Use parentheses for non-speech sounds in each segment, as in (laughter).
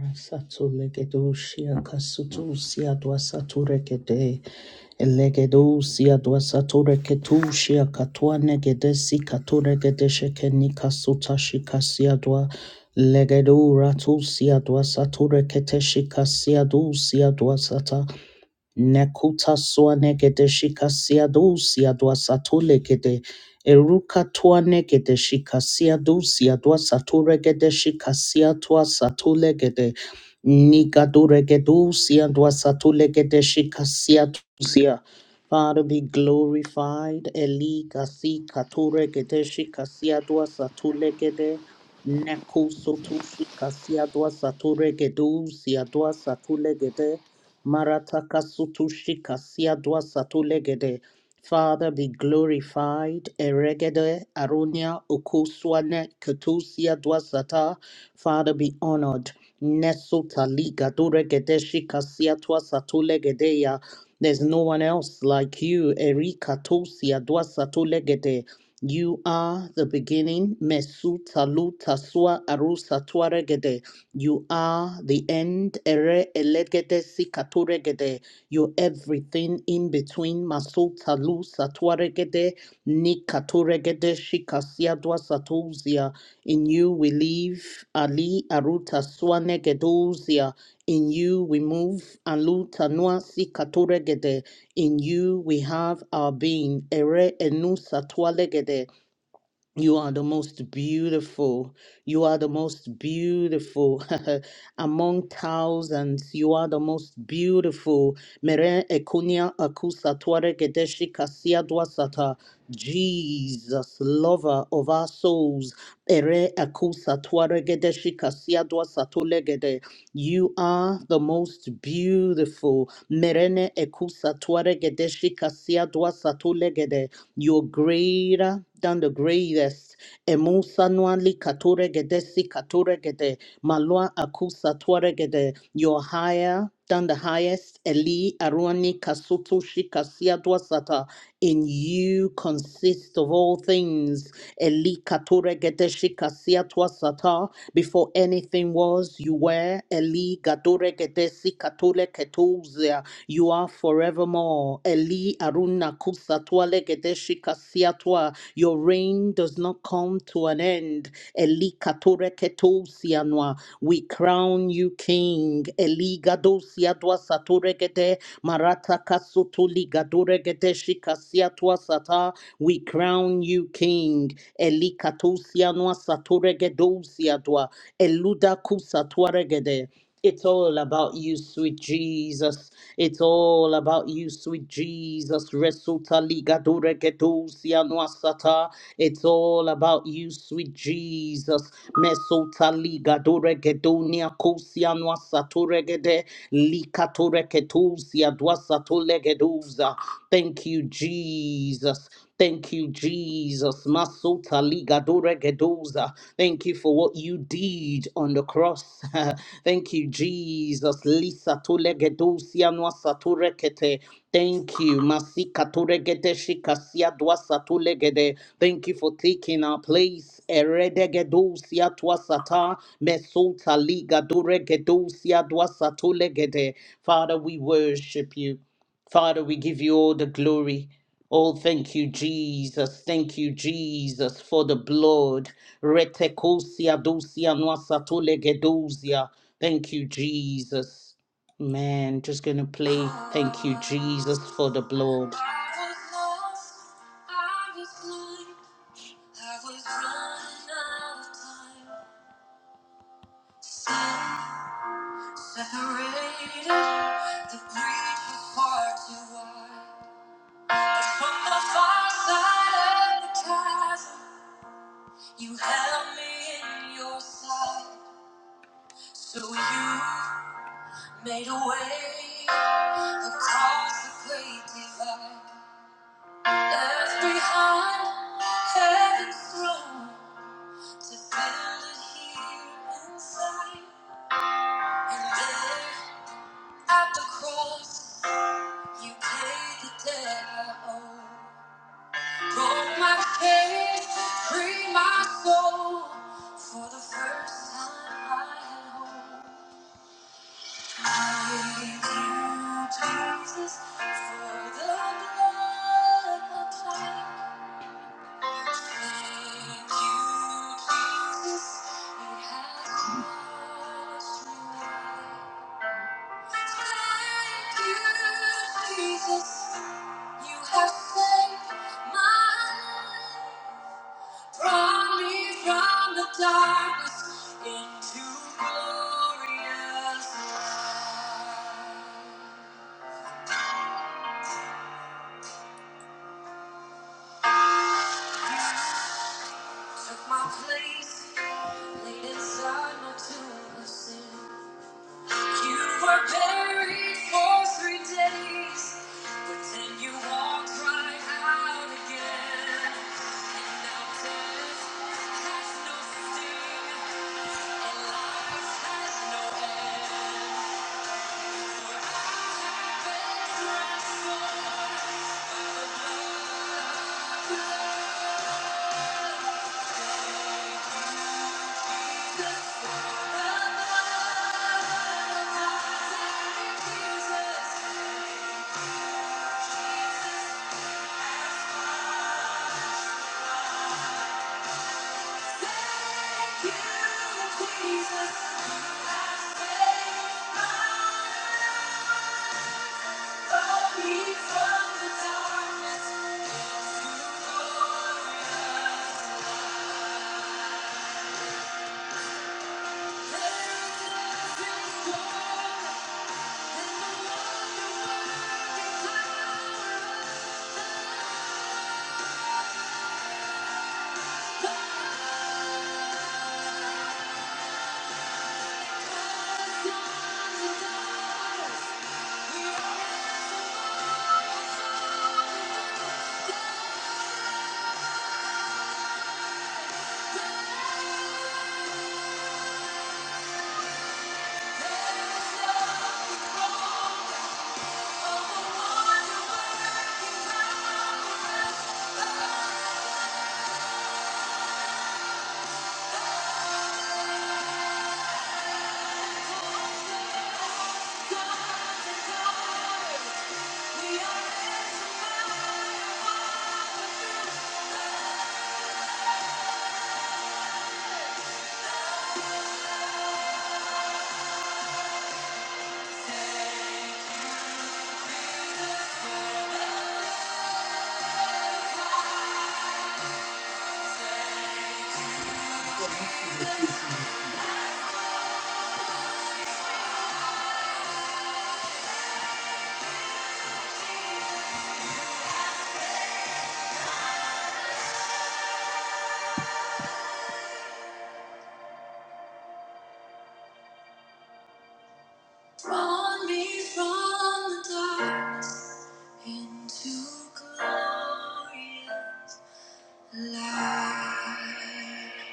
Rasatulegedosia kasutusia duasaturekede elegedosia duasatureketusia katuanegedesi katuregedeshekeni kasutashikasia dua legeduratusia duasatureketeshikasia dusia duasata Nekuta swanekete shikasia dusia dua satulegete. Eruka tuanekete shikasia dusia dua saturegete shikasia tua satulegete. Nikadureke dusia dua satulegete shikasia tusia. Father be glorified. Eli kasi katuregete shikasia dua satulegete. Neku sotu shikasia dua saturegete dusia dua satulegete. Marataka sutu shika siadwa satu legede. Father, be glorified. Eregede arunia ukuswane ketusia dwasata. Father, be honored. Nesuta liga duregede shika siatwa satu legedeya. There's no one else like you. Erika tosia dwasatu legede. You are the beginning. Mesuta luta sua arusa tuaregede. You are the end. Ere elegede sikaturegede. You're everything in between. Masota lu satuaregede. Nikaturegede shikasiadwa satuzia. In you we live. Ali aruta swanegeduzia. In you we move. Aluta nua sikaturegede. In you we have our being. Ere enu tualegede. You are the most beautiful. You are the most beautiful (laughs) among thousands. You are the most beautiful. Mere ekunia akusa tuare gedeshi kasia dwasata. Jesus, lover of our souls. Ere akusa tuare gedeshi kasia dwasato legede. You are the most beautiful. Merene ekusa tuare gedeshi kasia dwasato legede. You're greater than the greatest. Emusa nuanli kature gede si kature gede. Malua akusa tuare gede. You're higher than the highest. Eli aruani kasutu shikasia duasata. In you consist of all things. Eli kature gede shikasia tuasata. Before anything was, you were. Eli gadure gede si katule ketuzia. You are forevermore. Eli Aruna Kusatwa Legedeshi Kasiatwa. Your reign does not come to an end. Eli Katore Ketosianwa. We crown you King. Eli Gadosiatwa Saturegede. Marata Kasutuli Gaduregedeshi Kasiatwa Sata. We crown you King. Eli Katosianwa Saturegedosiatwa. Eluda Kusatwaregede. It's all about you, sweet Jesus. It's all about you, sweet Jesus. Resulta ligadure gedusia noasata. It's all about you, sweet Jesus. Mesotaliga doregedonia kosianwa satoregede likatoreketusia dwasatolegeduza. Thank you, Jesus. Thank you, Jesus. Masota liga doregedoza. Thank you for what you did on the cross. (laughs) Thank you, Jesus. Lisa tolegedosia nwa Thank you. Masika turegede shikasia dwasa tulegede. Thank you for taking our place. Eredegedosia twasata mesulta liga duregedosia dwasa tulegede. Father, we worship you. Father, we give you all the glory. Oh, thank you, Jesus. Thank you, Jesus, for the blood. Retekosia dosia nwasa tulegedosia. Thank you, Jesus. Man, just going to play Thank You, Jesus, for the blood. you held me in your sight. So you made a way across the great divide. Earth behind, heaven's throne, to feel it here inside. And there, at the cross, you paid the debt I owe. Broke my cage, freed my soul. For the first time, I had hope. I Thank you, Jesus, for the blood applied. Took my place, laid inside my tomb of sin. You were buried for three days, but then you walked right out again. And now death has no sting, and life has no end. For I have been transformed by the blood of the Lamb. Thank you. We are in the Brought me from the darkness into glorious light.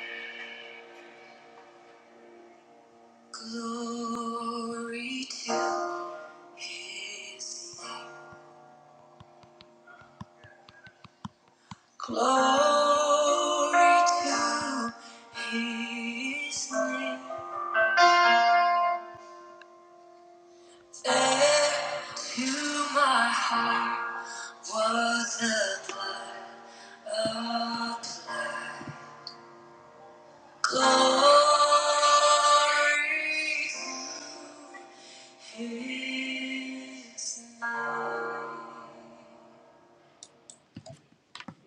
Glory to His name. Glory to His name. There to my heart was the blood of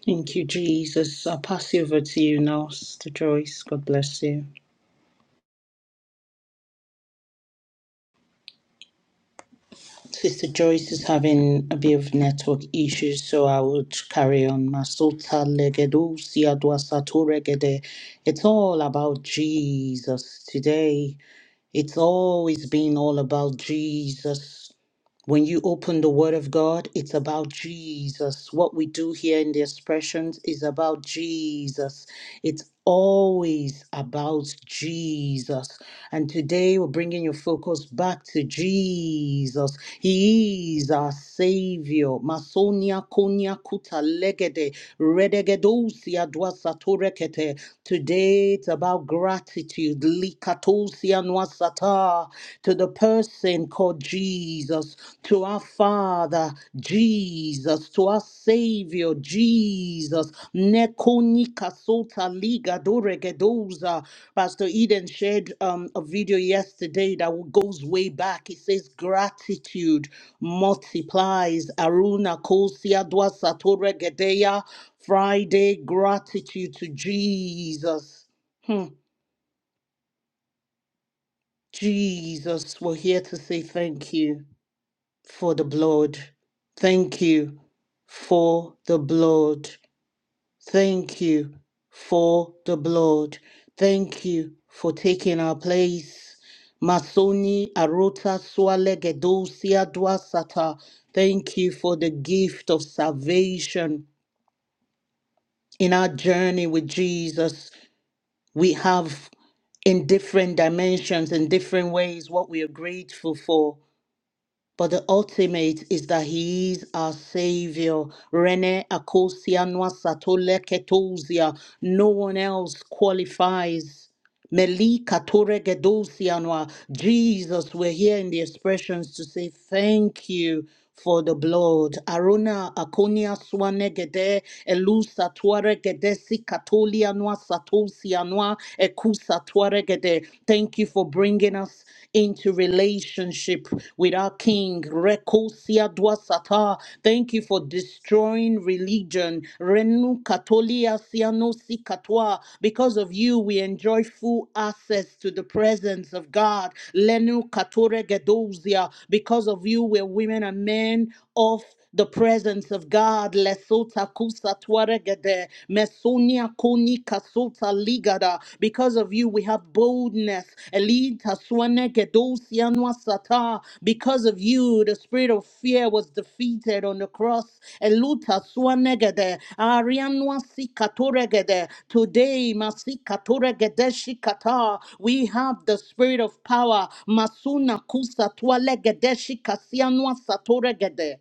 Thank you, Jesus. I'll pass you over to you now, Sister Joyce. God bless you. Sister Joyce is having a bit of network issues, so I would carry on. Masota legedo siadwasato regede. It's all about Jesus today. It's always been all about Jesus. When you open the Word of God, it's about Jesus. What we do here in the expressions is about Jesus. It's always about Jesus. And today we're bringing your focus back to Jesus. He is our Savior. Masonia konia kuta legede redegedosia dwasatorekete. Today it's about gratitude. Likatosia Sata, to the person called Jesus, to our Father, Jesus, to our Savior, Jesus. Nekonika Sota Liga Doregedoza. Pastor Eden shared um, a video yesterday that goes way back. It says, Gratitude multiplies. Aruna Kosia Dwa Satore Gedeya. Friday, gratitude to Jesus. Hmm. Jesus, we're here to say thank you for the blood. Thank you for the blood. Thank you for the blood. Thank you for taking our place. Masoni Arota Swalegedosia Dwasata. Thank you for the gift of salvation. In our journey with Jesus, we have in different dimensions, in different ways, what we are grateful for. But the ultimate is that he is our savior. Rene Akosia Satole Ketozia. No one else qualifies. Melika Toregedosianwa. Jesus, we're here in the expressions to say thank you for the blood. Arona Akonia Swanegede, Elusa Tuaregede, Sikatolianwa, Satosianwa, Ekusa Tuaregede. Thank you for bringing us into relationship with our King. Rekosia Dwasata, Ah, thank you for destroying religion. Renu katolia siano si katoa. Because of you, we enjoy full access to the presence of God. Lenu katore gedozia. Because of you, we're women and men of the presence of God. Lesota kusa tuaregede. Mesonia koni kasota ligada. Because because of you, we have boldness. Eli taswane kedosia nwa Because of you, the spirit of fear was defeated on the cross. Elu taswane gede, arianwa si gede. Today, masi katore gede shikata. we have the spirit of power. Masuna kusa tuale gede shikasianwa satore gede.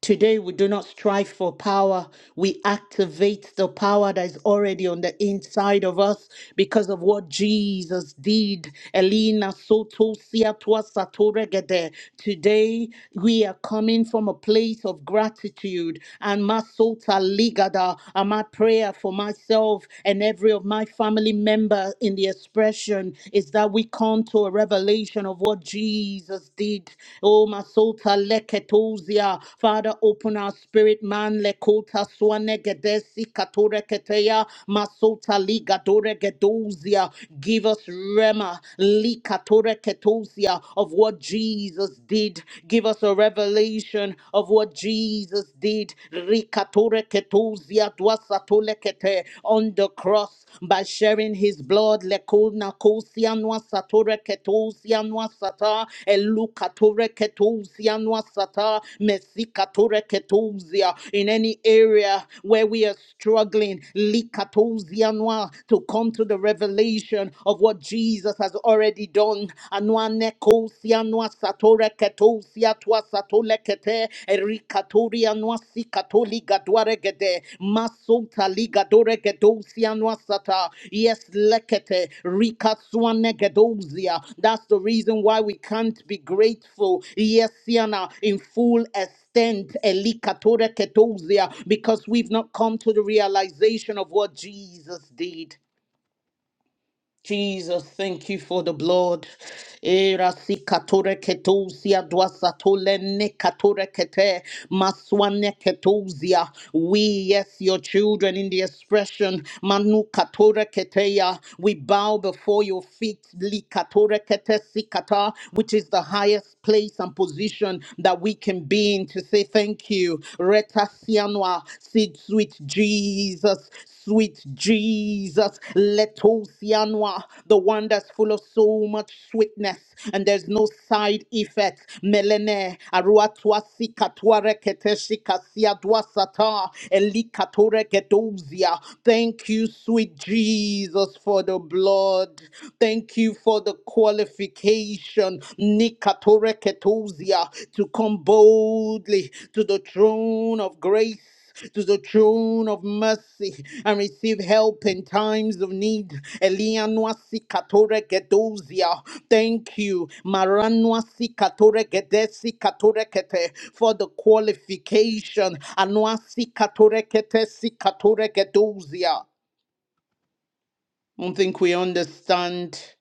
Today, we do not strive for power. We activate the power that is already on the inside of us because of what Jesus did. Elena Soto Siatwa Satoregede. Today, we are coming from a place of gratitude. And Masota Ligada, and my prayer for myself and every of my family member in the expression is that we we come to a revelation of what Jesus did. Oh, Masota Leketozia. Father, open our spirit, man. Lekota Swanegedesi Katoreketeya. Masota Ligadoregedozia. Give us Rema Likatoreketozia of what Jesus did. Give us a revelation of what Jesus did. Rikatoreketozia Viadwa Satolekete on the cross by sharing his blood. Lekona Kosianwa Satore Ketosianwa Sata Elukatore Ketosianwa Sata Mesikatore Ketosia in any area where we are struggling. Likatosianwa to come to the revelation of what Jesus has already done. Anwa Nekosianwa katoreketosia twa satolekete erikatoria nwasi katoliga dwaregede masota ligadoregedosia nwasata yes lekete rikaswanegedosia that's the reason why we can't be grateful yes siana in full extent elikatoreketosia because we've not come to the realization of what Jesus did Jesus, thank you for the blood. Era si katore ketousia dwasa tole ne katore kete maswane ketousia. We, yes, your children in the expression manu katore keteya. We bow before your feet li katore kete sikata, which is the highest place and position that we can be in to say thank you. Yanwa. Sweet, sweet Jesus, sweet Jesus. Letosianwa, the one that's full of so much sweetness and there's no side effect. Melene, Aruatwa Sikatware Keteshika Siadwasata, Elikatore Gedozia. Thank you, sweet Jesus, for the blood. Thank you for the qualification. Nikatore ketousia, to come boldly to the throne of grace. To the throne of mercy and receive help in times of need. Elianuasi katore gedozia. Thank you, Maranuasi katore gedesi katore kete for the qualification. Anuasi katore ketesi katore gedozia. I don't think we understand.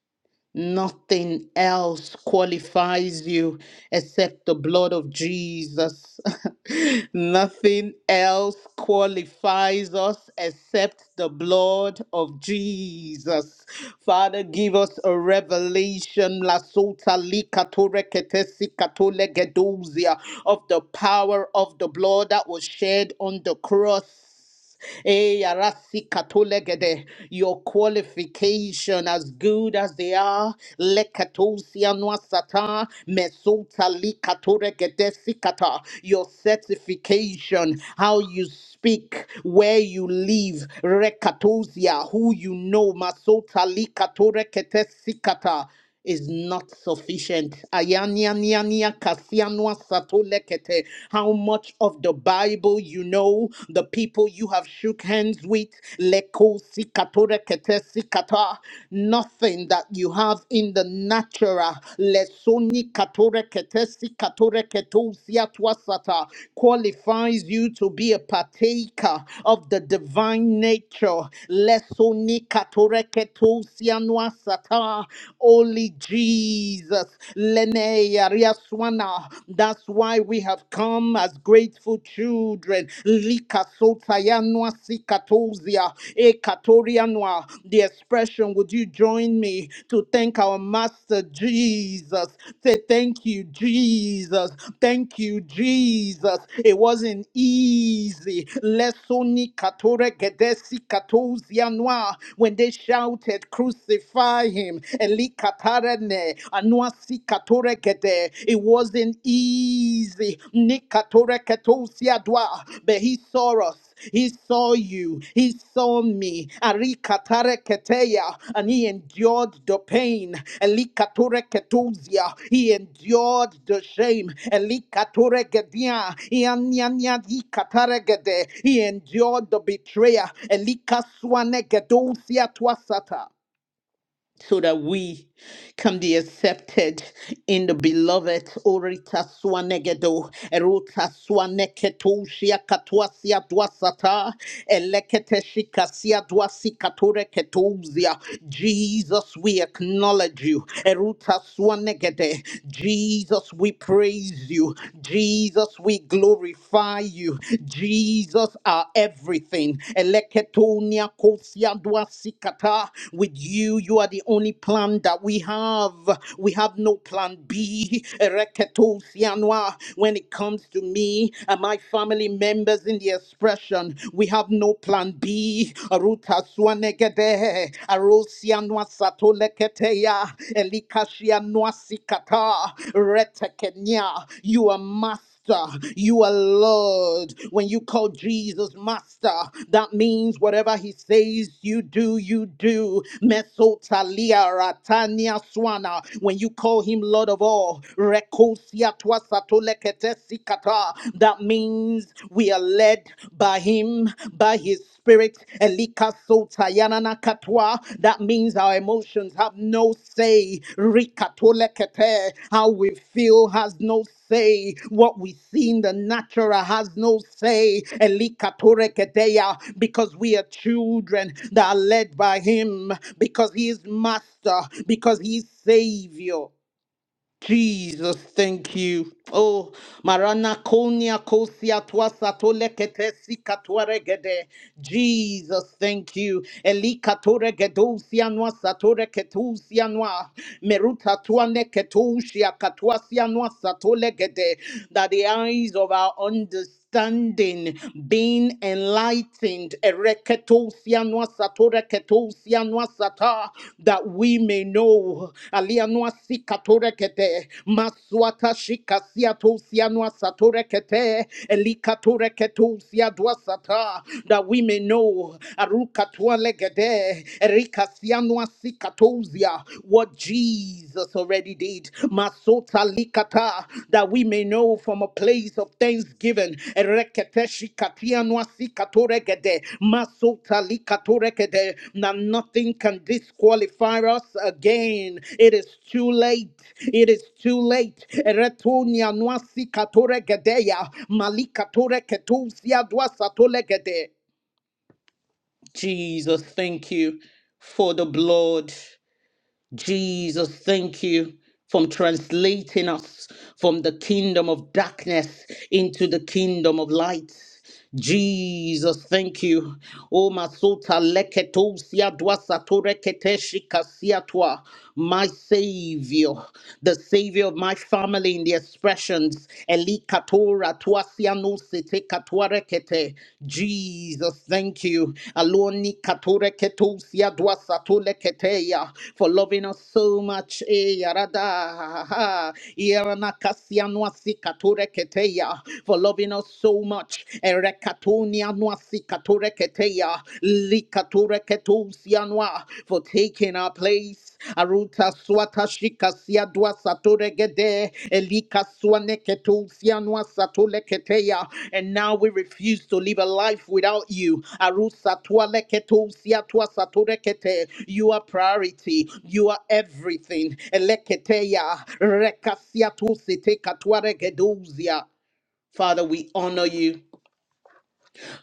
Nothing else qualifies you except the blood of Jesus. (laughs) Nothing else qualifies us except the blood of Jesus. Father, give us a revelation la sota li katore kete si katole gedozia, of the power of the blood that was shed on the cross. Eh, arasi katolegede. Your qualification as good as they are. lekatosia noasata, mesota likatoregede sikata. Your certification, how you speak, where you live, rekatosia, who you know, masota likatorekete sikata is not sufficient. Ayanianiania kasianwa satolekete. How much of the Bible you know, the people you have shook hands with, leko sikatorekete sikata. nothing that you have in the natural, lesoni katorekete sikatoreketo siatwasata, qualifies you to be a partaker of the divine nature. Lesoni katoreketo sianwasata. Only Jesus. Leneya Riaswana. That's why we have come as grateful children. Lika sotayanwa sikatozia. Ekatorianwa. The expression, would you join me to thank our Master Jesus? Say thank you, Jesus. Thank you, Jesus. It wasn't easy. Lesoni katore gedesi katozia noa. When they shouted, crucify glorify him. Elikatarene, anuasikatoreke. It wasn't easy. Nikatoreketosiadwa, But he saw us. He saw you. He saw me. Arikatareketeya, And he endured the pain. Elikatoreketozia, He endured the shame. Elikatoregedia, ianyanyadikataregede, He endured the betrayer. Elikaswanegedozia twasata so that we can be accepted in the beloved orita swanegedo erota swaneketo shia dwasata elekete shikasia dwasikatore ketozia Jesus we acknowledge you erota swanegede Jesus we praise you Jesus we glorify you Jesus are everything. Eleketonia kosia duasikata. With you, you are the only plan that we have. We have no plan B. Ereketosianwa. When it comes to me and my family members in the expression, we have no plan B. Ruta suanegede. Arosianwa satoleketeya. Elikashianwa sikata. Retekenya. You are master. Master. You are Lord. When you call Jesus Master, that means whatever he says you do, you do. Mesotalia ratania swana. When you call him Lord of all, rekosia twa satolekete sikata. that means we are led by him, by his spirit. Elika sotayanana katwa. That means our emotions have no say. Rikatolekete. How we feel has no say. What we see in the natural has no say. Elikatoreketeya, Because we are children that are led by Him, because He is Master, because He is Savior. Jesus, thank you. Oh, Marana Konya Kosia Twasa Tolekete Sikatuaregede. Jesus, thank you. Elika Toregedosia Noa Satore Ketusia Noa. Meruta Tuane Ketusia Katuasia Noa Satolegede. That the eyes of our understanding understanding being enlightened Ereketosia noa satora ketosia noa sata, that we may know alia noa sikatora kete, maswata shikasia tosia noa satora kete, elikatora ketosia doa sata, that we may know arukatua legede, erikasia noa sikatosia, what Jesus Jesus already did. Masota likata, that we may know from a place of thanksgiving. Erekete shikatia nwasi katoregede, masota likatoregede, Now nothing can disqualify us again. It is too late. It is too late. Eretonia nwasi katoregedeya, malikatoreketusia dwasatolegede. Jesus, thank you for the blood. Jesus, thank you from translating us from the kingdom of darkness into the kingdom of light. Jesus, thank you. O masota leketo siadwa keteshi kasiatwa my Savior, the Savior of my family in the expressions. Eli katora tuasiano sete katuarekete. Jesus, thank you. Aloni katore ketusia duasatule keteya for loving us so much. Eh, yarada. Irana kasianuasi katore keteya for loving us so much. Erekatonia nuasi Likatura Ketusianwa for taking our place. Aruta Swata Shikasia Dwa Sature Gede Elika Swane Ketusianwa Satule Keteya. And now we refuse to live a life without you. Arusa Twale Ketusia Twa Sature Kete. You are priority. You are everything. Eleketeya Rekasia Tusite Katware Geduzia. Father, we honor you.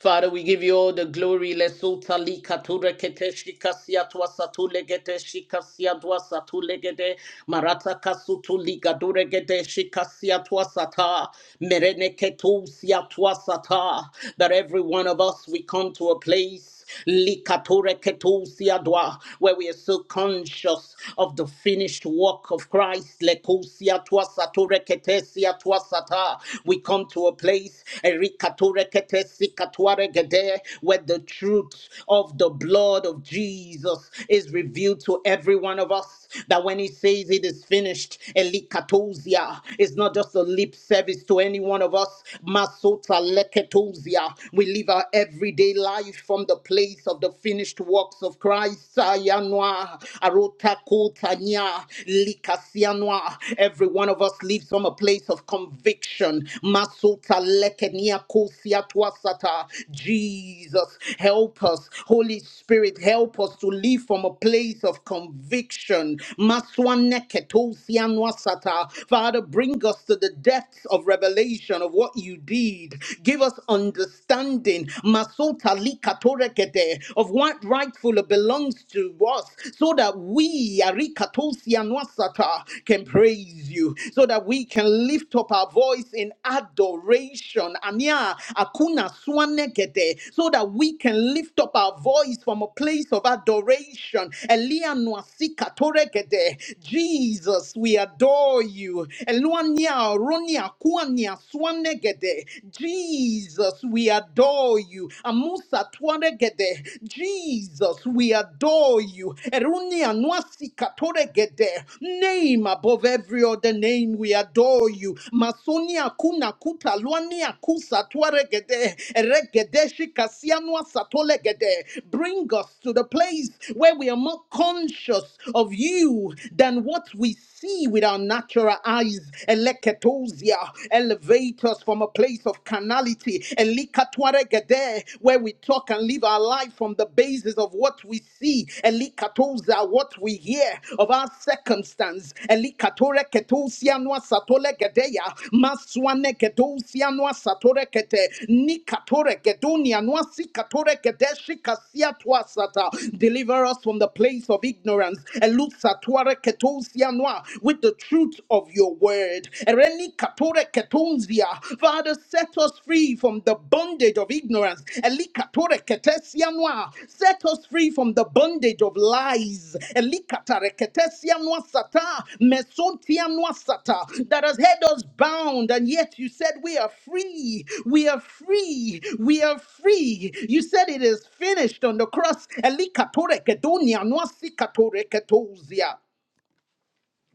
Father, we give you all the glory. Lesuta lika ture kete shika sia tua satu legete shika tua satu legete marata kasutu lika dure gete shika sia tua sata merene ketu sia tua sata. That every one of us we come to a place. Likatore ketusia dwa, where we are so conscious of the finished work of Christ. Lekusia twa sature ketesia twa sata. We come to a place erikature ketesi katuare gede, where the truth of the blood of Jesus is revealed to every one of us. That when he says it is finished, elikatosia, it's not just a lip service to any one of us. Masota leketosia. We live our everyday life from the place of the finished works of Christ. Ayanwa, arotakotanya, likasianwa. Every one of us lives from a place of conviction. Masota lekenia kosiatwasata. Jesus, help us. Holy Spirit, help us to live from a place of conviction. Maswaneketosianwasata. Father, bring us to the depths of revelation of what you did. Give us understanding Masota likatorekete, of what rightfully belongs to us so that we arikatosia nwasata, can praise you, so that we can lift up our voice in adoration. Ania akuna swanekete, So that we can lift up our voice from a place of adoration. Elia nwasika torekete. Jesus, we adore you. Eluania, Ronia, kuania. Maswanegede. Jesus, we adore you. Amusa Twanegede. Jesus, we adore you. Eruni anuasi Katoregede. Name above every other name, we adore you. Masoni Akuna Kuta Luani Akusa Twaregede. Eregede Shikasianwa Satolegede. Bring us to the place where we are more conscious of you than what we see with our natural eyes eleketosia. Elevate us from a place of carnality, elikatwaregede, where we talk and live our life from the basis of what we see, elikatosa, what we hear of our circumstance, elikatoreketosia noa satolegedeya, maswaneketosia noa satorekete, nikatoregedonia noa sikatoregede, shikasia toasata. Deliver us from the place of ignorance, elusatoreketosia noa, with the the truth of your word. Ereni katore ketunzia. Father, set us free from the bondage of ignorance. Eli katore ketesianwa. Set us free from the bondage of lies. Eli katare ketesianwa sata. Mesontianwa sata. That has held us bound, and yet you said we are free. We are free. We are free. You said it is finished on the cross. Eli katore kedonia, nwa si katore ketozia.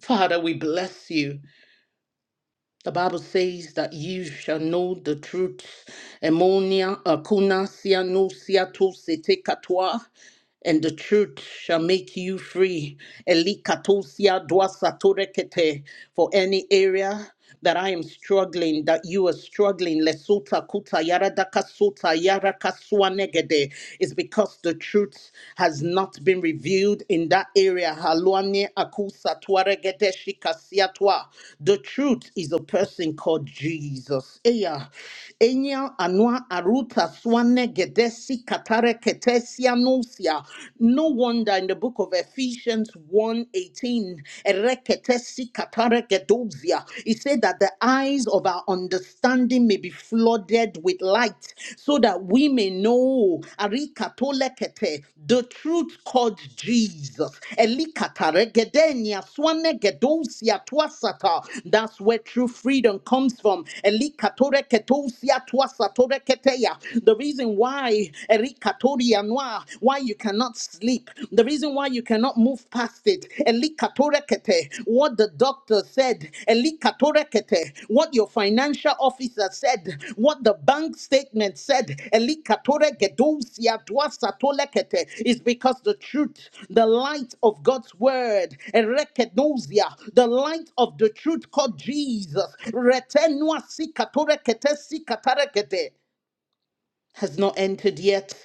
Father, we bless you. The Bible says that you shall know the truth. Emonia akuna sia no sia to se katoa, and the truth shall make you free. Elikatosia dwa satorekete. For any area that I am struggling, that you are struggling, lesota kuta yara daka yara kasua negede, is because the truth has not not been revealed in that area. Haluane akusa tuaregede shikasiatwa. The truth is a person called Jesus. Eya. Enya anua aruta swane gedesi katare ketesia nusia. No wonder in the book of Ephesians 1 eighteen, ereketesi katare gedozia. It said that the eyes of our understanding understanding may be flooded with light so that we may know Arikatolekete, the truth called Jesus. Elikataregedenia swanegedosia twasata. That's where true freedom comes from. Elikatoreketosia twasatoreketeya. The reason why Erikatoria noa, why you cannot sleep, the reason why you cannot move past it. Elikatorekete, What the doctor said. Elikatorekete, What your financial officer said. What the bank statement said. Elikatoregedosia duasatolekete, Is because the truth, the light of God's word, erekedosia, the light of the truth called Jesus, retenua sikatorekete sikatarekete, has not entered yet.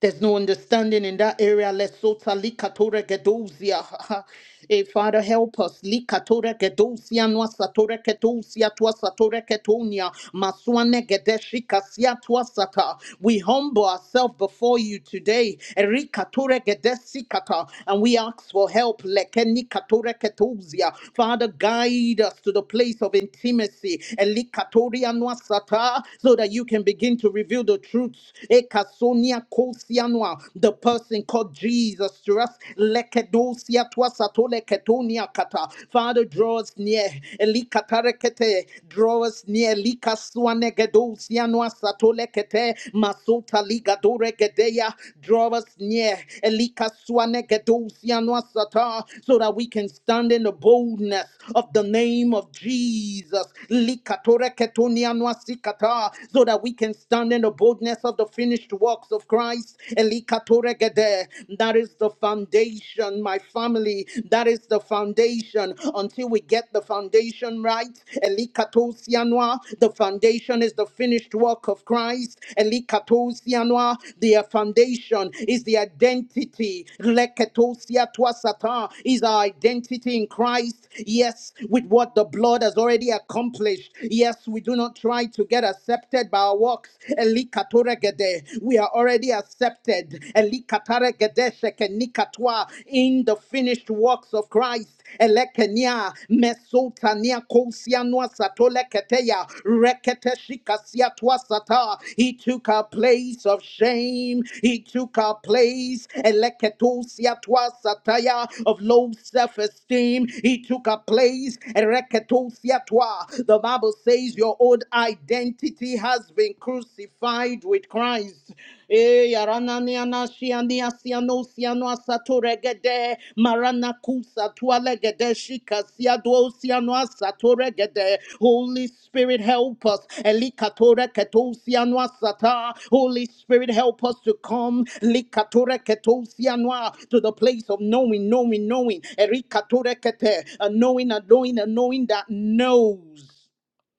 There's no understanding in that area. Lesota likatora gedozia. (laughs) Eh, Father, help us. Likatora gedozia noa satora gedozia tua satora getonia. Maswane gedeshi kasia tua sata. We humble ourselves before you today. Erikatora gedesi kata. And we ask for help. Lekeni katora gedozia. Father, guide us to the place of intimacy. Elikatoria noa sata. So that you can begin to reveal the truths kasonia kosianwa, the person called Jesus to us. Lekedosia tuasatole ketonia kata. Father, draw us near. Elikatarekete, draw us near. Likasuanegedosianwa satole kete, masota ligadore gedeya, draw us near. Elikasuanegedosianwa sata, So that we can stand in the boldness of the name of Jesus. Likatoreketonianwa sikata, So that we can stand in the boldness of the finished works of Christ. Elikatoregede. That is the foundation, my family. That is the foundation. Until we get the foundation right, Elikatosianwa, the foundation is the finished work of Christ. Elikatosianwa, the foundation is the identity. Leketosiatwasata Is our identity in Christ. Yes, with what the blood has already accomplished. Yes, we do not try to get accepted accepted by our works. Elikatoregede. We are already accepted Elikataregede shekenikatwa. in the finished works of Christ. Elekenia, mesotania kousianwa satoleketeya, reketeshikasiatwa sata. He took our place of shame. He took our place eleketosiatwa sataya, of low self-esteem. He took our place. ereketosiatwa. The Bible says your own." old identity has been crucified with Christ. Eh, yarananiana, shiania, siano, siano, asato, regede, maranakusa, tualegede, shikasia, duo, siano, asato, regede. Holy Spirit, help us. Elikatore, keto, siano, asata. Holy Spirit, help us to come likatore, keto, siano, a- to the place of knowing, knowing, knowing, Erikatore, kete, a knowing, a knowing, a knowing that knows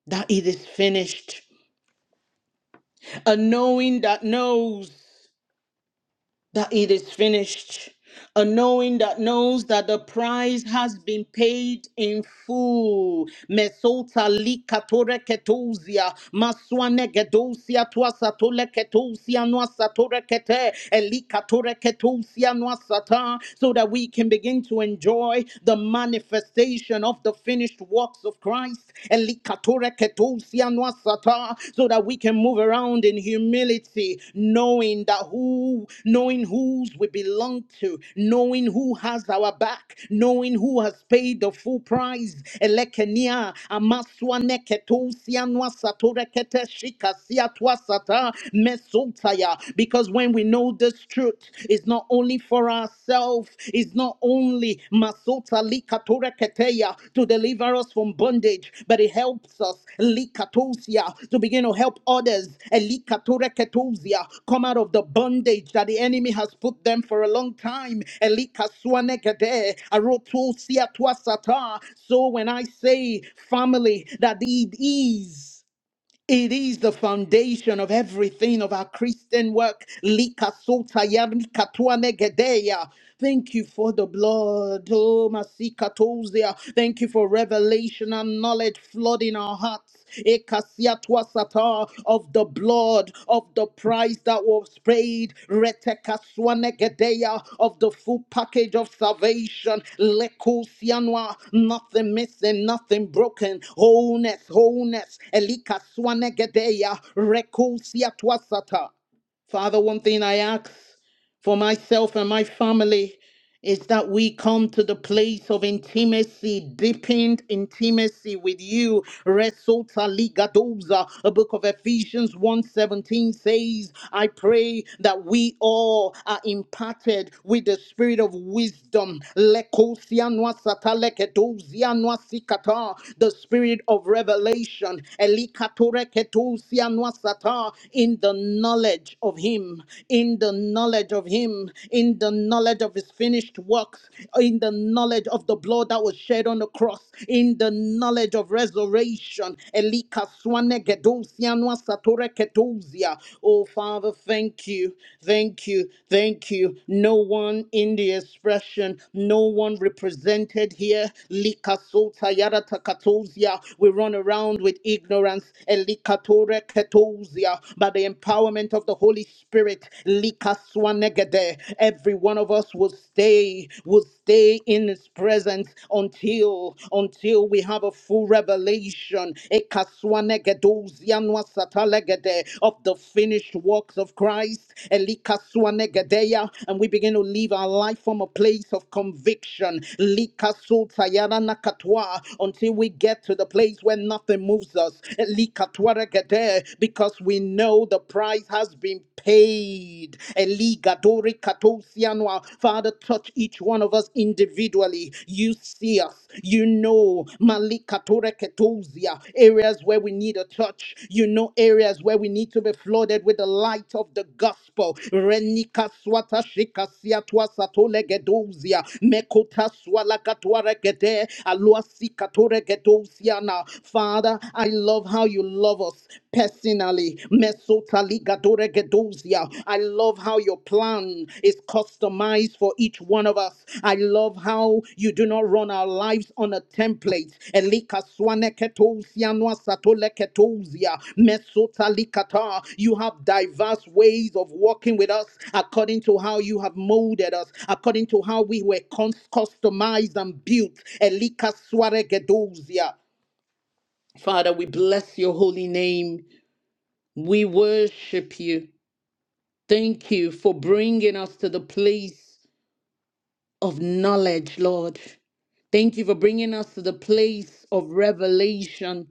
that it is finished. A knowing that knows that it is finished. A knowing that knows that the price has been paid in full. Mesota likatore ketosia, maswane gedosia tuasatole ketosia nuasatore kete, elikatore ketosia nuasata, so that we can begin to enjoy the manifestation of the finished works of Christ. Katoreketusianwasata, so that we can move around in humility, knowing that who, knowing whose we belong to, knowing who has our back, knowing who has paid the full price. Elekenia, amaswaneketusianwasatorekete, shikasiatwasata, mesotaya. Because when we know this truth, it's not only for for ourselves is not only masota likatora keteya to deliver us from bondage, but it helps us likatosia to begin to help others elikatora ketosia come out of the bondage that the enemy has put them for a long time. Elikaswane kete, arotosia tuasata. So when I say family, that it is. It is the foundation of everything of our Christian work. Lika sota ya mika tua negedeya. Thank you for the blood. Oh, masika tozia. Thank you for revelation and knowledge flooding our hearts. Eka tua sata Of the blood blood of the price that was paid, retekaswanegedeya, of the full package of salvation, lekusianwa, nothing missing, nothing broken, wholeness, wholeness, elikaswanegedeya, rekusiatwasata. Father, one thing I ask for myself and my family is that we come to the place of intimacy, deepened intimacy with you. Resulta ligadoza. A book of Ephesians one seventeen says, I pray that we all are imparted with the spirit of wisdom. Lekosianwa sataleketosianwa sikata. The spirit of revelation. Elikatoreketosianwa sata. In the knowledge of him. Him, in the knowledge of Him, in the knowledge of His finished works, in the knowledge of the blood that was shed on the cross, in the knowledge of resurrection. Elika swane gedosia nwa satore ketosia. Oh, Father, thank you, thank you, thank you. No one in the expression, no one represented here. Lika sota yara takatosia. We run around with ignorance. Elika tore ketosia the empowerment of the Holy Spirit, likaswanegede, every one of us will stay, will stay in His presence until until we have a full revelation ekaswanegedozianwasatalekede, of the finished works of Christ, elikaswanegedeya, and we begin to live our life from a place of conviction, likasutayaranakatwa, until we get to the place where nothing moves us. elikatwaregede, because we know the price has been paid. Eligadori katosianwa. Father, touch each one of us individually. You see us, you know malikatore ketosia, areas where we need a touch. You know areas where we need to be flooded with the light of the gospel. Renika swata shika siatwa satole gedosia, mekota swala katware gede, alua Katore gedosiana. Father, I I love how you love us personally. Mesotaligadoregedozia. I love how your plan is customized for each one of us. I love how you do not run our lives on a template. Elikaswaneketozia nwasatoleketozia. Mesotalikata. You have diverse ways of walking with us according to how you have molded us, according to how we were cons- customized and built. Elikaswaregedozia. Father, we bless your holy name. We worship you. Thank you for bringing us to the place of knowledge, Lord. Thank you for bringing us to the place of revelation.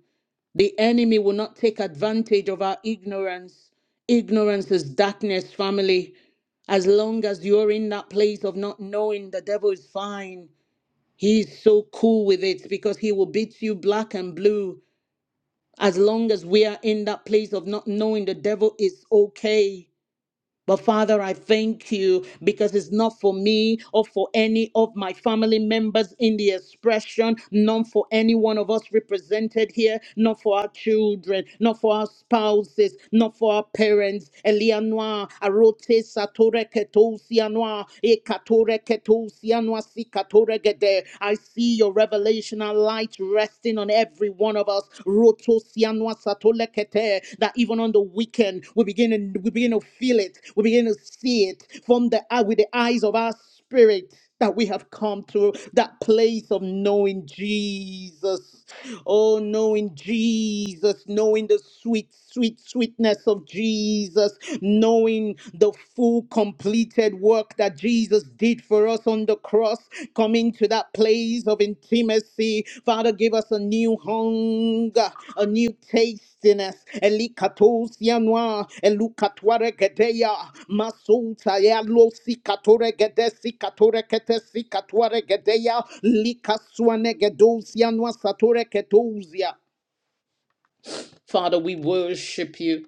The enemy will not take advantage of our ignorance. Ignorance is darkness, family. As long as you're in that place of not knowing, the devil is fine. He's so cool with it because he will beat you black and blue as long as we are in that place of not knowing the devil is okay. But Father, I thank you because it's not for me or for any of my family members in the expression, not for any one of us represented here, not for our children, not for our spouses, not for our parents. Elianoa, Arote Satore Ketosianoa, Ekatore Ketosianoa Sikatore Gede. I see your revelational light resting resting on every one of us. Roto sianwa satolekete, That even on the weekend, we begin to, we begin to feel it. We begin to see it from the eye with the eyes of our spirit that we have come to that place of knowing Jesus. Oh, knowing Jesus, knowing the sweet, sweet, sweetness of Jesus, knowing the full complete completed work that Jesus did for us on the cross, coming to that place of intimacy. Father, give us a new hunger, a new tastiness. Elikatosia noa, elukatware gedeya, masuta ya losi katore gede, sikatore kete, sikatware gedeya, likaswane gedosia noa, satore ketousia. Father, we worship you.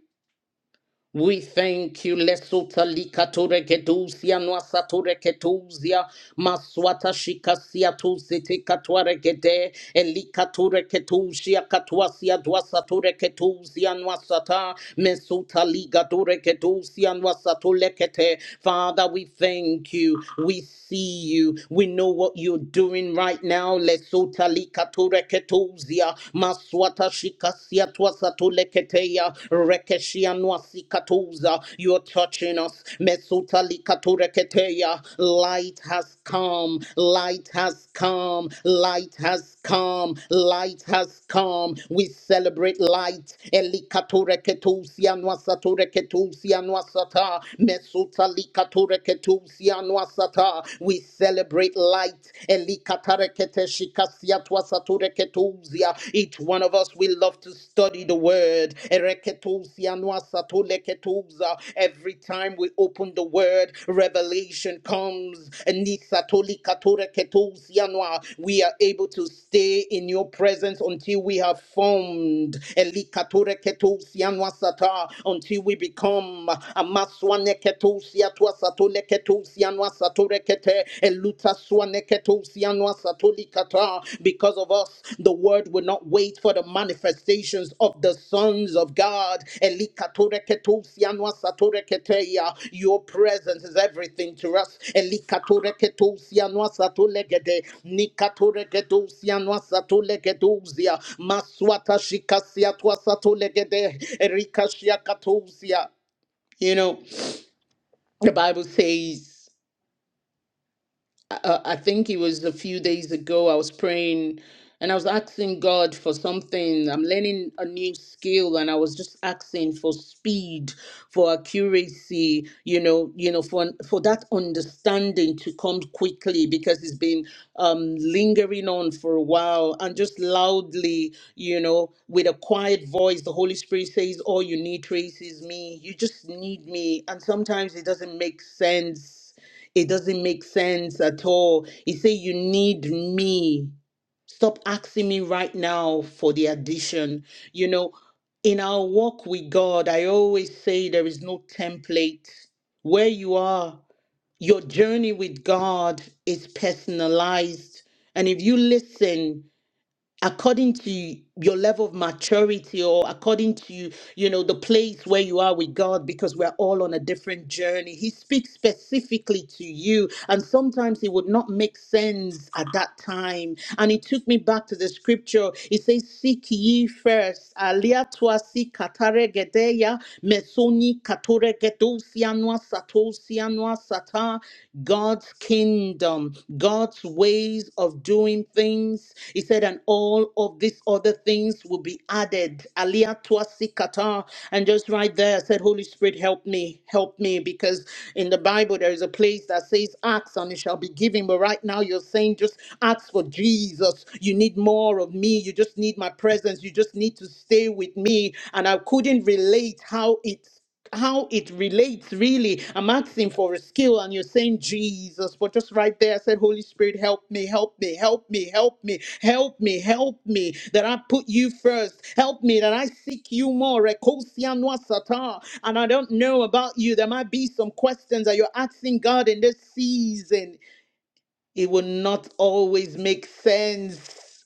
We thank you, Lesuta Likature Kedusia, Noasature Ketusia, Maswata Shikasia Tusiti Katuare Gede, Elikature Ketusia, Katuasia, Dwasature Ketusia, Noasata, Mesuta Ligature Ketusia, Noasatule Kete. Father, we thank you. We see you. We know what you're doing right now. Lesuta Likature Ketusia, Maswata Shikasia. Shikasia Twasatu Leketeya Rekeshianwa Sikatuza. You're touching us. Mesuta Likatu Reketeya. Light has come. Light has come. Light has come. Light has come. We celebrate light. Elikatu Reketusia Nwasatu Reketusia Nwasata. Mesuta Likatu Reketusia Nwasata. We celebrate light. Elikatareketeya. Each one of us, we love to study the word. Every time we open the word, revelation comes. We are able to stay in your presence until we have formed. Until we become. Because of us, the word will not wait for the manifestations of the sons of God. Your presence is everything to us. You know, the Bible says. uh, I think it was a few days ago. I was praying and I was asking God for something. I'm learning a new skill and I was just asking for speed, for accuracy, you know, you know, for for that understanding to come quickly because it's been um lingering on for a while and just loudly, you know, with a quiet voice, the Holy Spirit says, All you need, Trace, is me. You just need me. And sometimes it doesn't make sense it doesn't make sense at all. He say you need me. Stop asking me right now for the addition. You know, in our walk with God, I always say there is no template. Where you are, your journey with God is personalized. And if you listen according to your level of maturity or according to you know the place where you are with god because we're all on a different journey he speaks specifically to you and sometimes it would not make sense at that time and it took me back to the scripture it says seek ye first alia tuasi kataregedeya mesoni katoregedosia Noah, Satan, God's kingdom, God's ways of doing things. He said, and all of these other things will be added. Alia Tuasi Kata. And just right there, I said, Holy Spirit, help me, help me, because in the Bible there is a place that says, Ask and it shall be given. But right now you're saying, just ask for Jesus. You need more of me. You just need my presence. You just need to stay with me. And I couldn't relate how it how it relates really. I'm asking for a skill, and you're saying Jesus, but just right there, I said, Holy Spirit, help me, help me, help me, help me, help me, help me, that I put you first. Help me that I seek you more. Rekosia noa sata. And I don't know about you. There might be some questions that you're asking God in this season. It will not always make sense.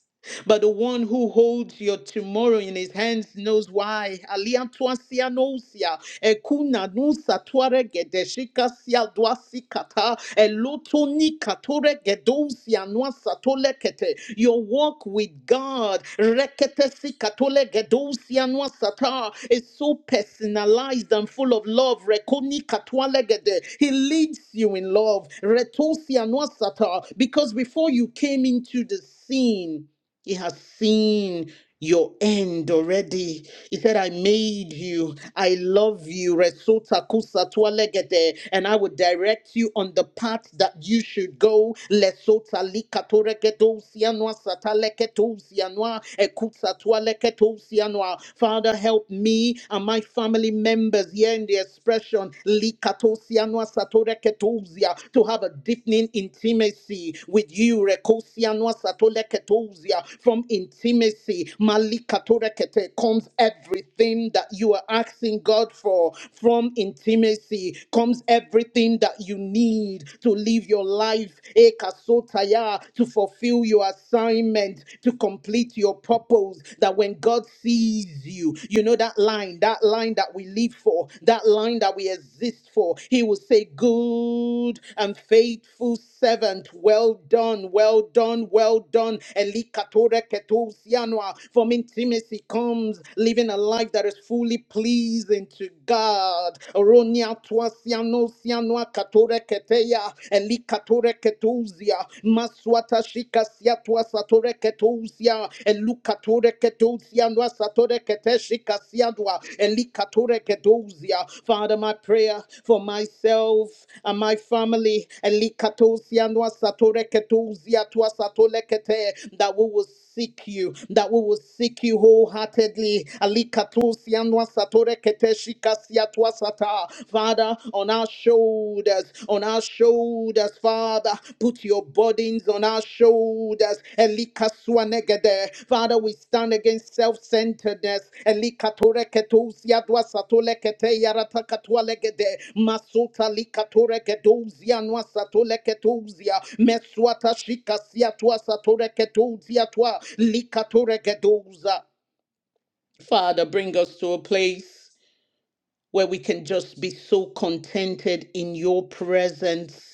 But the one who holds your tomorrow in his hands knows why. Alia tuasia nosia, ekuna nusa tuare gedeshika sia duasikata, elotoni katore gedosia nuasa tolekete. Your walk with God, rekete sikatole gedosia nuasata, is so personalized and full of love. Rekoni katwale gede. He leads you in love, retosia nuasata, because before you came into the scene. He has seen your end already. He said, I made you. I love you. Resota kusa tualegede. And I will direct you on the path that you should go. Lesota likato likatoregedo sianwa sataleketo sianwa. Ekutsa tualeketo sianwa. Father, help me and my family members here in the expression. Likato sianwa sato Ketozia, to have a deepening intimacy with you, Rekosia Noa Satole ketosia. From intimacy, Malikatore Kete, comes everything that you are asking God for. From intimacy comes everything that you need to live your life, Ekasotaya, to fulfill your assignment, to complete your purpose. That when God sees you, you you know that line, that line that we live for, that line that we exist for. He will say, Good and faithful servant, well done, well done, well done. Elikatore ketousianoa. From intimacy comes living a life that is fully pleasing to God. Oronia tuasiano sianoa katore keteya. Elikatore ketousia shikasia tua satore ketousia elukatore ketousia nua satore kete shikasia nua elikatore ketousia Father my prayer for myself and my family elikatousia nua satore ketousia tua satore kete that we will seek you that we will seek you wholeheartedly alikatousia nua satore kete shikasia tua sata Father on our shoulders, on our shoulders, Father. Put your burdens on our shoulders. Elika swanegede. Father, we stand against self-centeredness. Elika toreketozia dwasatolekete yaratakatwalegede. Masuta likatoreketozia nwasatoleketozia. Meswata shikasia twasatoreketozia twa likatorekedoza. Father, bring us to a place where we can just be so contented in your presence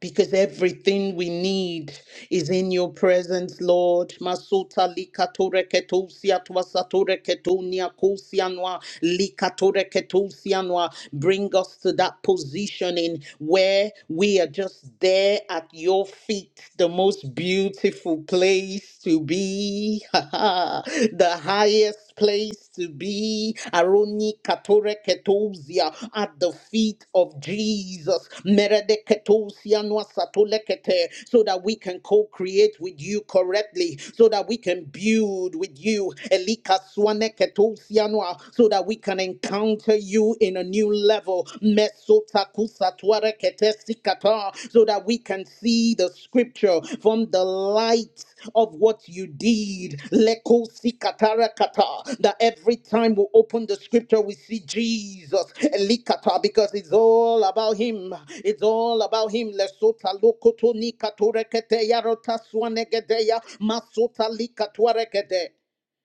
because everything we need is in your presence, Lord. Masuta likatore ketusia twasatore ketunia kusianwa likatore ketusianwa. Bring us to that positioning where we are just there at your feet, the most beautiful place to be. (laughs) the highest highest place to be. Aroni katore ketosia at the feet of Jesus. Merede ketosia noa satole kete, So that we can co-create with you correctly, so that we can build with you. Elika swane ketosia noa, So that we can encounter you in a new level. Mesota kusa tuare kete so that we can see the scripture from the light of what you did. Leko sikatarakata. That every time we open the scripture, we see Jesus. Elikata, Because it's all about him. It's all about him. Lesota lokoto nikatorekete yarota swanegedeya masota likatwarekete.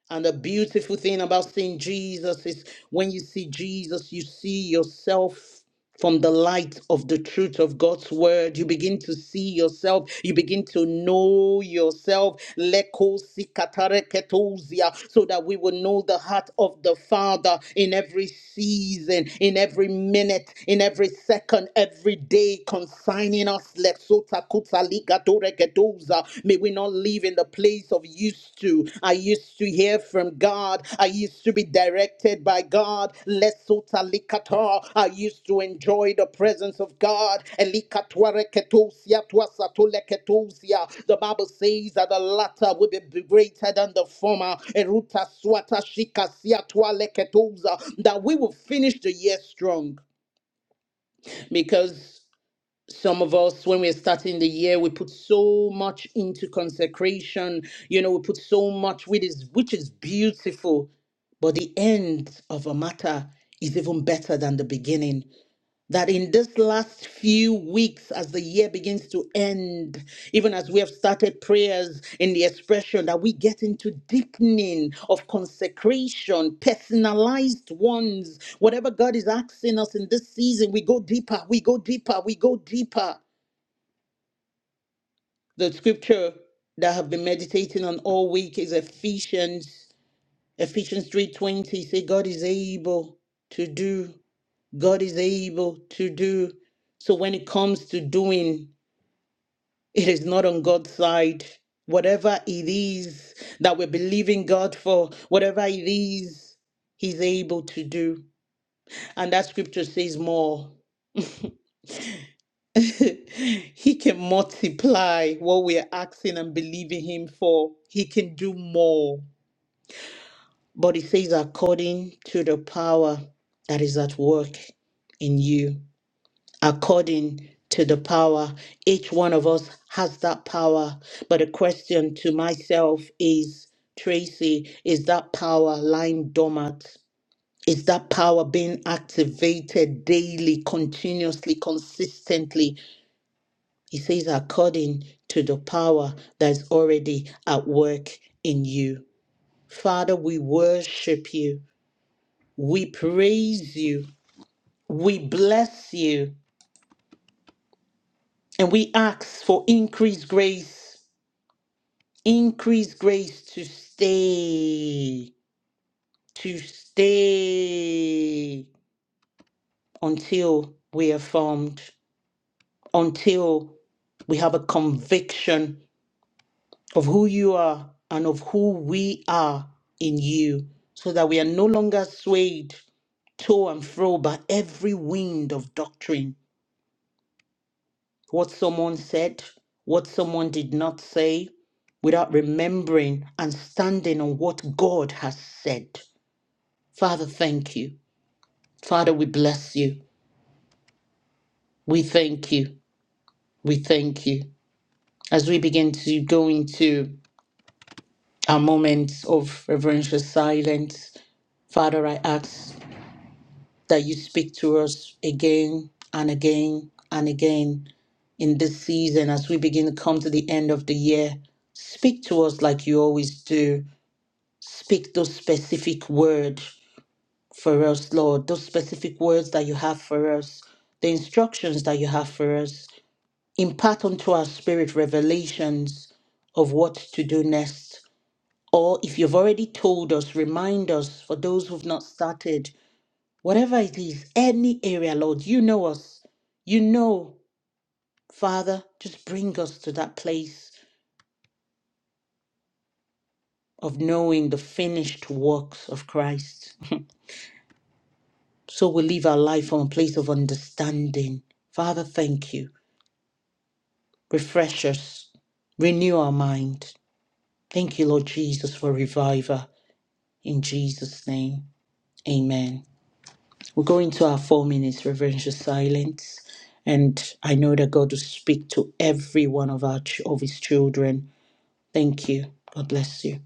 And the beautiful thing about seeing Jesus is when you see Jesus, you see yourself from the light of the truth of God's word. You begin to see yourself. You begin to know yourself. Leko sikatare ketousia, So that we will know the heart of the Father in every season, in every minute, in every second, every day, consigning us. Let's Gatorekedoza. May we not live in the place of used to. I used to hear from God. I used to be directed by God. Lesotalikata. I used to enjoy the presence of God. Elikatwareketosia, twasatoleketosia. The Bible says that the latter will be greater than the former. Eruta swata shikasia twaleketosa. That we will finish the year strong because some of us when we're starting the year we put so much into consecration you know we put so much which is which is beautiful but the end of a matter is even better than the beginning that in this last few weeks, as the year begins to end, even as we have started prayers in the expression, that we get into deepening of consecration, personalized ones. Whatever God is asking us in this season, we go deeper, we go deeper, we go deeper. The scripture that I have been meditating on all week is Ephesians, Ephesians 3:20. Say God is able to do. God is able to do. So when it comes to doing, it is not on God's side. Whatever it is that we're believing God for, whatever it is, He's able to do. And that scripture says more. (laughs) he can multiply what we are asking and believing Him for. He can do more. But it says, according to the power that is at work in you. according to the power. Each one of us has that power. But the question to myself is Tracy, is that power lying dormant? Is that power being activated daily, continuously, consistently? He says, according to the power that is already at work in you. Father, we worship you. We praise you. We bless you. And we ask for increased grace Increase grace to stay, to stay until we are formed, until we have a conviction of who you are and of who we are in you, so that we are no longer swayed to and fro by every wind of doctrine. What someone said, what someone did not say, without remembering and standing on what God has said. Father, thank you. Father, we bless you. We thank you. We thank you. As we begin to go into our moments of reverential silence, Father, I ask that you speak to us again and again and again in this season as we begin to come to the end of the year. Speak to us like you always do. Speak those specific words for us, Lord, those specific words that you have for us, the instructions that you have for us. impart unto our spirit revelations of what to do next. Or if you've already told us, remind us for those who've not started, whatever it is, any area, Lord, you know us. You know, Father, just bring us to that place of knowing the finished works of Christ. (laughs) So we live our life from a place of understanding. Father, thank you. Refresh us, renew our mind. Thank you, Lord Jesus, for revival. In Jesus' name, amen. We're going to our four minutes reverential silence. And I know that God will speak to every one of our ch- of his children. Thank you. God bless you.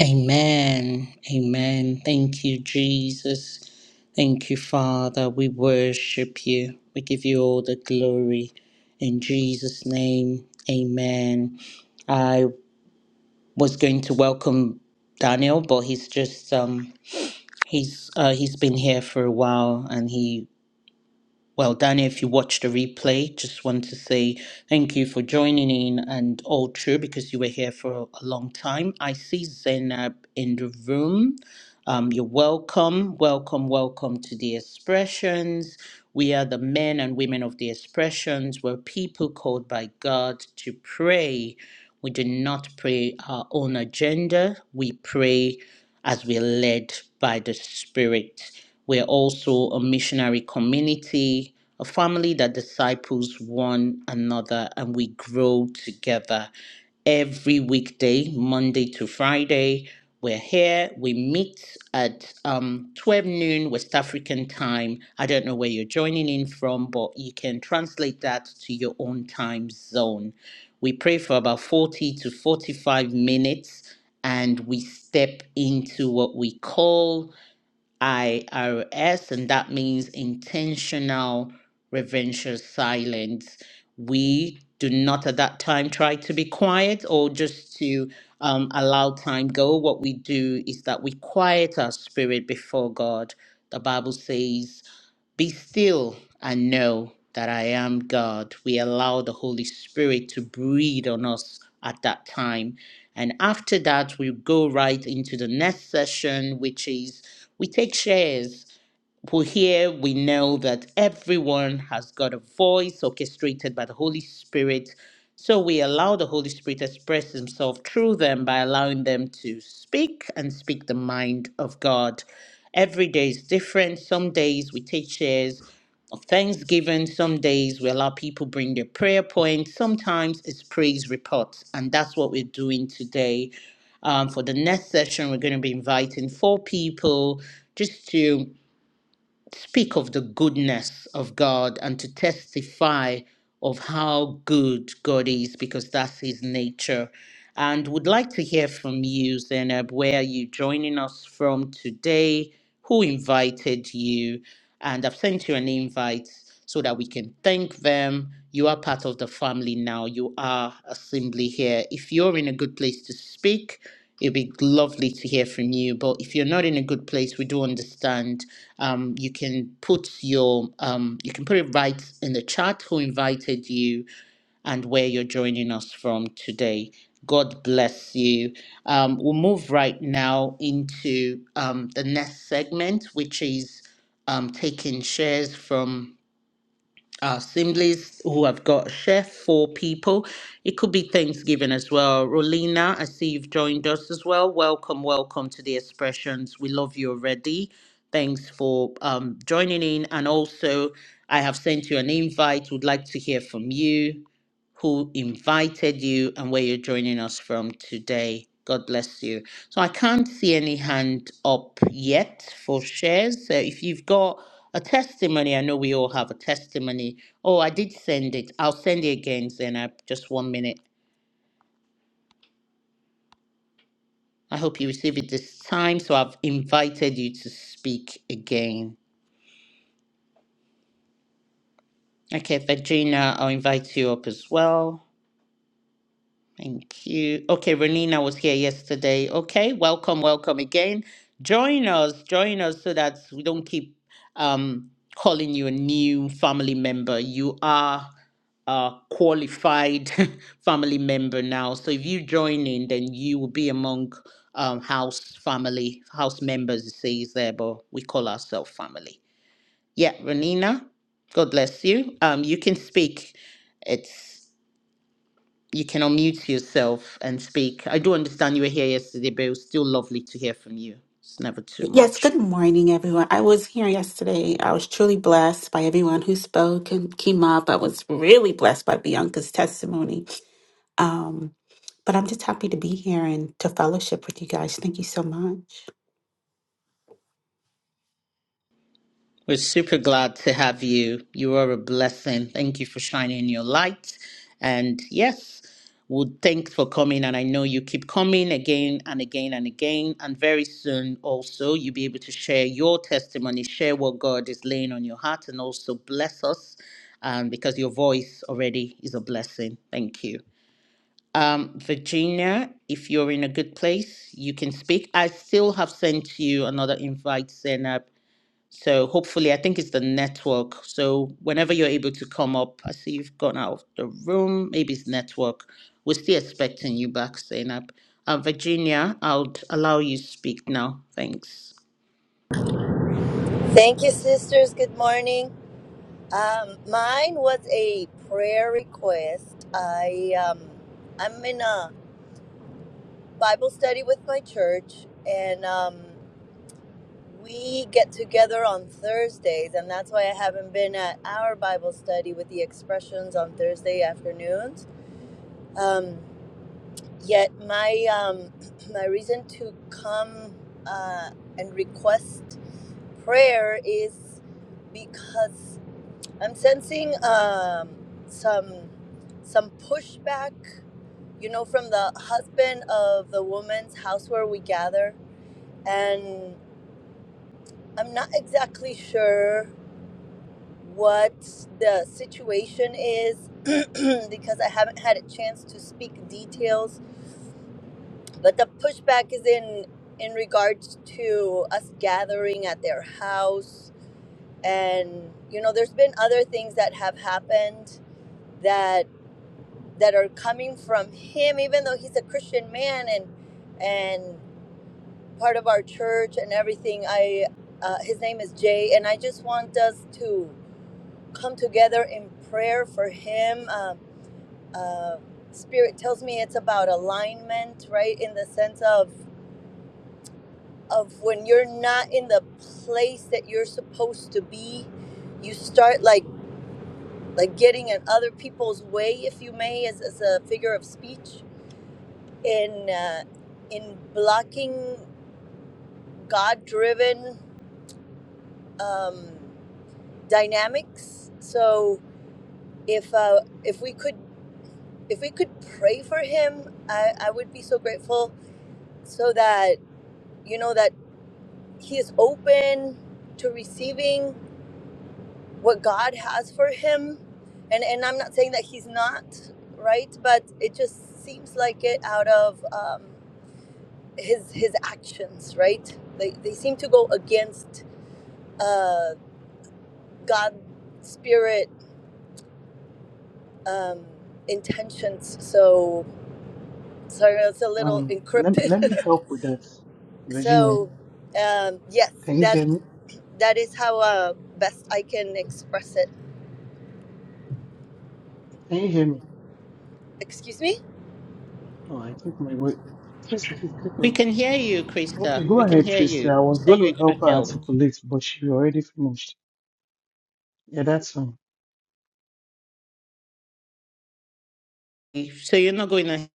Amen. Amen. Thank you, Jesus. Thank you, Father. We worship you. We give you all the glory. In Jesus' name, amen. I was going to welcome Daniel, but he's just um He's uh, he's been here for a while, and he well, Danny, if you watch the replay, just want to say thank you for joining in and all true because you were here for a long time. I see Zainab in the room. Um, you're welcome, welcome, welcome to the expressions. We are the men and women of the expressions. We're people called by God to pray. We do not pray our own agenda. We pray as we're led by the Spirit. We're also a missionary community, a family that disciples one another, and we grow together. Every weekday, Monday to Friday, we're here. We meet at um, 12 noon West African time. I don't know where you're joining in from, but you can translate that to your own time zone. We pray for about 40 to 45 minutes and we step into what we call IRS, and that means intentional reverential silence. We do not at that time try to be quiet or just to um, allow time go. What we do is that we quiet our spirit before God. The Bible says, be still and know that I am God. We allow the Holy Spirit to breathe on us at that time. And after that, we go right into the next session, which is we take shares who here we know that everyone has got a voice orchestrated by the Holy Spirit. So we allow the Holy Spirit to express himself through them by allowing them to speak and speak the mind of God. Every day is different. Some days we take shares of thanksgiving. Some days we allow people bring their prayer points. Sometimes it's praise reports. And that's what we're doing today. Um, for the next session, we're going to be inviting four people just to speak of the goodness of God and to testify of how good God is because that's his nature. And would like to hear from you, Zainab, where are you joining us from today? Who invited you? And I've sent you an invite so that we can thank them. You are part of the family now. You are assembly here. If you're in a good place to speak, it'd be lovely to hear from you. But if you're not in a good place, we do understand. Um, you can put your um, you can put it right in the chat who invited you and where you're joining us from today. God bless you. Um, we'll move right now into um, the next segment, which is um, taking shares from uh, assemblies who have got chef for people. It could be Thanksgiving as well. Rolina, I see you've joined us as well. Welcome, welcome to the expressions. We love you already. Thanks for um, joining in. And also, I have sent you an invite. Would like to hear from you who invited you and where you're joining us from today. God bless you. So I can't see any hand up yet for shares. So if you've got a testimony, I know we all have a testimony. Oh, I did send it. I'll send it again, Zena. Just one minute. I hope you receive it this time. So I've invited you to speak again. Okay, Virginia, I'll invite you up as well. Thank you. Okay, Renina was here yesterday. Okay, welcome, welcome again. Join us, join us so that we don't keep um, calling you a new family member. You are a qualified (laughs) family member now. So if you join in, then you will be among um, house family, house members, it says there, but we call ourselves family. Yeah, Renina, God bless you. Um, you can speak. It's you can unmute yourself and speak. I do understand you were here yesterday, but it was still lovely to hear from you. It's never too Yes, much. good morning, everyone. I was here yesterday. I was truly blessed by everyone who spoke and came up. I was really blessed by Bianca's testimony. Um, but I'm just happy to be here and to fellowship with you guys. Thank you so much. We're super glad to have you. You are a blessing. Thank you for shining your light. And yes, would thanks for coming. And I know you keep coming again and again and again. And very soon, also, you'll be able to share your testimony, share what God is laying on your heart, and also bless us um, because your voice already is a blessing. Thank you. Um, Virginia, if you're in a good place, you can speak. I still have sent you another invite, Zainab. So hopefully, I think it's the network. So whenever you're able to come up, I see you've gone out of the room. Maybe it's network. We're still expecting you back, Zainab. Uh, Virginia, I'll allow you to speak now. Thanks. Thank you, sisters. Good morning. Um, mine was a prayer request. I um, I'm in a Bible study with my church, and um, we get together on Thursdays, and that's why I haven't been at our Bible study with the expressions on Thursday afternoons. Um, yet my um, (clears throat) my reason to come uh, and request prayer is because I'm sensing um, some some pushback, you know, from the husband of the woman's house where we gather, and I'm not exactly sure what the situation is (clears throat) because I haven't had a chance to speak details. But the pushback is in in regards to us gathering at their house, and you know, there's been other things that have happened that. that are coming from him even though he's a christian man and and part of our church and everything i uh, his name is jay and i just want us to come together in prayer for him um, uh, spirit tells me it's about alignment right in the sense of of when you're not in the place that you're supposed to be you start like like getting in other people's way if you may as, as a figure of speech in uh, in blocking God-driven um, dynamics. So if uh, if we could if we could pray for him, I, I would be so grateful. So that you know that he is open to receiving what God has for him, and and I'm not saying that he's not right, but it just seems like it out of um, his his actions. Right? They they seem to go against uh, God spirit um, intentions. So sorry, it's a little Um, let, let encrypted. me help with that, (laughs) Virginia. so um, yes, Can you that hear me? that is how uh, best I can express it. Can you hear me? Excuse me. Oh, I think my word. Tracy, please take We over. can hear you, Okay, Krista. go We can ahead, hear Tracy. I you. You was say going you're to going help to her help. articulate, but she already finished. Yeah, that's fine. So you're not going to,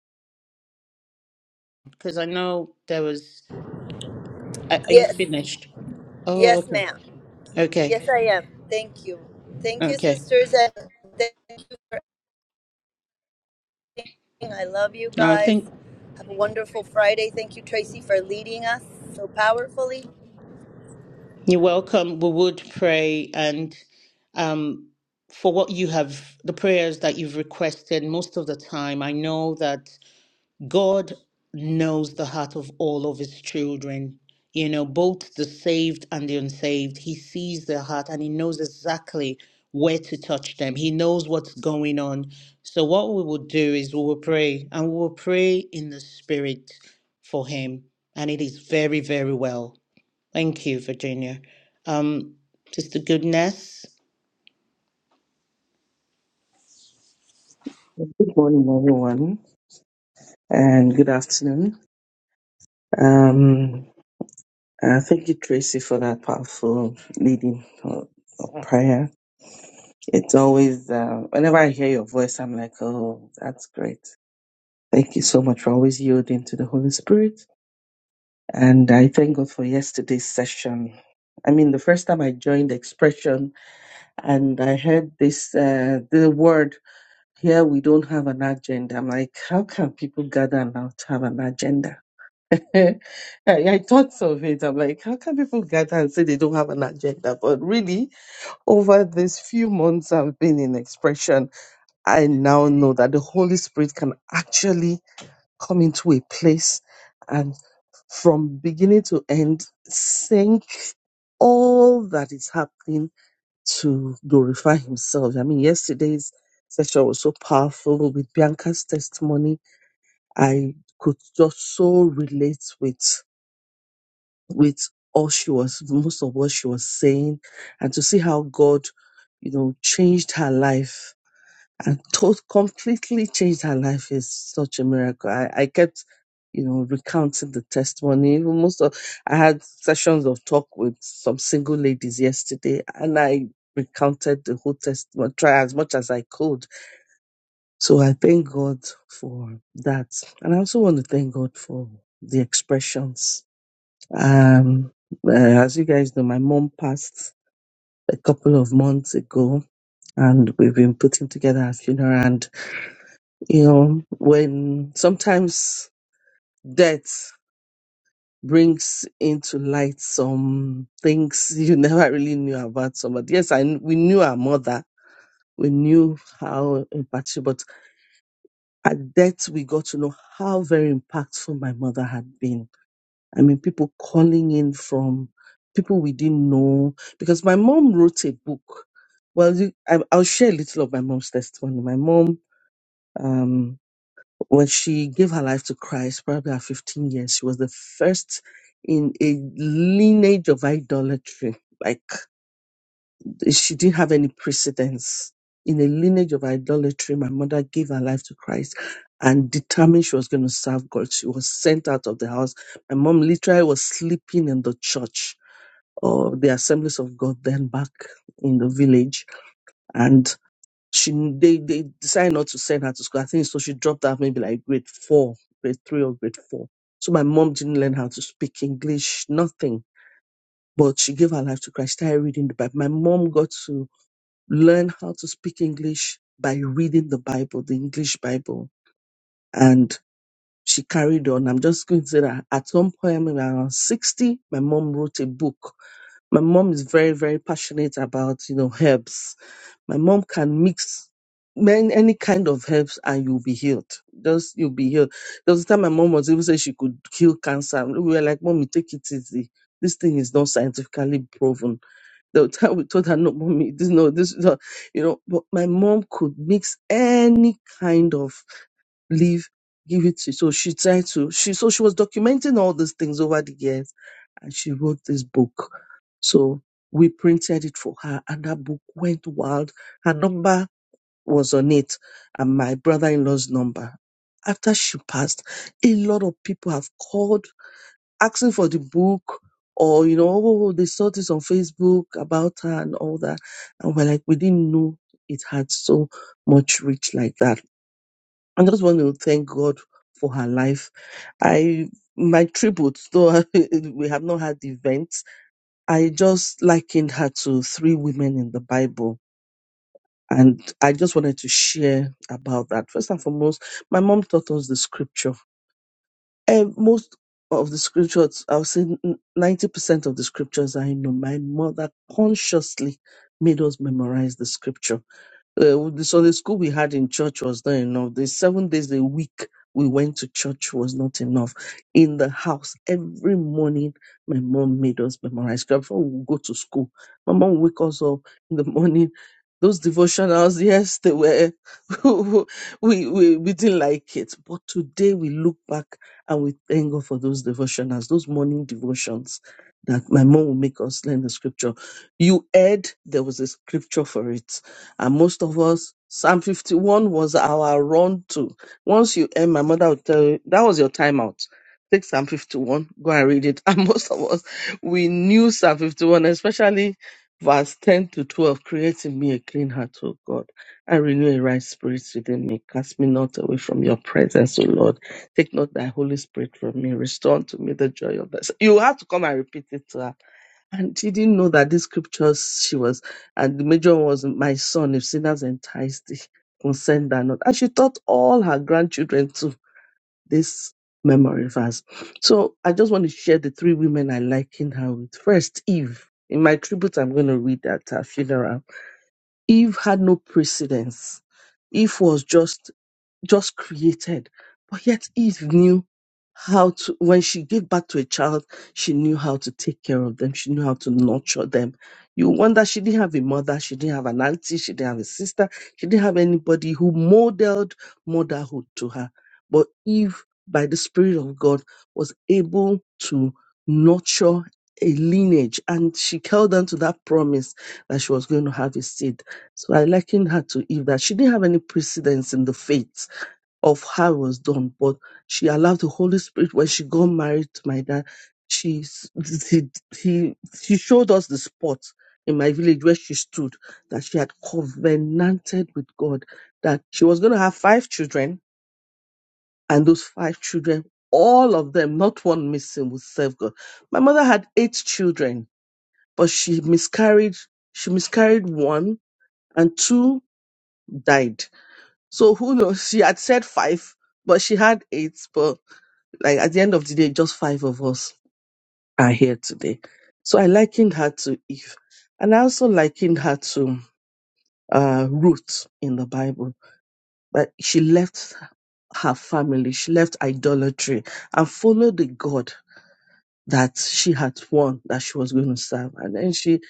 because I know there was. Are, are you Yes, finished? Oh, yes, okay. ma'am. Okay, Yes, I am. Thank you, thank you, okay. sisters, and thank you. King. I love you Now I guys. think Have a wonderful Friday. Thank you, Tracy, for leading us so powerfully. you're welcome. We would pray and um, for what you have, the prayers that you've requested most of the time. I know that. God knows the heart of all of his children, you know, both the saved and the unsaved. He sees their heart and he knows exactly where to touch them. He knows what's going on. So, what we will do is we will pray and we will pray in the spirit for him. And it is very, very well. Thank you, Virginia. Um, Sister Goodness. Good morning, everyone, and good afternoon. Um, uh, thank you, Tracy, for that powerful leading of, of prayer. It's always, uh, whenever I hear your voice, I'm like, oh, that's great. Thank you so much for always yielding to the Holy Spirit. And I thank God for yesterday's session. I mean, the first time I joined Expression and I heard this, uh, the word, here we don't have an agenda. I'm like, how can people gather now to have an agenda? I, I thought of it. I'm like, how can people gather and say they don't have an agenda? But really, over these few months I've been in expression, I now know that the Holy Spirit can actually come into a place and from beginning to end sink all that is happening to glorify Himself. I mean, yesterday's session was so powerful with Bianca's testimony. I could just so relate with with all she was, most of what she was saying, and to see how God, you know, changed her life and tot completely changed her life is such a miracle. I, I kept, you know, recounting the testimony. Even Most of, I had sessions of talk with some single ladies yesterday, and I recounted the whole testimony, try as much as I could. So I thank God for that. And I also want to thank God for the expressions um, uh, as you guys know, my mom passed a couple of months ago, and we've been putting together a funeral. And you know, when sometimes death brings into light some things (laughs) you never really knew about somebody. Yes, I kn- we knew our mother, we knew how impactful, but at death we got to know how very impactful my mother had been I mean, people calling in from people we didn't know. Because my mom wrote a book. Well, you, I, I'll share a little of my mom's testimony. My mom, um, when she gave her life to Christ, probably at 15 years, she was the first in a lineage of idolatry. Like she didn't have any precedence in a lineage of idolatry. My mother gave her life to Christ and determined she was going to serve God. She was sent out of the house. My mom literally was sleeping in the church or the assemblies of God then back in the village. And she they, they decided not to send her to school. I think so she dropped out maybe like grade four, grade three or grade four. So my mom didn't learn how to speak English, nothing. But she gave her life to Christ, started reading the Bible. My mom got to learn how to speak English by reading the Bible, the English Bible. And she carried on. I'm just going to say that at some point, when I was around 60, my mom wrote a book. My mom is very, very passionate about, you know, herbs. My mom can mix man- any kind of herbs and you'll be healed. Just, you'll be healed. There was a time my mom was even saying she could cure cancer. And We were like, mommy, take it easy. This thing is not scientifically proven they would we told her, no, mommy, this, no, this, no, you know, but my mom could mix any kind of leaf, give it to, so she tried to, she, so she was documenting all these things over the years and she wrote this book. So we printed it for her and that book went wild. Her number was on it and my brother-in-law's number. After she passed, a lot of people have called asking for the book or you know oh oh, they saw this on facebook about her and all that and we're like we didn't know it had so much reach like that i just want to thank god for her life i my tribute though (laughs) we have not had events i just likened her to three women in the bible and i just wanted to share about that first and foremost my mom taught us the scripture um, most of the scriptures, I would say n- ninety percent of the scriptures I know, my mother consciously made us memorize the scripture. Uh, the Sunday school we had in church was not enough. The seven days a week we went to church was not enough. In the house, every morning, my mom made us memorize scripture before we would go to school. My mom would wake us up in the morning. Those devotionals, yes, they were, (laughs) we, we, we didn't like it. But today we look back and we thank God for those devotionals, those morning devotions that my mom would make us learn the scripture. You heard there was a scripture for it and most of us, Psalm 51 was our run to. Once you end, my mother would tell you, that was your timeout. Take Psalm 51, go and read it. (laughs) And most of us, we knew Psalm 51, especially verse 10 to 12, create in me a clean heart, O God, and renew a right spirit within me. Cast me not away from your presence, O Lord. Take not thy Holy Spirit from me. Restore unto me the joy of thy. You have to come and repeat it to her and she didn't know that these scriptures she was, and the major one was, My son, if sinners entice thee, consent thou not. And she taught all her grandchildren to this memory verse. So I just want to share the three women I liken her with. First, Eve. In my tribute, I'm going to read at her funeral. Eve had no precedence. Eve was just just created, but yet Eve knew how to, when she gave birth to a child, she knew how to take care of them. She knew how to nurture them. You wonder she didn't have a mother, she didn't have an auntie, she didn't have a sister, she didn't have anybody who modeled motherhood to her. But Eve, by the Spirit of God, was able to nurture a lineage and she held on to that promise that she was going to have a seed. So I likened her to Eve that she didn't have any precedence in the faith of how it was done, but she allowed the Holy Spirit when she got married to my dad. She s- he, he she showed us the spot in my village where she stood that she had covenanted with God that she was going to have five children, and those five children, all of them, not one missing, would serve God. My mother had eight children, but she miscarried. She miscarried one, and two died. So who knows? She had said five, but she had eight. But Like at the end of the day, just five of us are here today. So I likened her to Eve. And I also likened her to uh, Ruth in the Bible. But she left her family, she left idolatry and followed the God that she had won that she was going to serve. And then she,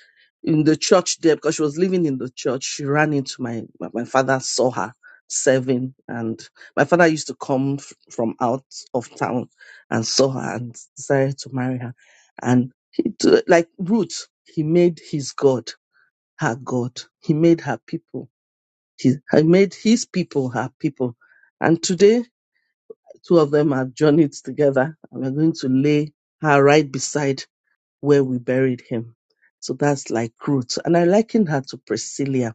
in the church there, because she was living in the church, she ran into my, my, my father saw her serving. And my father used to come f- from out of town and saw her and decided to marry her. And he, t- like Ruth, he made his God her God. He made her people. He, he made his people her people. And today, two of them have journeyed together and we're going to lay her right beside where we buried him. So that's like Ruth. And I liken her to Priscilla.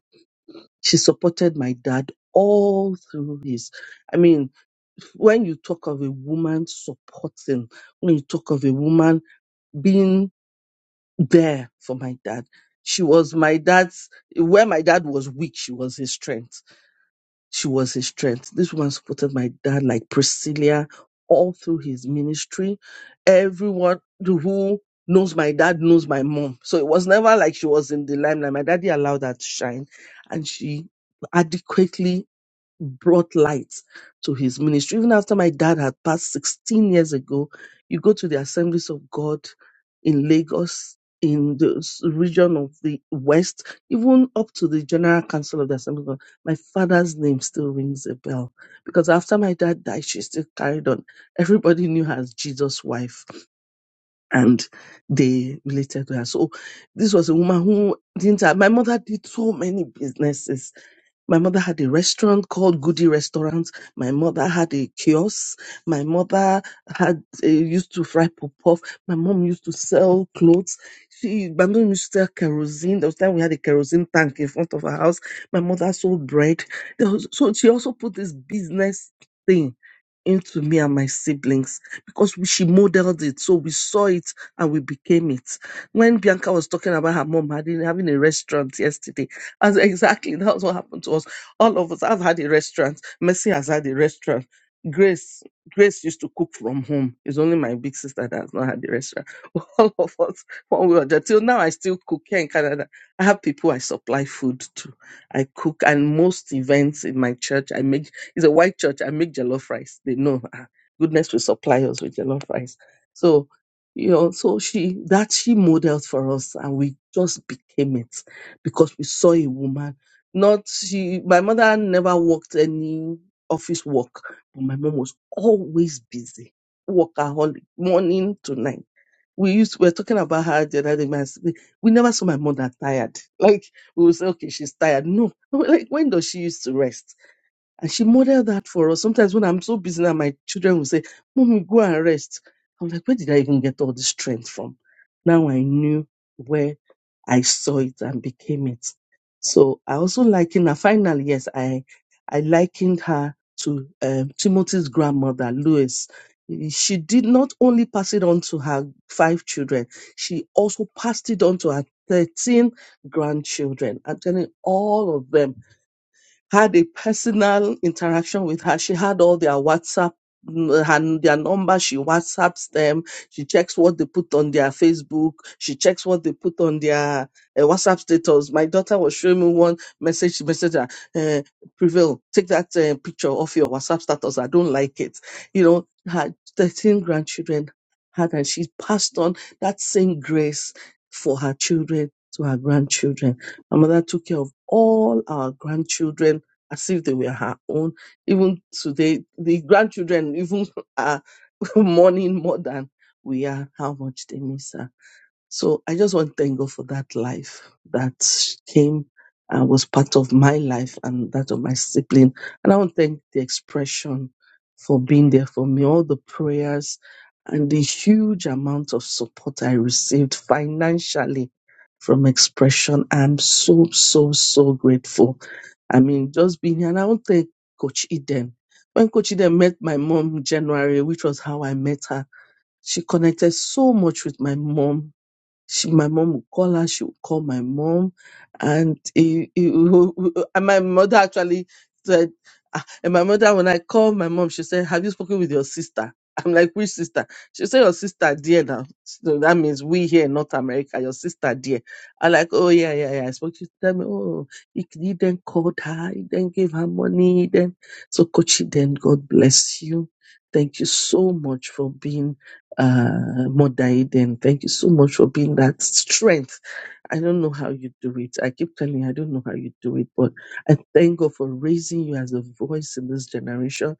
She supported my dad all through his. I mean, when you talk of a woman supporting, when you talk of a woman being there for my dad, she was my dad's, where my dad was weak, she was his strength she was his strength. This woman supported my dad like Priscilla all through his ministry. Everyone who knows my dad knows my mom. So it was never like she was in the limelight. My daddy allowed her to shine and she adequately brought light to his ministry. Even after my dad had passed 16 years ago, you go to the Assemblies of God in Lagos, in the s- region of the West, even up to the General Council of the Assembly of God, my father's name still rings a bell. Because after my dad died, she still carried on. Everybody knew her as Jesus' wife and they related to her. So this was a woman who didn't have, my mother did so many businesses. My mother had a restaurant called Goody Restaurant. My mother had a kiosk. My mother had uh, used to fry puff puff. My mom used to sell clothes. She, my mom used to sell kerosene. There was time we had a kerosene tank in front of our house. My mother sold bread. There was, so she also put this business thing into me and my siblings because we- she modeled it. So we saw it and we became it. When Bianca was talking about her mom having, having a restaurant yesterday, as exactly that's what happened to us. All of us have had a restaurant. Mercy has had a restaurant. Grace, Grace used to cook from home. It's only my big sister that has not had a restaurant. (laughs) All of us, one way or the other. Till now, I still cook here in Canada. I have people I supply food to. I cook, and most events in my church, I make. It's a white church. I make jollof rice. They know. ah, goodness will supply us with jollof rice. So, you know, so she that she modeled for us, and we just became it because we saw a woman. Not she, my mother never worked any office work, but my mom was always busy, workaholic, morning to night. We used we were talking about her the other day. my s- We never saw my mother tired. Like we would say, okay, she's tired. No, (laughs) like when does she used to rest? And she modeled that for us. Sometimes when I'm so busy now, my children will say, Mommy, go and rest. I'm like, where did I even get all this strength from? Now I knew where I saw it and became it. So I also liken her. Finally, yes, I I likened her to um, Timothy's grandmother, Lois. She did not only pass it on to her five children, she also passed it on to her 13 grandchildren. I'm telling you, all of them had a personal interaction with her. She had all their WhatsApp mm, and their number. She WhatsApps them. She checks what they put on their Facebook. She checks what they put on their uh, WhatsApp status. My daughter was showing me one message. She messaged her, uh, Prevail, take that uh, picture off your WhatsApp status. I don't like it. You know, her 13 grandchildren had, and she passed on that same grace for her children to her grandchildren. My mother took care of all our grandchildren as if they were her own. Even today, the grandchildren even (laughs) are (laughs) mourning more than we are how much they miss her. So I just want to thank God for that life that came and was part of my life and that of my sibling. And I want to thank the expression for being there for me, all the prayers and the huge amount of support I received financially from expression. I'm so, so, so grateful I mean, just being here. And I want to thank Coach Eden. When Coach Eden met my mom in January, which was how I met her, she connected so much with my mom she, my mom would call her, she would call my mom. And, it, it- and my mother actually said, ah, and my mother, when I called my mom, she said, Have you spoken with your sister? (laughs) I'm like, Which sister? She said, Your sister, dear. Now, so that means we here in North America, your sister, dear. I'm like, Oh, yeah, yeah, yeah. I spoke to tell me, Oh, he, he then called her, he then gave her money. He then, so, Kochi, then God bless you. Thank you so much for being uh, Mother Eden, thank you so much for being that strength. I don't know how you do it. I keep telling you, I don't know how you do it, but I thank God for raising you as a voice in this generation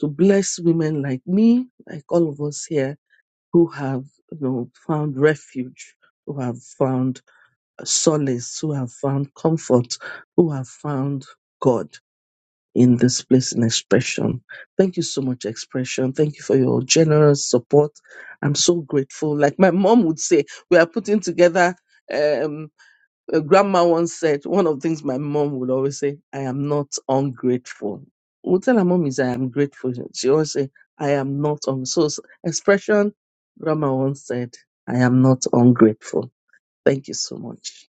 to bless women like me, like all of us here who have, you know, found refuge, who have found solace, who have found comfort, who have found God in this place in expression. Thank you so much, expression. Thank you for your generous support. I'm so grateful. Like my mom would say, we are putting together. Um, uh, grandma once said, one of the things my mom would always say, I am not ungrateful. We'll tell her mom is, I am grateful. She always say, I am not on. So s- expression, grandma once said, I am not ungrateful. Thank you so much.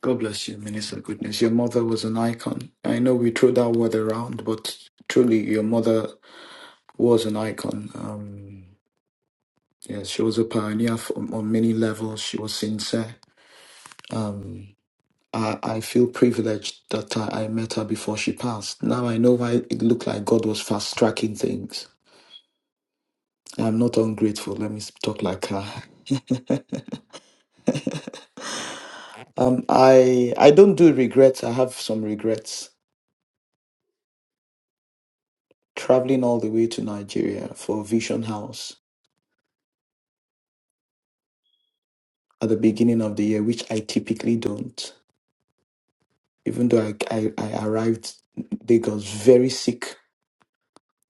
God bless you, Minister Goodness. Your mother was an icon. I know we throw that word around, but truly, your mother was an icon. Um, yeah, she was a pioneer f- on, on many levels. She was sincere. Um, I, I feel privileged that I, I met her before she passed. Now I know why it looked like God was fast tracking things. I'm not ungrateful. Let me s- talk like her. (laughs) um, I I don't do regrets. I have some regrets. Traveling all the way to Nigeria for Vision House at the beginning of the year, which I typically don't. Even though I, I, I arrived they got very sick,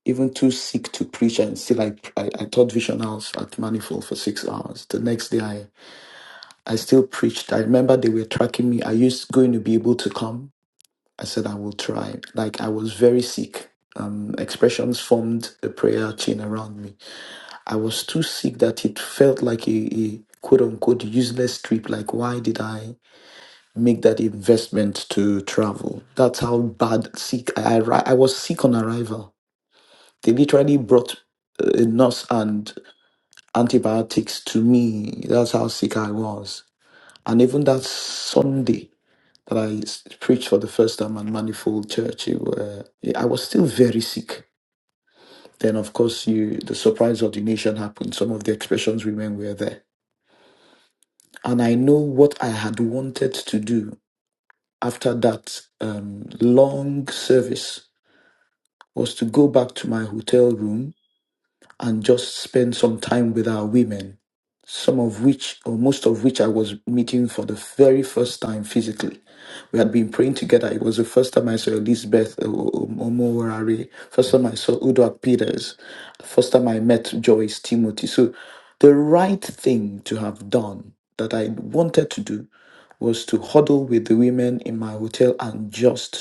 even too sick to preach, and still I, I, I taught Vision House at Manifold for six hours. The next day, I, I still preached. I remember they were tracking me. Are you going to be able to come? I said, I will try. Like, I was very sick. Um, expressions formed the prayer chain around me. I was too sick that it felt like a, a quote unquote useless trip. Like, why did I? make that investment to travel. That's how bad sick I arri- I was sick on arrival. They literally brought uh, a nurse and antibiotics to me. That's how sick I was. And even that Sunday that I s- preached for the first time at Manifold Church, it were, I was still very sick. Then of course you the surprise ordination happened. Some of the expressions women were there. And I know what I had wanted to do after that um, long service was to go back to my hotel room and just spend some time with our women, some of which, or most of which, I was meeting for the very first time physically. We had been praying together. It was the first time I saw Elizabeth Omowarare, first time I saw Udoak Peters, first time I met Joyce Timothy. So the right thing to have done that I wanted to do was to huddle with the women in my hotel and just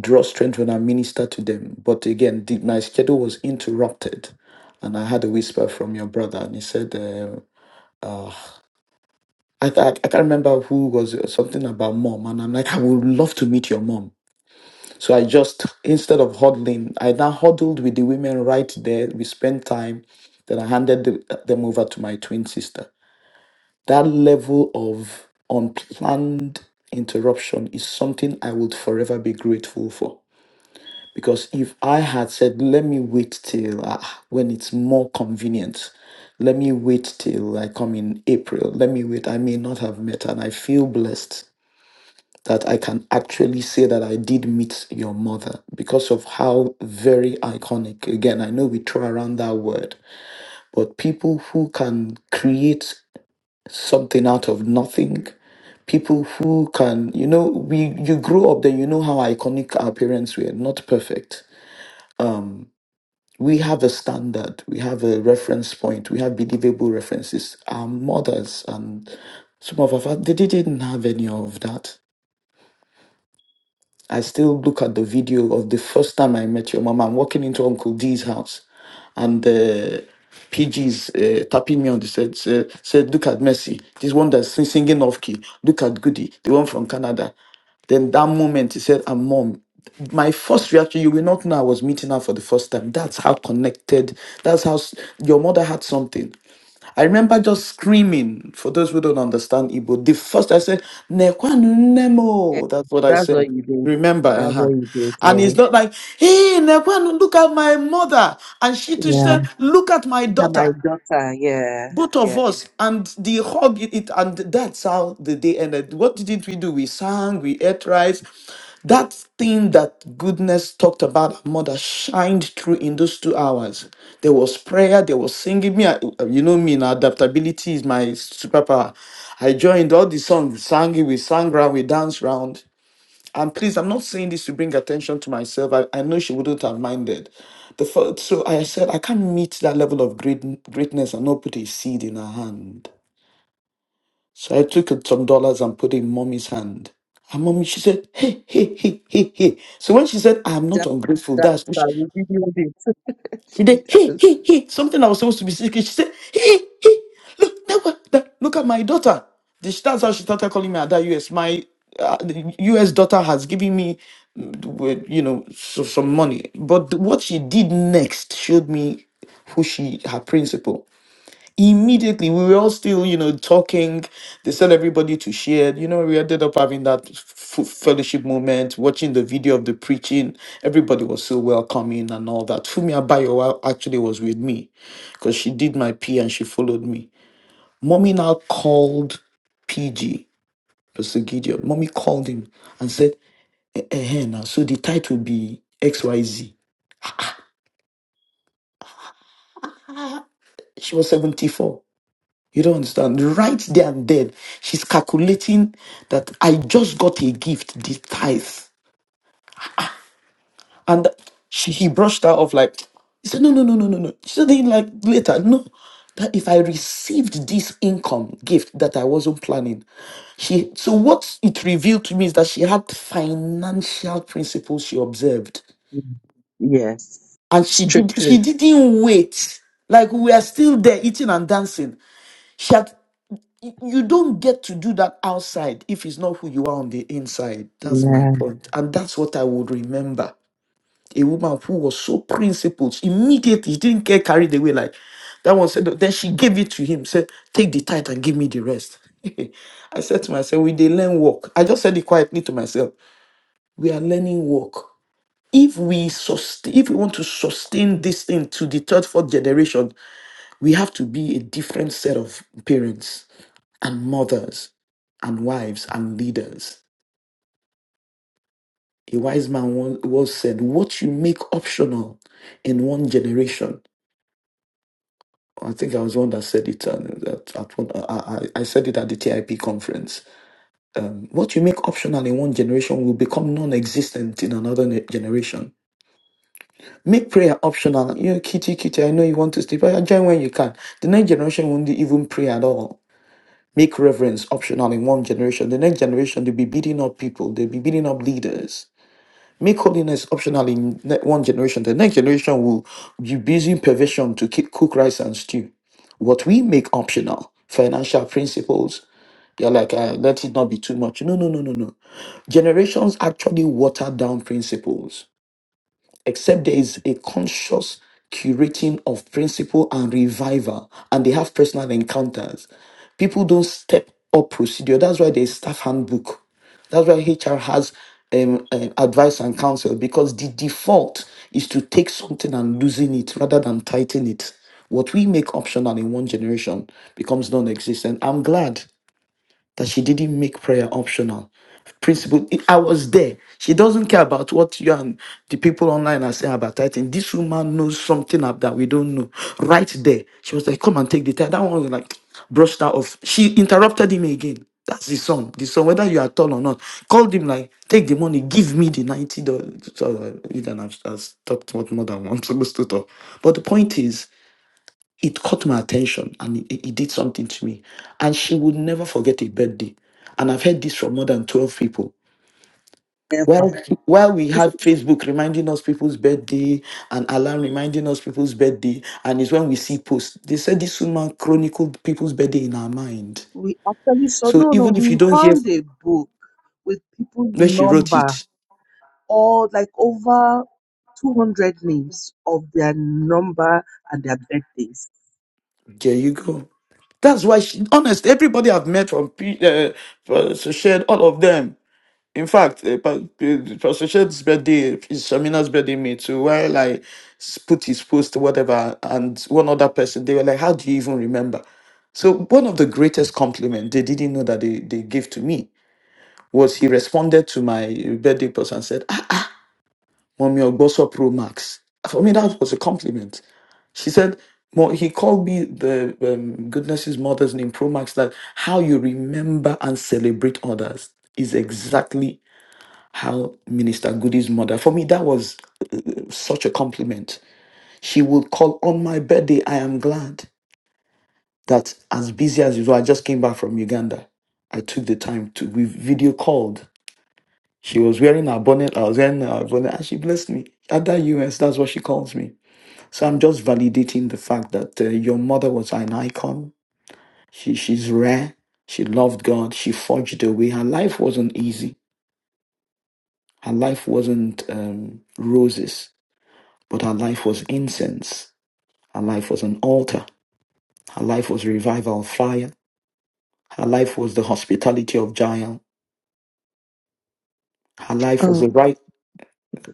draw strength when I minister to them. But again, the, my schedule was interrupted, and I had a whisper from your brother, and he said, uh, I, th- I can't remember who was uh, something about mom, and I'm like, I would love to meet your mom. So I just instead of huddling, I now huddled with the women right there. We spent time. Then I handed the, them over to my twin sister. That level of unplanned interruption is something I would forever be grateful for Because if I had said, let me wait till ah, when it's more convenient, let me wait till I come in April, let me wait, I may not have met. her. And I feel blessed that I can actually say that I did meet your mother because of how very iconic. Again, I know we throw around that word, but people who can create something out of nothing people who can you know we you grow up then you know how iconic our parents were not perfect we have a standard, we have a reference point, we have believable references. Our mothers and some of our fathers, they didn't have any of that. I still look at the video of the first time I met your mama, I'm walking into Uncle D's house, and uh, PG's uh, tapping me on the said, said, said, Look at Mercy, this one that's sing- singing off key. Look at Goody, the one from Canada. Then that moment he said, "And mom, my first reaction, you will not know I was meeting her for the first time. That's how connected, that's how s- your mother had something. I remember just screaming, for those who don't understand Igbo, the first I said, Nekwanu Yeah, Nemo. That's what I that's said. what you did. Remember, That's what uh-huh. you And it's did. not like, hey, Nekwanu, look at my mother. And she too Yeah. said, look at my Yeah, my daughter daughter, yeah, both of yeah. us and the hobby it and that's how the day ended what didn't we do we sang we ate rice that thing that goodness talked about our mother shined through in those two hours there was prayer there was singing me I, you know me now adaptability is my superpower i joined all the songs we sang it we sang round we danced round and please, I'm not saying this to bring attention to myself. I, I know she wouldn't have minded. The first, so I said, I can't meet that level of great, greatness and not put a seed in her hand. So I took some dollars and put it in mommy's hand. And mommy, she said, hey, hey, hey, hey, hey. So when she said, I'm not That, ungrateful, that's that's, how we video this. (laughs) She she did he does. he he something I was supposed to be secret. She said he he look that, one- that- look at my daughter. The- she- That's how she started calling me at that US. My uh, the US daughter has given me mm, w- you know so, some money, but what she did next showed me who she her principal immediately we were all still you know talking they said everybody to share you know we ended up having that f- fellowship moment watching the video of the preaching everybody was so welcoming and all that fumi abayo actually was with me because she did my p and she followed me mommy now called pg pastor gideon mommy called him and said eh, eh, eh, now so the title be xyz she was 74 You don't understand. Right there and then, she's calculating that I just got a gift, the tithe. And she he brushed her off like, he said, no, no, no, no, no, no. She said, "Then, like later, no. That if I received this income gift that I wasn't planning, she so what it revealed to me is that she had financial principles she observed. Yes, And she did she strictly. didn't wait. Like we are still there eating and dancing. She had you don't get to do that outside if it's not who you are on the inside. That's my Yeah. point. And that's what I would remember. A woman who was so principled, immediately she didn't get carried away. Like that one said, then she gave it to him, said, Take the tithe and give me the rest. (laughs) I said to myself, We they learn work. I just said it quietly to myself. We are learning work. If we sustain, if we want to sustain this thing to the third, fourth generation, we have to be a different set of parents and mothers and wives and leaders. A wise man once once said, What you make optional in one generation. I think I was one that said it. uh, That at one, I, I I said it at the TIP conference. Um, what you make optional in one generation will become non-existent in another ne- generation. Make prayer optional. You know, kitty, kitty. I know you want to sleep. but Join when you can. The next generation won't even pray at all make reverence optional in one generation. The next generation, they'll be beating up people, they'll be beating up leaders. Make holiness optional in ne- one generation. The next generation will be using perversion to keep cook rice and stew. What we make optional, financial principles, they're like, uh, let it not be too much. No, no, no, no, no. Generations actually water down principles except there is a conscious curating of principle and revival, and they have personal encounters. People don't step up procedure. That's why there's staff handbook. That's why HR has um, um, advice and counsel because the default is to take something and losing it rather than tighten it. What we make optional in one generation becomes non existent. I'm glad that she didn't make prayer optional. Principle, I was there. She doesn't care about what you and the people online are saying about tithing. This woman knows something ab- that we don't know. Right there, she was like, "Come and take the tithe." That one was like, brushed her off. She interrupted him again. That's the son. The son, whether you are tall or not, called him like, "Take the money, give me the ninety dollars." Sorry, I- Eden, I've, I've talked more more than I'm (laughs) supposed to talk. But the point is it caught my attention and it, it did something to me. And she would never forget a birthday. And I've heard this from more than 12 people. Never. While, while we have Facebook reminding us people's birthday and alarm reminding us people's birthday, and it's when we see posts, they said this woman chronicled people's birthday in her mind. We actually saw, So no, no, even if you we don't hear found a book with people's where she wrote number, it, all like over 200 names of their number and their birthdays. there you go. That's why, she, honest, everybody I've met from, P- uh, from so shared all of them In fact, uh, Pa- uh, Pastor Shed's birthday is Shamina's birthday meet. So while I s- put his post, whatever, and one other person, they were like, How do you even remember? So one of the greatest compliment they didn't know that they, they gave to me was he responded to my birthday post and said, ah, Mommy Ogboso Pro Max. For me, that was a compliment. She said, "Mo- he called me the um, goodness's mother's name, Pro Max, that how you remember and celebrate others is exactly how Minister Goody's mother, for me, that was such a compliment. She would call on my birthday. I am glad that as busy as usual, I just came back from Uganda. I took the time to, we video called. She was wearing her bonnet, I was wearing her bonnet, and she blessed me. At that US, that's what she calls me. So I'm just validating the fact that uh, your mother was an icon. She, she's rare. She loved God. She forged a way. Her life wasn't easy. Her life wasn't um, roses But her life was incense. Her life was an altar. Her life was revival fire. Her life was the hospitality of Jael. Her life was the right.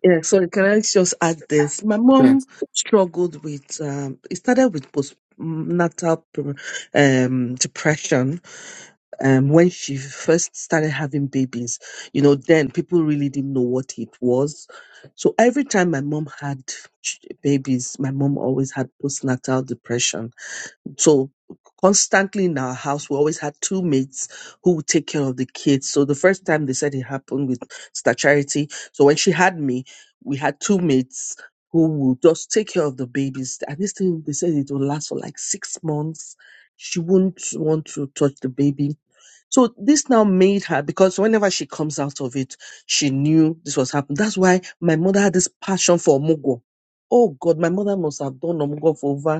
Yeah, sorry, can I just add this? My mom Yes. struggled with, um, it started with postnatal pre- um, depression um, when she first started having babies. You know, then people really didn't know what it was. So every time my mom had ch- babies, my mom always had postnatal depression so constantly in our house, we always had two maids who would take care of the kids. So the first time they said it happened with Star Charity. So when she had me, we had two maids who would just take care of the babies. And this thing, they said it will last for like six months. She wouldn't want to touch the baby. So this now made her, because whenever she comes out of it, she knew this was happening. That's why my mother had this passion for Mugo. Oh God, my mother must have done Omugo for over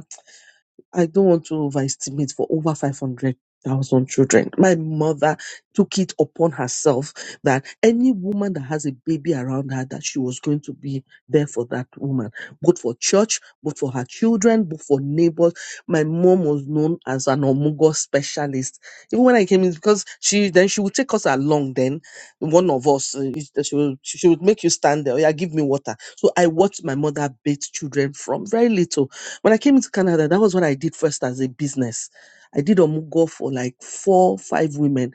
I don't want to overestimate for over 500,000 children. My mother took it upon herself that any woman that has a baby around her, that she was going to be there for that woman, both for church, both for her children, both for neighbors. My mom was known as an omugo specialist. Even when I came in, because she then she would take us along. Then one of us, uh, is- she would she would make you stand there. "Oh, Yeah, give me water. So I watched my mother bathe children from very little when I came into Canada, that was what I did first as a business. I did Omugo for like four, five women.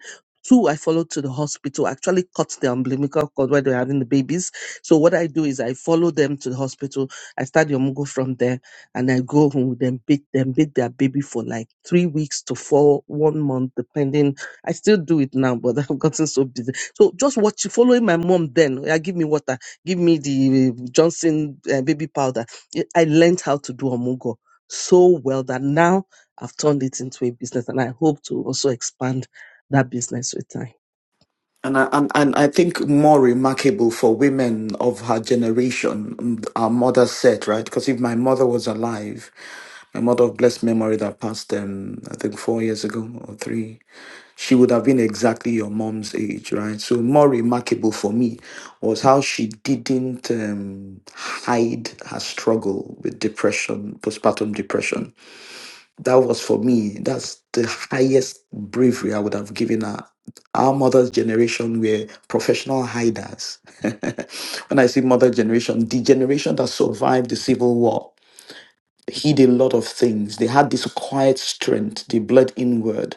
Two I followed to the hospital, actually cut the umbilical cord where they're having the babies. So what I do is I follow them to the hospital. I start the Omugo from there and I go home with them, beat them, beat their baby for like three weeks to four, one month, depending. I still do it now, but (laughs) I've gotten so busy. So just watch, following my mom then. Yeah, give me water, give me the Johnson uh, baby powder it- I learned how to do Omugo so well that now I've turned it into a business and I hope to also expand that business with time. And I, and, and I think more remarkable for women of her generation, mm, our mother said, right? Because if my mother was alive, my mother of blessed memory that passed, um, I think, four years ago or three, she would have been exactly your mom's age, right? So more remarkable for me was how she didn't um, hide her struggle with depression, postpartum depression. That was for me. That's the highest bravery I would have given her. Our mother's generation were professional hiders. (laughs) when I say mother generation, the generation that survived the civil war hid a lot of things. They had this quiet strength. They bled inward.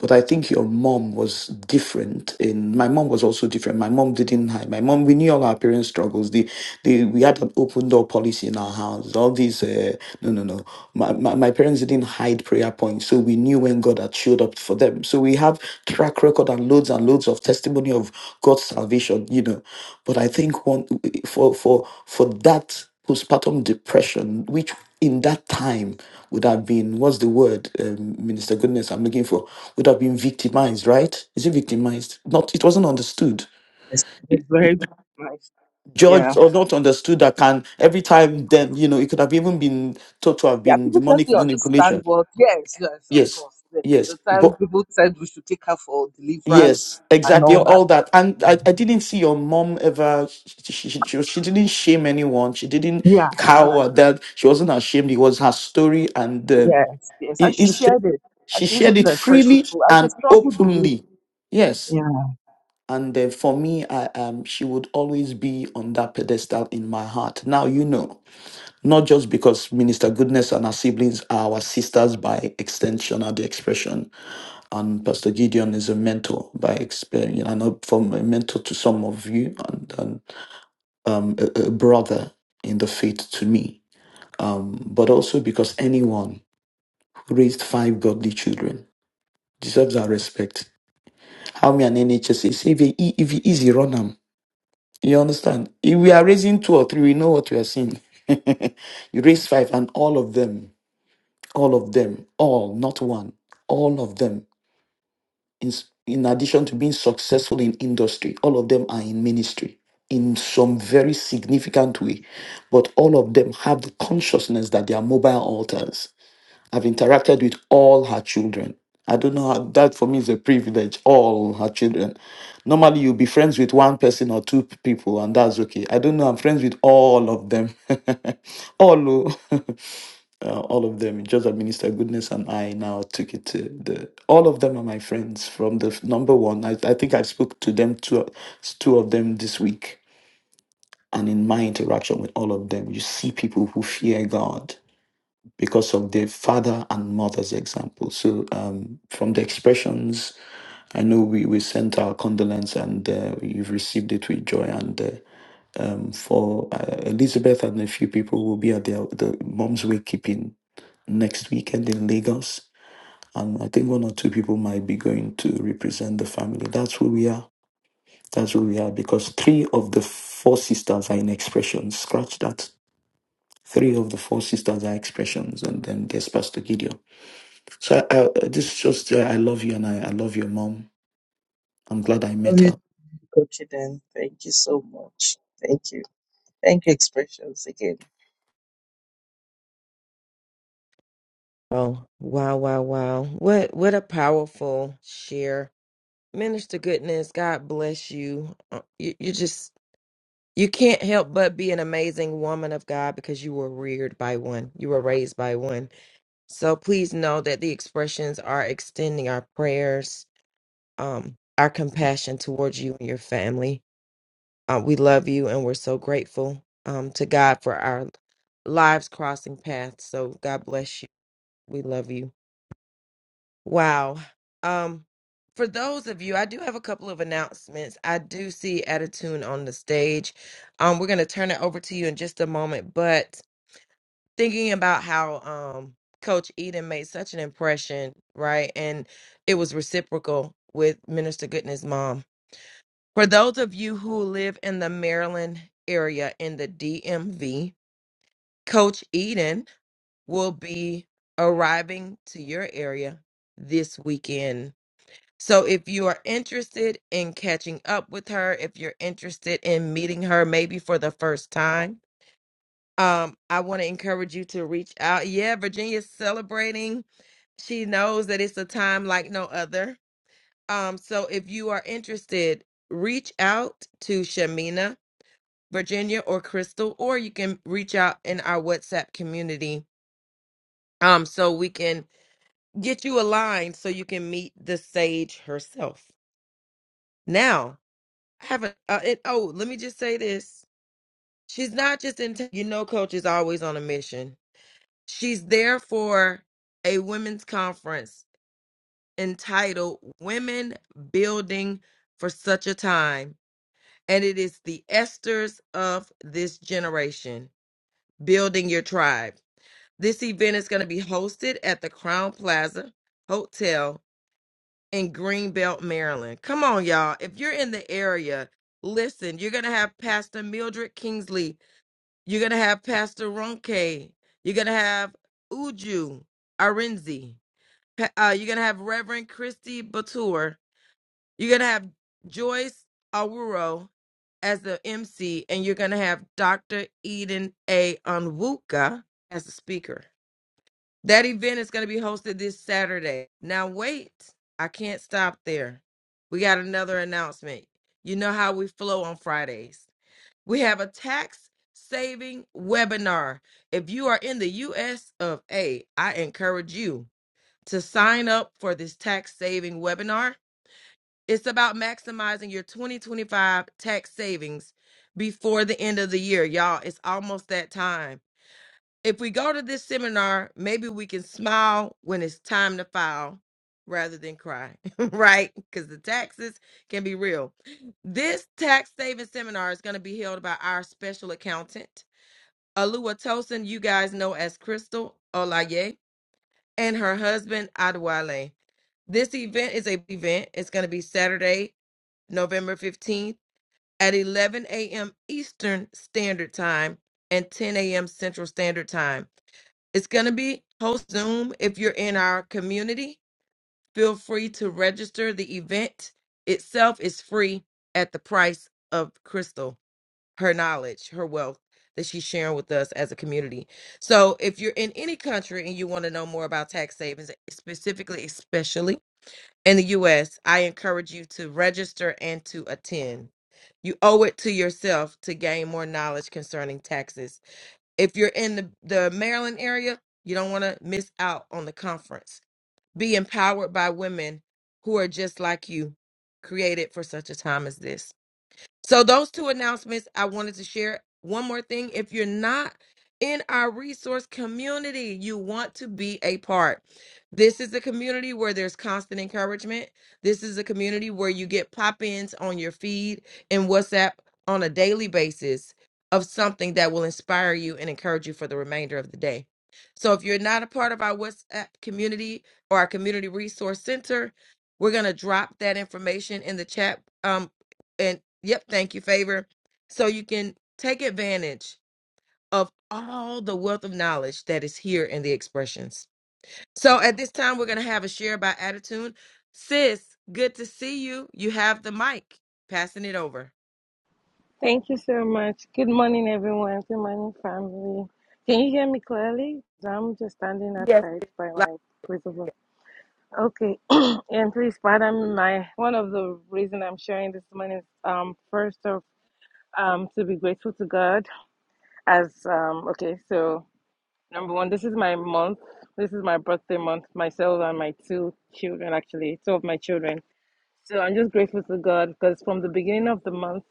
But I think your mom was different. And my mom was also different. My mom didn't hide. My mom, we knew all our parents' struggles. The, the we had an open door policy in our house. All these, uh, no, no, no. My, my my parents didn't hide prayer points, so we knew when God had showed up for them. So we have track record and loads and loads of testimony of God's salvation. You know, but I think one for for for that postpartum depression, which in that time would have been what's the word um, minister goodness i'm looking for would have been victimized right is it victimized not it wasn't understood Yes, that's very nice. judged Yeah. or not understood that can every time then you know it could have even been thought to have Yeah, been people just demonic don't understand manipulation what. Yes, yes, of yes course. The, yes the time but people said we should take her for deliverance yes and exactly all that. all that and i, I didn't see your mom ever she, she, she, she was- she didn't shame anyone she didn't Yeah, and all that. cower that she wasn't ashamed it was her story and um, Yes, yes. In And she it's- shared it. she And she used shared it it to encourage freely people. And she and struggled with it. openly. Yes. Yeah. And uh, for me, I um, she would always be on that pedestal in my heart. Now, you know, not just because Minister Goodness and her siblings are our sisters by extension or the expression, and Pastor Gideon is a mentor by experience, and a- from a mentor to some of you, and, and um, a, a brother in the faith to me, um, but also because anyone who raised five godly children deserves our respect How me and NHS say, if you e- if you easy run them, you understand? If we are raising two or three, we know what we are seeing. (laughs) you raise five, and all of them, all of them, all not one, all of them. In s- in addition to being successful in industry, all of them are in ministry in some very significant way, but all of them have the consciousness that they are mobile altars. I've interacted with all her children. I don't know how that for me is a privilege, all her children. Normally, you'll be friends with one person or two p- people, and that's okay. I don't know, I'm friends with all of them. (laughs) all, o- (laughs) uh, all of them. Just that Minister Goodness and I now took it to the. All of them are my friends from the f- number one. I, I think I spoke to them, two, two of them this week. And in my interaction with all of them, you see people who fear God because of their father and mother's example. So, um, from the expressions, I know we, we sent our condolence and uh, you've received it with joy. And uh, um, for uh, Elizabeth and a few people will be at their, the mom's wakekeeping next weekend in Lagos. And I think one or two people might be going to represent the family. That's who we are. That's who we are because three of the four sisters are in expressions. Scratch that. Three of the four sisters are expressions, and then there's Pastor Gideon. So I, I- this is just, uh, I love you and I, I love your mom. I'm glad I Love met you, her. Coach Eden. Thank you so much. Thank you. Thank you, Expressions, again. Oh, wow, wow, wow. What what a powerful share. Minister Goodness, God bless you. Uh, You, you just you can't help but be an amazing woman of God because you were reared by one. You were raised by one. So please know that the expressions are extending our prayers, um, our compassion towards you and your family. Uh, we love you and we're so grateful um, to God for our lives crossing paths. So God bless you. We love you. Wow. Um, for those of you, I do have a couple of announcements. I do see Attitude on the stage. Um, we're gonna turn it over to you in just a moment, but thinking about how um Coach Eden made such an impression, right? And it was reciprocal with Minister Goodness Mom. For those of you who live in the Maryland area in the DMV, Coach Eden will be arriving to your area this weekend so if you are interested in catching up with her, if you're interested in meeting her maybe for the first time, um, I want to encourage you to reach out. Yeah, Virginia's celebrating. She knows that it's a time like no other. Um, so if you are interested, reach out to Shamina, Virginia, or Crystal, or you can reach out in our WhatsApp community. Um, so we can get you aligned so you can meet the sage herself. Now I haven't. Uh, it, oh, let me just say this: she's not just in. You know, coach is always on a mission. She's there for a women's conference entitled "Women Building for Such a Time," and it is the esters of this generation building your tribe. This event is going to be hosted at the Crown Plaza Hotel in Greenbelt, Maryland. Come on, y'all! If you're in the area, Listen, you're going to have Pastor Mildred Kingsley You're gonna have Pastor Ronke. You're gonna have Uju Arinzi. Pa- Uh, you're gonna have Reverend Christy Batur. You're gonna have Joyce Awuro as the MC, and you're gonna have Dr. Eden A. Onwuka as the speaker. That event is gonna be hosted this Saturday. Now wait, I can't stop there. We got another announcement. You know how we flow on Fridays. We have a tax saving webinar. If you are in the US of A, I encourage you to sign up for this tax saving webinar. It's about maximizing your 2025 tax savings before the end of the year. Y'all, it's almost that time. If we go to this seminar, maybe we can smile when it's time to file rather than cry, (laughs) right? Because the taxes can be real. This tax saving seminar is going to be held by our special accountant, Alua Tosin, you guys know as Crystal Olaye, and her husband, Adwale. This event is a event. It's going to be Saturday, November 15th at 11 a.m. Eastern Standard Time and 10 a.m. Central Standard Time. It's going to be host Zoom. If you're in our community, feel free to register. The event itself is free at the price of Crystal, her knowledge, her wealth that she's sharing with us as a community. So if you're in any country and you want to know more about tax savings, specifically, especially in the US, I encourage you to register and to attend. You owe it to yourself to gain more knowledge concerning taxes if you're in the, the Maryland area, you don't want to miss out on the conference. Be empowered by women who are just like you, created for such a time as this. So those two announcements I wanted to share. One more thing, if you're not in our resource community, you want to be a part. This is a community where there's constant encouragement. This is a community where you get pop-ins on your feed and WhatsApp on a daily basis of something that will inspire you and encourage you for the remainder of the day. So if you're not a part of our WhatsApp community or our community resource center, we're going to drop that information in the chat Um, and yep, thank you, favor. So you can take advantage of all the wealth of knowledge that is here in the expressions. So at this time, we're going to have a share by attitude. Sis, good to see you. You have the mic. Passing it over. Thank you so much. Good morning, everyone. Good morning, family. Can you hear me clearly? I'm just standing Yes. outside sis. by my place of work. Okay, (clears throat) and please pardon my one of the reason I'm sharing this morning is um first of um to be grateful to God as um okay so number one this is my month this is my birthday month myself and my two children actually two of my children so I'm just grateful to God because from the beginning of the month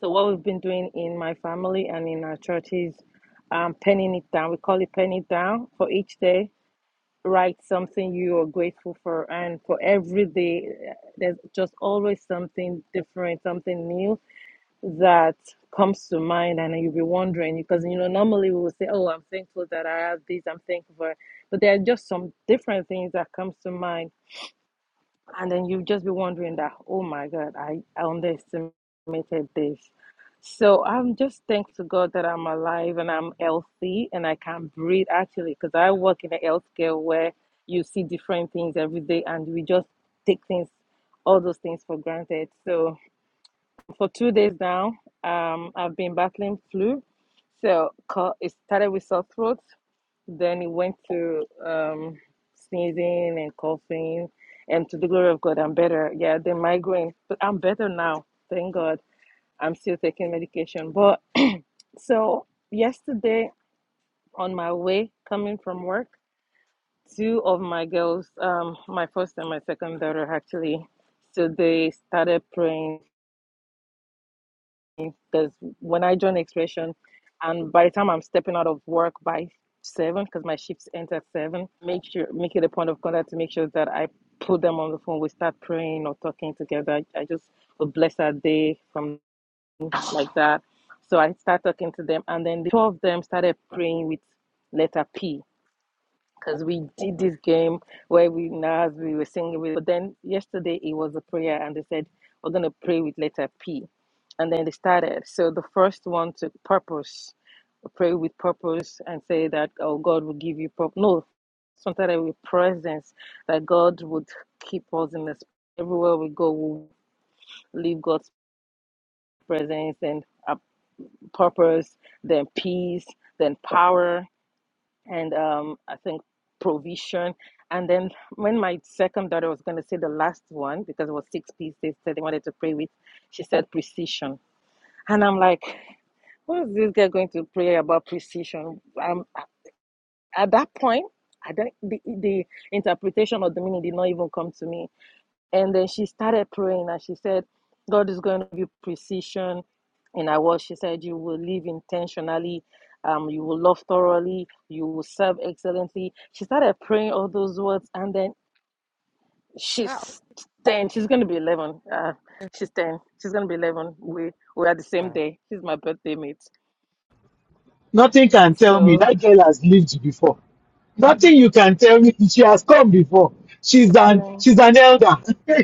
So what we've been doing in my family and in our church is um, penning it down. We call it penning it down. For each day, write something you are grateful for, and for every day, uh, there's just always something different, something new that comes to mind, and you'll be wondering because you know normally we will say, "Oh, I'm thankful that I have this. I'm thankful for," it." but there are just some different things that comes to mind and then you just be wondering that, oh my God, I, I underestimated this. So I'm just thankful to God that I'm alive and I'm healthy and I can breathe actually, because I work in a healthcare where you see different things every day and we just take things, all those things for granted. So for two days now, um, I've been battling flu. So co- it started with sore throat. Then it went to um, sneezing and coughing. And to the glory of God, I'm better. Yeah, the migraine, but I'm better now. Thank God. I'm still taking medication. But so yesterday, on my way coming from work, two of my girls, um, my first and my second daughter, actually, so they started praying because when I joined Expression, and by the time I'm stepping out of work by seven, because my shifts end at seven, make sure make it a point of contact to make sure that I put them on the phone. We start praying or talking together. I just would bless our day from like that. So I start talking to them, and then the two of them started praying with letter P because we did this game where we now as we were singing with but then yesterday it was a prayer and they said we're going to pray with letter p and then they started so the first one took purpose pray with purpose and say that oh god will give you purpose no sometimes with presence that god would keep us in this everywhere we go we'll leave god's presence and uh, purpose then peace then power and um, I think provision. And then when my second daughter was going to say the last one, because it was six pieces that they wanted to pray with, she said precision. And I'm like, what is this girl going to pray about precision? Um, at that point, I don't, the, the interpretation of the meaning did not even come to me. And then she started praying and she said, God is going to give you precision in our work. She said, You will live intentionally, um, you will love thoroughly, you will serve excellently. She started praying all those words, and then Loud and she's 10. She's going to be 11. Uh, she's 10. She's going to be 11. We, we are the same proud. day. She's my birthday mate. Nothing can tell me. So, That girl has lived before. Nothing you can tell me. (laughs) She has come before. She's (laughs) an praying. she's an elder. (laughs)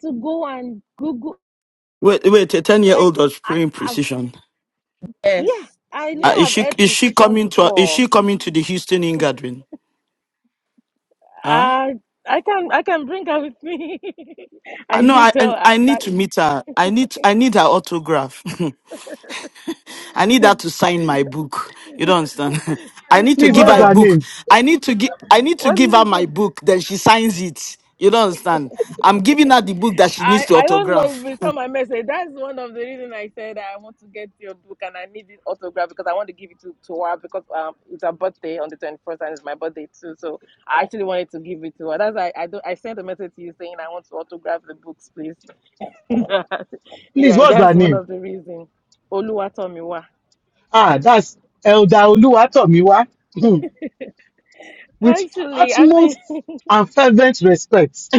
to go and Google. Wait, wait, a ten-year-old Like was I, praying I've precision. yeah, Yes. I know Uh, is Yes. I've she heard is she precision coming to is before. she coming to the Houston in gathering? Huh? I I can I can bring her with me. (laughs) Uh, I No, didn't I I tell her I need that. to meet her. I need I need her autograph. (laughs) I need her to sign my book. You don't understand. (laughs) I Yes, need to Please, give her what's a ma. her book. name? I need to give I need to What give did her you my say? book. Then she signs it. You don't understand. I'm giving her the book that she needs I to I don't know autograph. (laughs) if it's on my message. That's one of the reasons I said I want to get your book and I need it autograph because I want to give it to, to her because um it's her birthday on the twenty first and it's my birthday too. So I actually wanted to give it to her. That's why I do I sent a message to you saying I want to autograph the books, please. (laughs) Please, yeah, what's that's her one name? of the reasons. Oluwatomiwa. Ah, that's Elder Oluwatomiwa. Hmm. With Actually, I mean. utmost and fervent respect.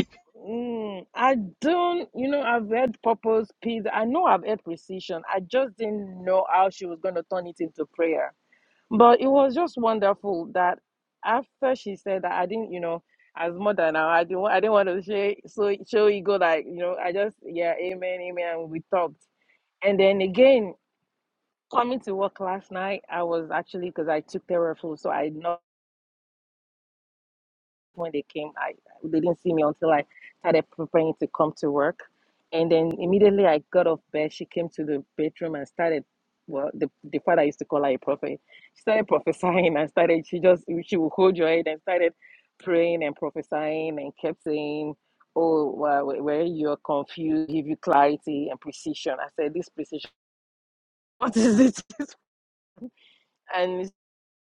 Mm, I don't, you know, I've heard purpose, peace. I know I've heard precision. I just didn't know how she was going to turn it into prayer. But it was just wonderful that after she said that, I didn't, you know, as mother now, I didn't, wa- I didn't want to say, so show ego, like, you know, I just, yeah, amen, amen, and we talked. And then again, coming to work last night, I was actually, because I took therapy, so I know. when they came, I they didn't see me until I started preparing to come to work. And then immediately I got off bed, she came to the bedroom and started. Well, the, the father used to call her a prophet. She started (laughs) prophesying and started. She just she would hold your head and started praying and prophesying and kept saying, "Oh, well, where you're confused, give you clarity and precision." I said, "This precision, (laughs) what is it?" (laughs) And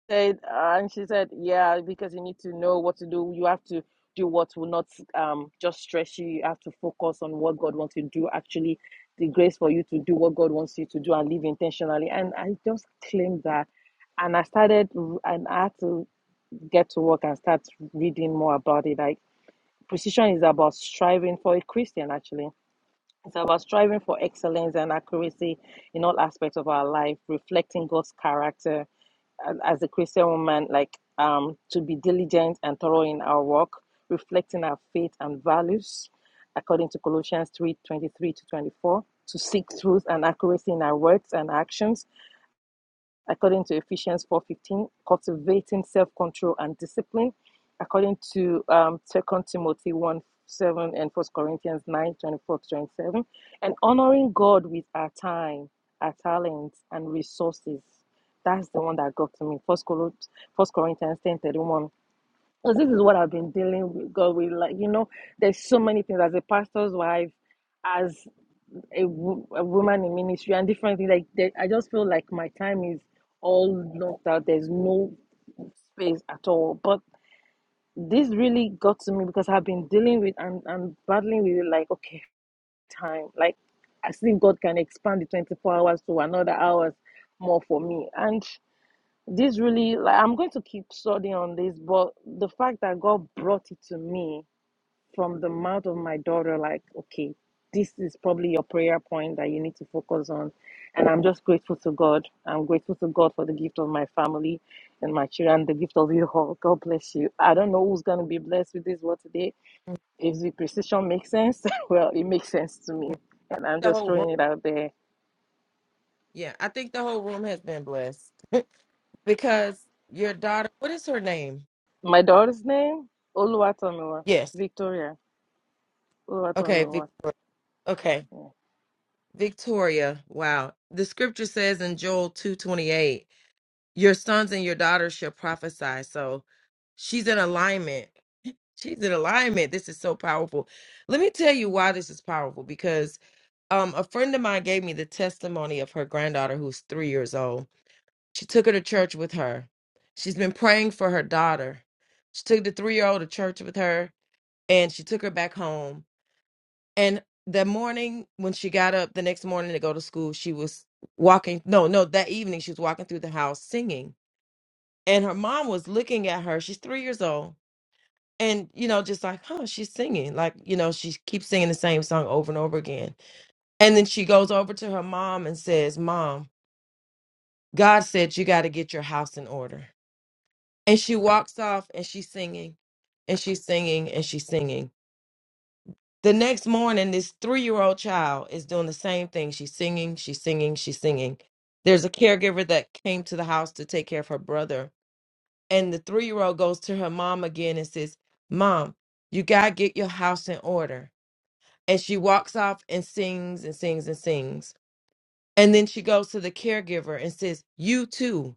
said, uh, and she said, yeah, because you need to know what to do. You have to do what will not um just stress you. You have to focus on what God wants you to do. Actually, the grace for you to do what God wants you to do and live intentionally. And I just claimed that, and I started, and I had to get to work and start reading more about it. Like precision is about striving for a Christian actually it's about striving for excellence and accuracy in all aspects of our life, reflecting God's character And as a Christian woman, like um, to be diligent and thorough in our work, reflecting our faith and values, according to Colossians three twenty three to 24, to seek truth and accuracy in our words and actions, according to Ephesians 4:15, cultivating self-control and discipline, according to um, 2 Timothy 1 7 and First Corinthians 9 24 to 27, and honoring God with our time, our talents, and resources. That's the one that got to me. First Corinthians 10 31. Because this is what I've been dealing with God with. Like, you know, there's so many things as a pastor's wife, as a, wo- a woman in ministry and different things. Like there, I just feel like my time is all knocked out. There's no space at all. But this really got to me because I've been dealing with and, and battling with it. Like okay, time. Like as if God can expand the 24 hours to another hours more for me. And this really, like I'm going to keep studying on this. But the fact that God brought it to me from the mouth of my daughter, like, okay, this is probably your prayer point that you need to focus on. And I'm just grateful to God. I'm grateful to God for the gift of my family and my children, the gift of you all. God bless you. I don't know who's going to be blessed with this word today. If the precision makes sense, (laughs) well, it makes sense to me. yes. And I'm The just whole room. throwing it out there. Yeah, I think the whole room has been blessed because your daughter, what is her name? My daughter's name, Oluwatomiwa, Yes. Victoria Okay, Oluwatomiwa. Victoria. Okay. Yeah. Victoria, wow. The scripture says in Joel 2:28, your sons and your daughters shall prophesy. So she's in alignment. She's in alignment. This is so powerful. Let me tell you why this is powerful because um a friend of mine gave me the testimony of her granddaughter who's 3 years old. She took her to church with her. She's been praying for her daughter. She took the 3-year-old to church with her and she took her back home and the morning when she got up the next morning to go to school, she was walking. No, no, that evening she was walking through the house singing. And her mom was looking at her. She's three years old. And, you know, just like, huh, she's singing. Like, you know, she keeps singing the same song over and over again. And then she goes over to her mom and says, Mom, God said you got to get your house in order. And she walks off and she's singing and she's singing and she's singing. The next morning, this three year old child is doing the same thing. She's singing, she's singing, she's singing. There's a caregiver that came to the house to take care of her brother. And the three year old goes to her mom again and says, Mom, you got to get your house in order. And she walks off and sings and sings and sings. And then she goes to the caregiver and says, You too,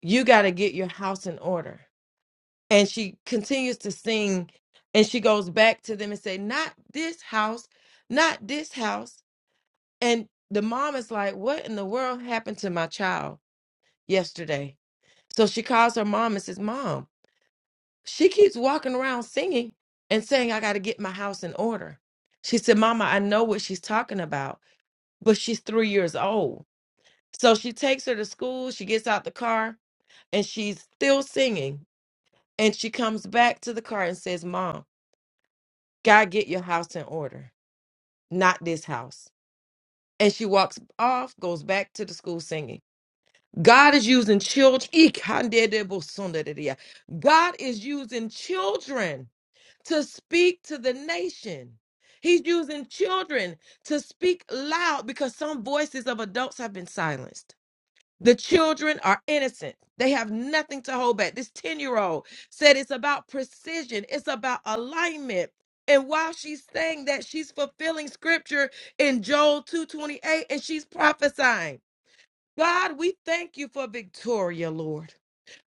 you got to get your house in order. And she continues to sing and she goes back to them and say, Not this house, not this house And the mom is like, What in the world happened to my child yesterday? So she calls her mom and says, Mom, she keeps walking around singing and saying, I got to get my house in order. She said, Mama, I know what she's talking about, but she's three years old. So she takes her to school. She gets out the car and she's still singing. And she comes back to the car and says, Mom, got to get your house in order, not this house. And she walks off, goes back to the school singing. God is using children. (laughs) God is using children to speak to the nation. He's using children to speak loud because some voices of adults have been silenced. The children are innocent. They have nothing to hold back. This 10 year old said it's about precision, it's about alignment. And while she's saying that, she's fulfilling scripture in Joel 2:28 and she's prophesying. God, we thank you for Victoria, Lord.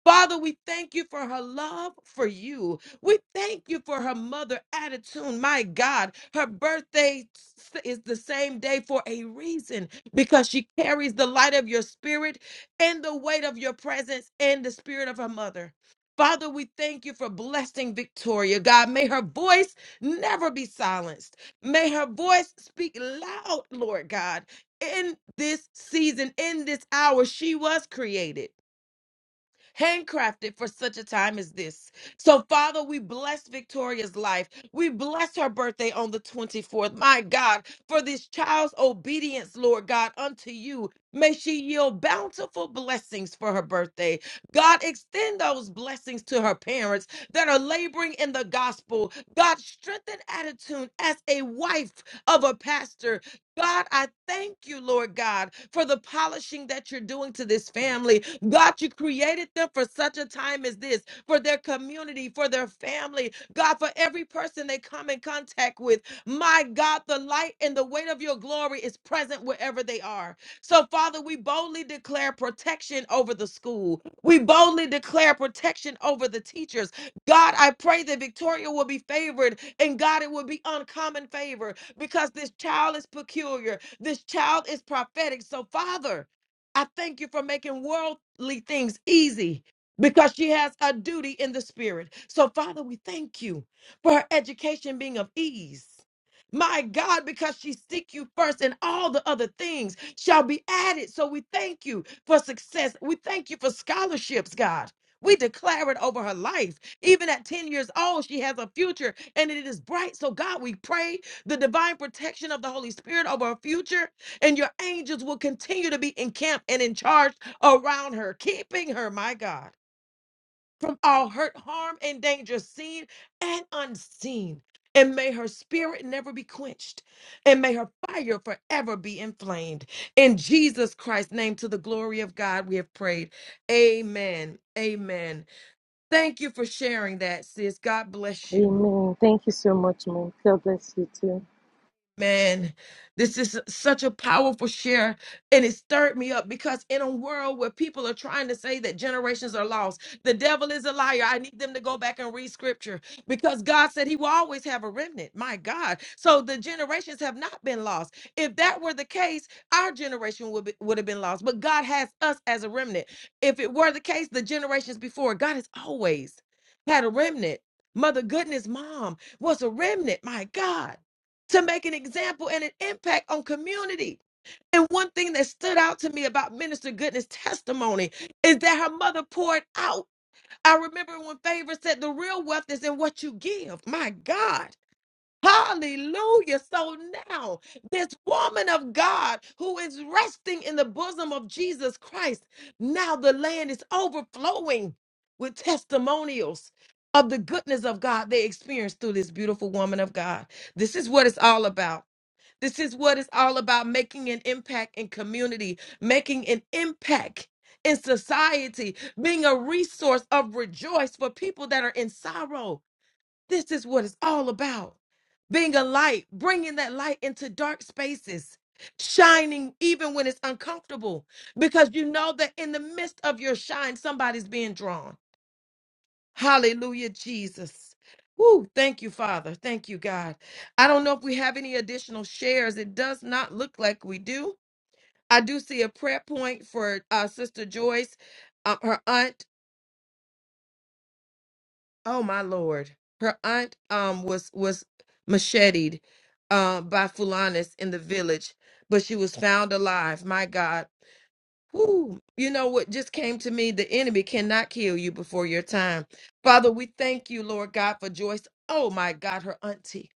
Father, we thank you for her love for you. We thank you for her mother attitude. My God, her birthday s- is the same day for a reason because she carries the light of your spirit and the weight of your presence and the spirit of her mother. Father, we thank you for blessing Victoria. God, may her voice never be silenced. May her voice speak loud, Lord God. In this season, in this hour, she was created handcrafted for such a time as this. So, Father, we bless Victoria's life. We bless her birthday on the 24th. My God, for this child's obedience, Lord God, unto you. May she yield bountiful blessings for her birthday. God, extend those blessings to her parents that are laboring in the gospel. God, strengthen attitude as a wife of a pastor God, I thank you, Lord God, for the polishing that you're doing to this family. God, you created them for such a time as this, for their community, for their family. God, for every person they come in contact with. My God, the light and the weight of your glory is present wherever they are. So, Father, we boldly declare protection over the school. We boldly declare protection over the teachers. God, I pray that Victoria will be favored and God, it will be uncommon favor because this child is peculiar. This child is prophetic. So, Father, I thank you for making worldly things easy because she has a duty in the spirit. So, Father, we thank you for her education being of ease. My God, because she seek you first and all the other things shall be added. So we thank you for success. We thank you for scholarships, God. We declare it over her life. Even at 10 years old, she has a future and it is bright. So, God, we pray the divine protection of the Holy Spirit over her future, and your angels will continue to be encamped and in charge around her, keeping her, my God, from all hurt, harm, and danger, seen and unseen. And may her spirit never be quenched, and may her fire forever be inflamed. In Jesus Christ's name, to the glory of God, we have prayed. Amen. Amen. Thank you for sharing that, sis. God bless you. Amen. Thank you so much, ma'am. God bless you too. Man, this is such a powerful share, and it stirred me up because in a world where people are trying to say that generations are lost, the devil is a liar. I need them to go back and read scripture because God said he will always have a remnant. My God. So the generations have not been lost. If that were the case, our generation would, be, would have been lost, but God has us as a remnant. If it were the case, the generations before, God has always had a remnant. Mother Goodness, mom was a remnant. My God to make an example and an impact on community. And one thing that stood out to me about Minister Goodness' testimony is that her mother poured out. I remember when Favor said, The real wealth is in what you give. My God. Hallelujah. So now, this woman of God who is resting in the bosom of Jesus Christ, now the land is overflowing with testimonials of the goodness of God they experienced through this beautiful woman of God. This is what it's all about. This is what it's all about making an impact in community, making an impact in society, being a resource of rejoice for people that are in sorrow. This is what it's all about. Being a light, bringing that light into dark spaces, shining even when it's uncomfortable, because you know that in the midst of your shine, somebody's being drawn. Hallelujah, Jesus. Woo, thank you, Father. Thank you, God. I don't know if we have any additional shares. It does not look like we do. I do see a prayer point for uh, Sister Joyce, uh, her aunt. Oh my Lord, her aunt um was was macheted uh, by Fulanis in the village, but she was found alive. My God, Whew. You know what just came to me? The enemy cannot kill you before your time. Father, we thank you, Lord God, for Joyce. Oh my God, her auntie.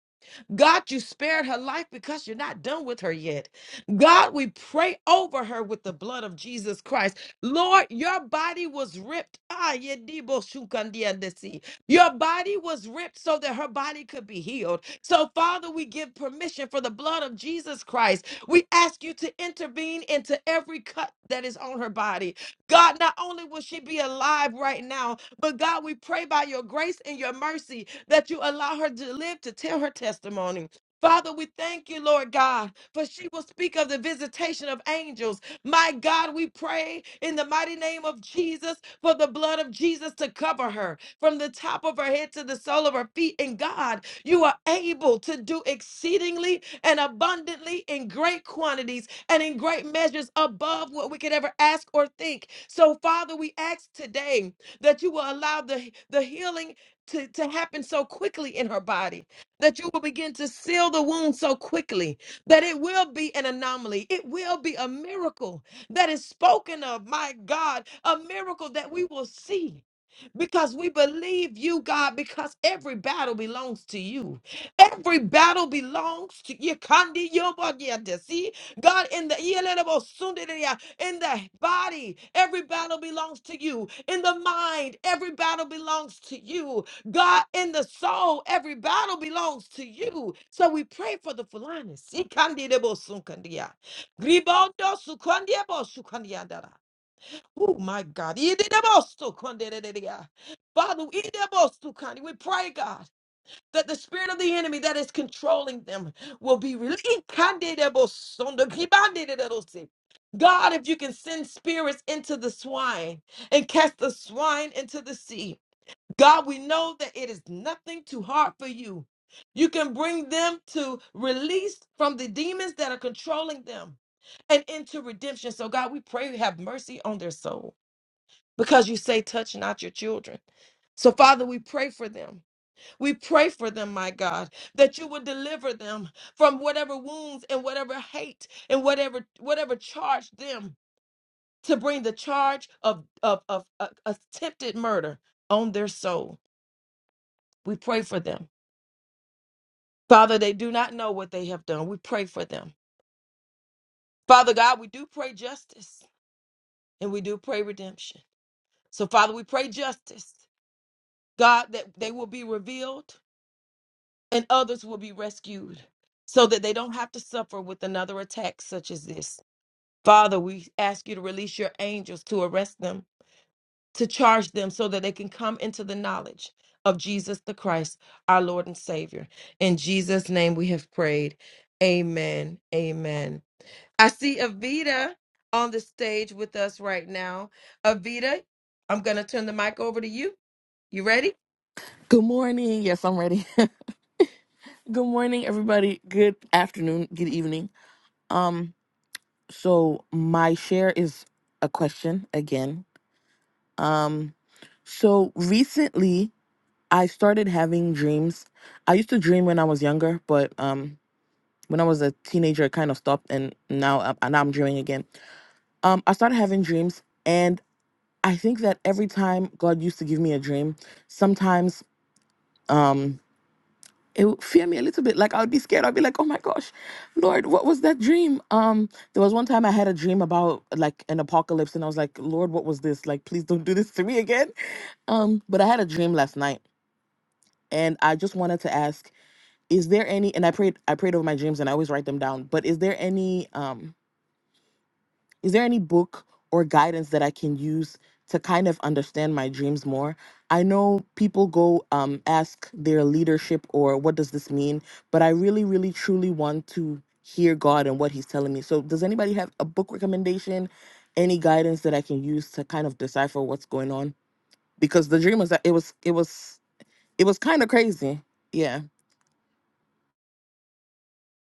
God, you spared her life because you're not done with her yet. God, we pray over her with the blood of Jesus Christ. Lord, your body was ripped. Ah, yedibo shukandiandesi. Your body was ripped so that her body could be healed. So, Father, we give permission for the blood of Jesus Christ. We ask you to intervene into every cut that is on her body. God, not only will she be alive right now, but God, we pray by your grace and your mercy that you allow her to live to tell her testimony. Father, we thank you, Lord God, for she will speak of the visitation of angels. My God, we pray in the mighty name of Jesus for the blood of Jesus to cover her from the top of her head to the sole of her feet. And God, you are able to do exceedingly and abundantly in great quantities and in great measures above what we could ever ask or think. So, Father, we ask today that you will allow the, the healing to, to happen so quickly in her body, that you will begin to seal the wound so quickly that it will be an anomaly. It will be a miracle that is spoken of, my God, a miracle that we will see because we believe you, God, because every battle belongs to you. Every battle belongs to you. Kandi yobo yende. See, God, in the yelelebo sundereya, in the body, every battle belongs to you. In the mind, every battle belongs to you. God, in the soul, every battle belongs to you. So we pray for the Fulani. See, kandi debo sunkandia. Gribondo sukandiebo sukandiandara. Oh my God. Ididabosokondedededea. Father, idabosokandi. we pray, God, that the spirit of the enemy that is controlling them will be released. Ikandedebosondokibandedededose. God, if you can send spirits into the swine and cast the swine into the sea, God, we know that it is nothing too hard for you. You can bring them to release from the demons that are controlling them and into redemption. So, God, we pray you have mercy on their souls because you say, touch not your children. So, Father, we pray for them. We pray for them, my God, that you would deliver them from whatever wounds and whatever hate and whatever whatever charged them to bring the charge of of, of uh, attempted murder on their soul. We pray for them. Father, they do not know what they have done. We pray for them. Father God, we do pray justice and we do pray redemption. So, Father, we pray justice, God, that they will be revealed and others will be rescued so that they don't have to suffer with another attack such as this. Father, we ask you to release your angels to arrest them, to charge them so that they can come into the knowledge of Jesus the Christ, our Lord and Savior. In Jesus' name we have prayed. Amen. Amen. I see Avita on the stage with us right now. Avita, I'm going to turn the mic over to you. You ready? Good morning. Yes, I'm ready. (laughs) good morning, everybody. Good afternoon. Good evening. Um, so my share is a question again. Um, so recently I started having dreams. I used to dream when I was younger, but um, when I was a teenager, it kind of stopped, and now uh, and now I'm dreaming again. Um, I started having dreams, and I think that every time God used to give me a dream, sometimes. um. it would fear me a little bit. Like I would be scared. I'd be like, "Oh my gosh, Lord, what was that dream?" Um, there was one time I had a dream about like an apocalypse, and I was like, "Lord, what was this? Like, please don't do this to me again." Um, but I had a dream last night, and I just wanted to ask, is there any? And I prayed, I prayed over my dreams, and I always write them down. But is there any? Um. Is there any book or guidance that I can use to kind of understand my dreams more? I know people go um, ask their leadership or what does this mean, but I really, really, truly want to hear God and what He's telling me. So, does anybody have a book recommendation, any guidance that I can use to kind of decipher what's going on? Because the dream was that it was, it was, it was kind of crazy. Yeah.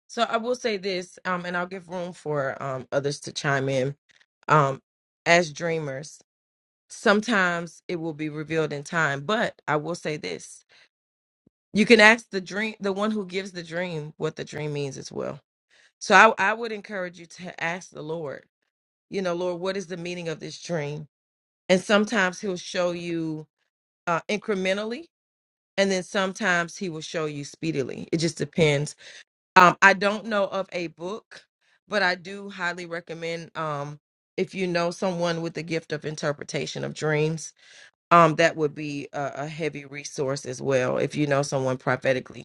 So I will say this, um, and I'll give room for um, others to chime in. Um, as dreamers, sometimes it will be revealed in time, but I will say this: you can ask the dream, the one who gives the dream, what the dream means as well. So I, I would encourage you to ask the Lord. You know, Lord, what is the meaning of this dream? And sometimes He'll show you uh, incrementally, and then sometimes He will show you speedily. It just depends Um, I don't know of a book, but I do highly recommend um, if you know someone with the gift of interpretation of dreams, um, that would be a, a heavy resource as well. If you know someone prophetically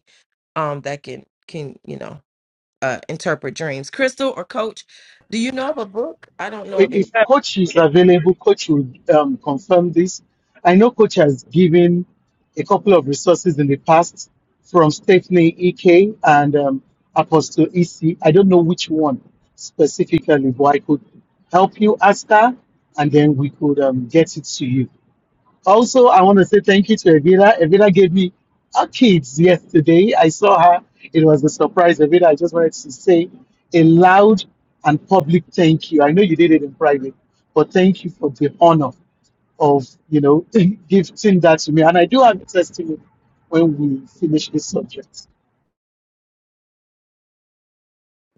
um, that can can you know uh, interpret dreams, Crystal or Coach, do you know of a book? I don't know of any. if coach is available, coach will um, confirm this. I know coach has given a couple of resources in the past from Stephanie Ek and um, Apostle EC. I don't know which one specifically, but I could help you ask her, and then we could um, get it to you. Also, I want to say thank you to Evira. Evira gave me our kids yesterday. I saw her. It was a surprise. Evira, I just wanted to say a loud and public you did it in private, but thank you for the honor of you know (laughs) gifting that to me. And I do have a testimony when we finish this subject.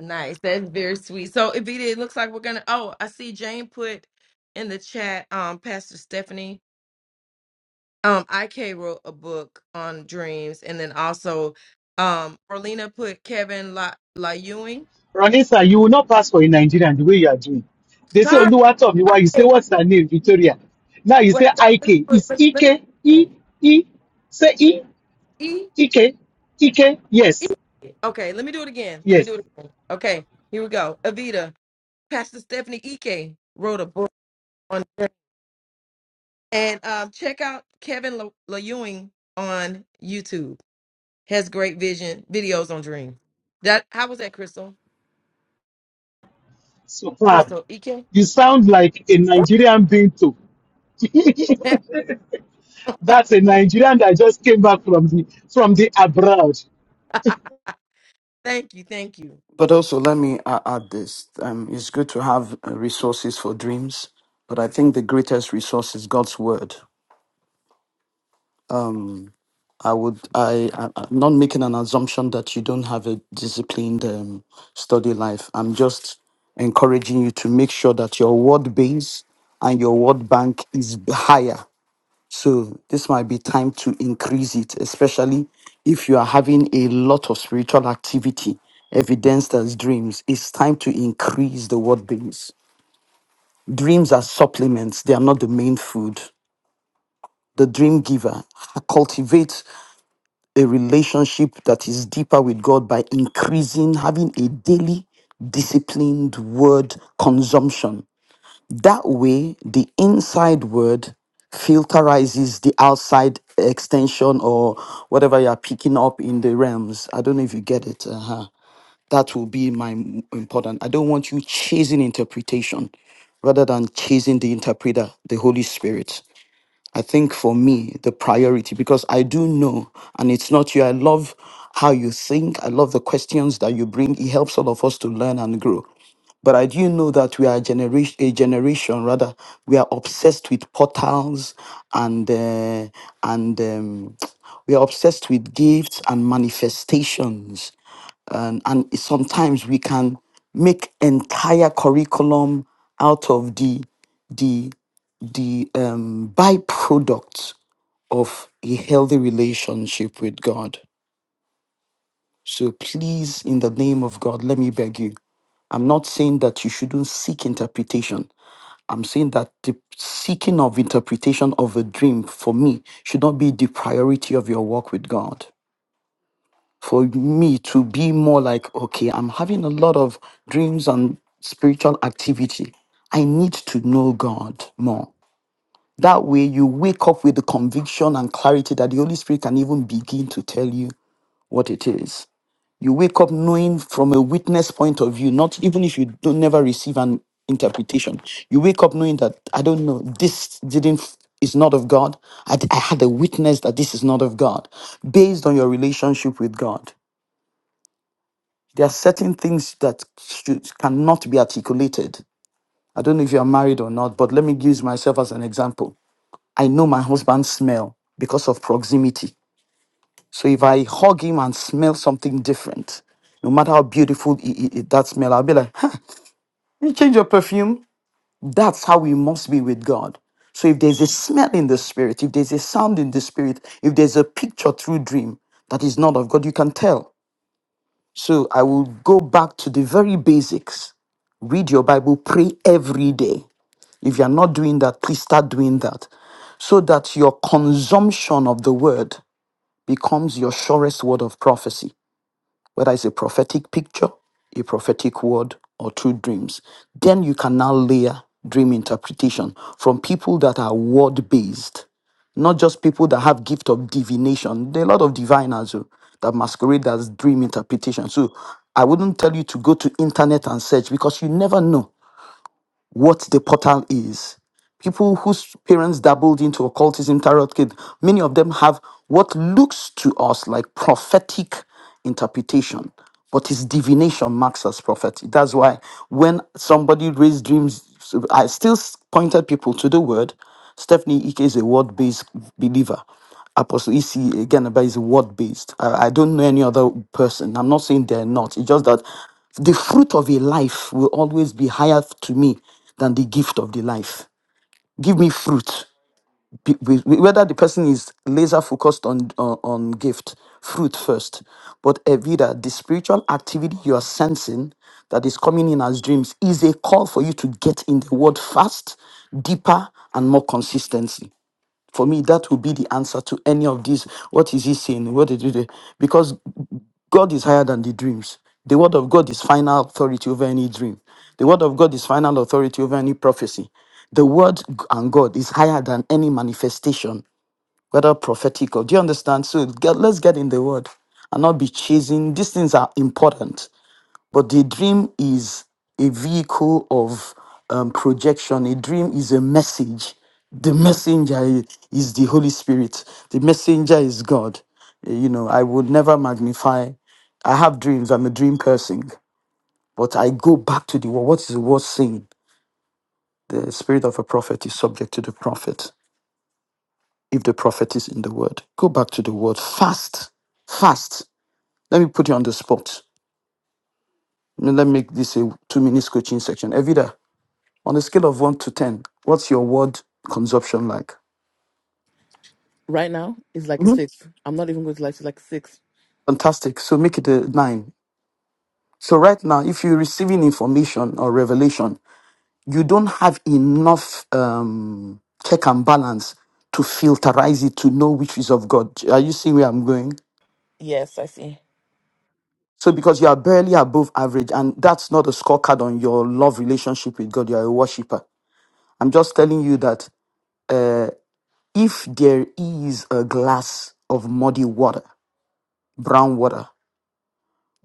Nice, that's very sweet. So if it, it looks like we're gonna. Oh, I see Jane put in the chat. Um, Pastor Stephanie. um IK wrote a book on dreams and then also um Orlina put Kevin La La Ewing. Ronisa, you will not pass for a Nigerian the way you are doing. They say Sorry, Oluwatomiwa, you say sorry. what's Nigeria? Now you Wait, say let me IK. do it It's let- let me do EK, it E, again. E, say E, E EK, EK. Yes, E Okay, let me do it again. Let me yes. do it again. Okay, here we go. Avita, Pastor Stephanie Ike wrote a book on dreams. and um check out Kevin La, La Ewing on YouTube. Has great vision videos on dreams. That how was that, Crystal? Superb. Crystal Ike? You sound like a Nigerian Binto. (laughs) (laughs) That's a Nigerian that just came back from the from the abroad. thank you, thank you. But also, let me a- add this. Um, it's good to have uh, resources for dreams, but I think the greatest resource is God's word. Um, I would, I, I, I'm not making an assumption that you don't have a disciplined um, study life. I'm just encouraging you to make sure that your word base and your word bank is higher so this might be time to increase it, especially if you are having a lot of spiritual activity, evidenced as dreams. It's time to increase the word base. Dreams are supplements, they are not the main food. The dream giver cultivates a relationship that is deeper with God by increasing, having a daily disciplined word consumption That way, the inside word filterizes the outside extension or whatever you're picking up in the realms. I don't know if you get it. Uh-huh. That will be my m- important. I don't want you chasing interpretation rather than chasing the interpreter, the Holy Spirit. I think for me, the priority, because I do know, and it's not you, I love how you think. I love the questions that you bring. It helps all of us to learn and grow. But I do know that we are a generation, a generation rather, we are obsessed with portals and, uh, and um, (tsk) we are obsessed with gifts and manifestations and, and it- sometimes we can make entire curriculum out of the the the um, byproduct of a healthy relationship with God. So please, in the name of God, let me beg you. I'm not saying that you shouldn't seek interpretation. I'm saying that the seeking of interpretation of a dream for me should not be the priority of your walk with God. For me to be more like, okay, I'm having a lot of dreams and spiritual activity. I need to know God more. That way, you wake up with the conviction and clarity that the Holy Spirit can even begin to tell you what it is. You wake up knowing from a witness point of view, not even if you don't never receive an interpretation. You wake up knowing that I don't know this didn't is not of God. I I had a witness that this is not of God, based on your relationship with God. There are certain things that should, cannot be articulated. I don't know if you are married or not, but let me use myself as an example. I know my husband's smell because of proximity. So if I hug him and smell something different, no matter how beautiful i- i- i- that smell, I'll be like, huh, you change your perfume. That's how we must be with God. So if there's a smell in the spirit, if there's a sound in the spirit, if there's a picture through dream that is not of God, you can tell. So I will go back to the very basics. Read your Bible, pray every day. If you're not doing that, please start doing that so that your consumption of the word becomes your surest word of prophecy, whether it's a prophetic picture, a prophetic word, or true dreams. Then you can now layer dream interpretation from people that are word based, not just people that have gift of divination. There are a lot of diviners who, that masquerade as dream interpretation. So I wouldn't tell you to go to internet and search because you never know what the portal is people whose parents dabbled into occultism, tarot kid, many of them have what looks to us like prophetic interpretation, but is divination marks as prophetic. That's why when somebody raised dreams, I still s- pointed people to the word. Stephanie Ike is a word based believer. Apostle EC again about is word based. I, I don't know any other person. I'm not saying they're not. It's just that the fruit of a life will always be higher to me than the gift of the life give me fruit Be- be- whether the person is laser focused on on, on gift fruit first but evita the spiritual activity you are sensing that is coming in as dreams is a call for you to get in the word fast deeper and more consistency for me that would be the answer to any of these what is he saying what did you do Because. God is higher than the dreams. The word of God is final authority over any dream. The word of God is final authority over any prophecy. The word g- and God is higher than any manifestation, whether prophetic or. Do you understand? So get, let's get in the word and not be chasing. These things are important the dream is a vehicle of um, projection. A dream is a message. The messenger i- is the Holy Spirit. The messenger is God. Uh, You know, I would never magnify. I have dreams. I'm a dream person, but I go back to the word. What is the word saying? The spirit of a prophet is subject to the prophet. If the prophet is in the word, go back to the word. Fast, fast. Let me put you on the spot. Let me make this a two minutes coaching section. Evita, On a scale of one to 10, what's your word consumption like? Right now, it's like a hmm six. I'm not even going to lie, it's like a six. Fantastic. So make it a nine. So right now, if you're receiving information or revelation, you don't have enough um, check and balance to filterize it to know which is of God. Are you seeing where I'm going? Yes, I see. So because you are barely above average, and that's not a scorecard on your love relationship with God, you are a worshiper. I'm just telling you that if there is a glass of muddy water, brown water,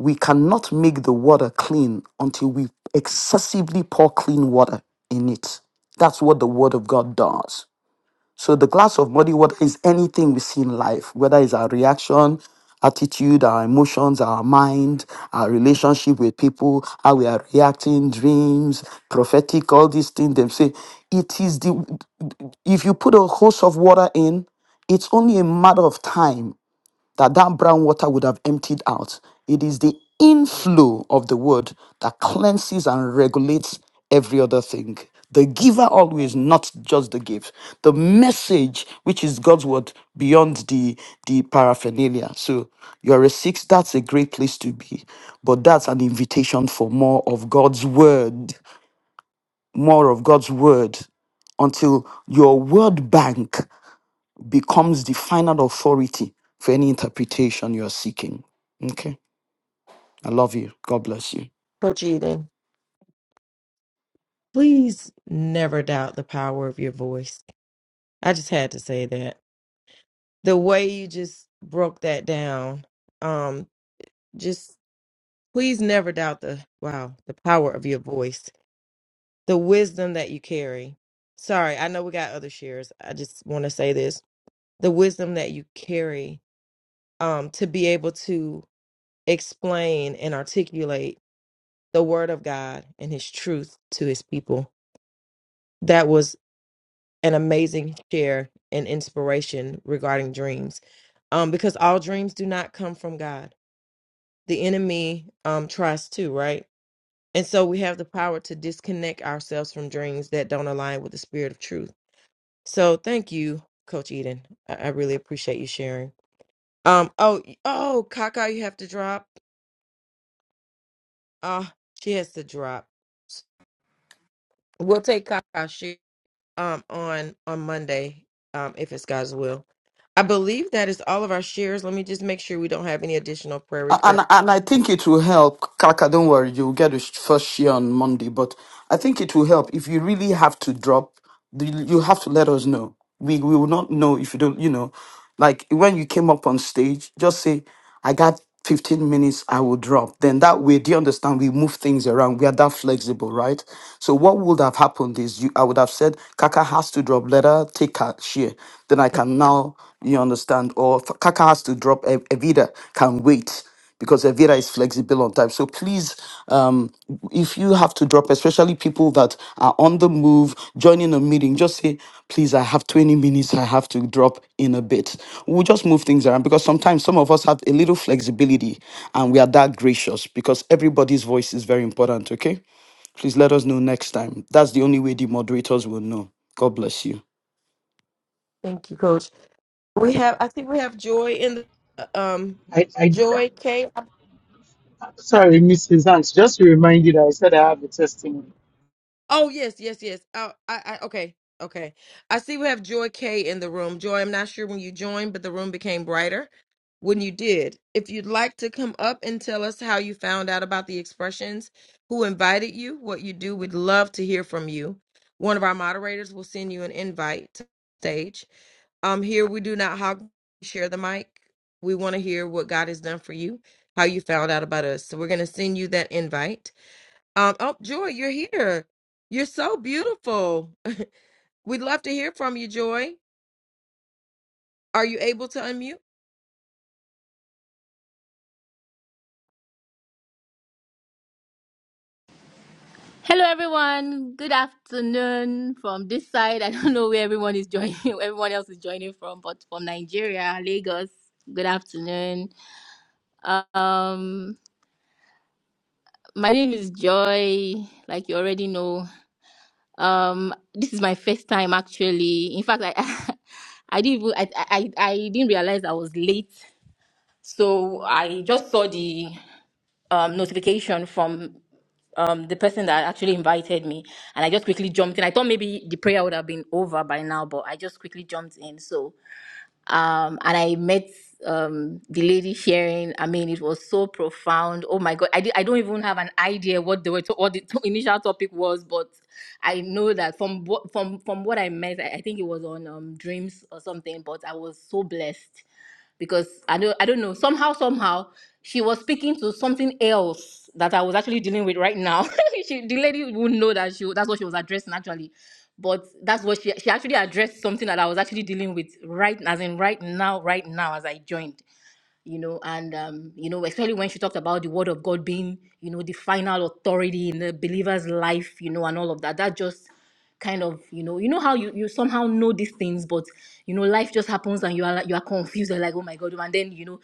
We cannot make the water clean until we excessively pour clean water in it. That's what the Word of God does. So, the glass of muddy water is anything we see in life, whether it's our reaction, attitude, our emotions, our mind, our relationship with people, how we are reacting, dreams, prophetic, all these things. They say it is the, if you put a hose of water in, it's only a matter of time that that brown water would have emptied out. It is the inflow of the word that cleanses and regulates every other thing. The giver always, not just the gift. The message, which is God's word, beyond the the paraphernalia. So you're a six. That's a great place to be, but that's an invitation for more of God's word, more of God's word, until your word bank becomes the final authority for any interpretation you are seeking. Okay. I love you. God bless you. Coach Eden, please never doubt the power of your voice. I just had to say that. The way you just broke that down, um, just please never doubt the wow, the power of your voice, the wisdom that you carry. Sorry, I know we got other shares. I just want to say this. The wisdom that you carry um to be able to explain and articulate the word of God and his truth to his people. That was. an amazing share and inspiration regarding dreams um, because all dreams do not come from god the enemy um, tries to right and so we have the power to disconnect ourselves from dreams that don't align with the spirit of truth so thank you coach eden i, I really appreciate you sharing um oh y- oh kaka you have to drop uh she has to drop we'll take kaka um on on Monday, um, if it's God's will. I believe that is all of our shares. Let me just make sure we don't have any additional prayer And requests. and I think it will help. Kaka, don't worry, you'll get the sh- first share on Monday. But I think it will help if you really have to drop. the- You have to let us know. We we will not know if you don't. You know, like when you came up on stage, just say, "I got 15 minutes. I will drop." Then that way, do you understand? We move things around. We are that flexible, right? So what would have happened is you. I would have said, "Kaka has to drop. Let her take her share." Then I can now. You understand? Or Kaka has to drop. Ev- Evita can wait because Evira is flexible on time. So please, um, if you have to drop, especially people that are on the move, joining a meeting, just say, please, I have 20 minutes, I have to drop in a bit. We'll just move things around because sometimes some of us have a little flexibility and we are that gracious because everybody's voice is very important, okay? Please let us know next time. That's the only way the moderators will know. God bless you. Thank you, Coach. We have I think we have Joy in the um I I. Joy K. Sorry, Mrs. Hanks, just to remind you that I said I have a testimony. Oh yes, yes, yes. Oh, I, I okay, okay. I see we have Joy K in the room. Joy, I'm not sure when you joined, but the room became brighter when you did. If you'd like to come up and tell us how you found out about the expressions, who invited you, what you do, we'd love to hear from you. One of our moderators will send you an invite to the stage. Um, here we do not hog share the mic. We want to hear what God has done for you, how you found out about us. So we're going to send you that invite. Um, oh, Joy, you're here. You're so beautiful. (laughs) We'd love to hear from you, Joy. Are you able to unmute? Hello, everyone. Good afternoon from this side. I don't know where everyone is joining, (laughs) everyone else is joining from, but from Nigeria, Lagos. Good afternoon. Um, my name is Joy. Like you already know, um, this is my first time actually. In fact, I, (laughs) I didn't even, I, I, I didn't realize I was late, so I just saw the um, notification from um, the person that actually invited me, and I just quickly jumped in. I thought maybe the prayer would have been over by now, but I just quickly jumped in. So, um, and I met um, the lady sharing. I mean, it was so profound. Oh my God, I, di- I don't even have an idea what the what the (laughs) initial topic was, but I know that from what from from what I met, I, I think it was on um, dreams or something. But I was so blessed because I don't I don't know somehow somehow she was speaking to something else that I was actually dealing with right now. (laughs) she, the lady wouldn't know that she that's what she was addressing actually, but that's what she she actually addressed something that I was actually dealing with right as in right now right now as I joined you know, and um, you know, especially when she talked about the word of God being, you know, the final authority in the believer's life, you know, and all of that. That just kind of, you know, you know how you, you somehow know these things, but you know, life just happens and you are like you are confused, you're like, oh my god, and then you know,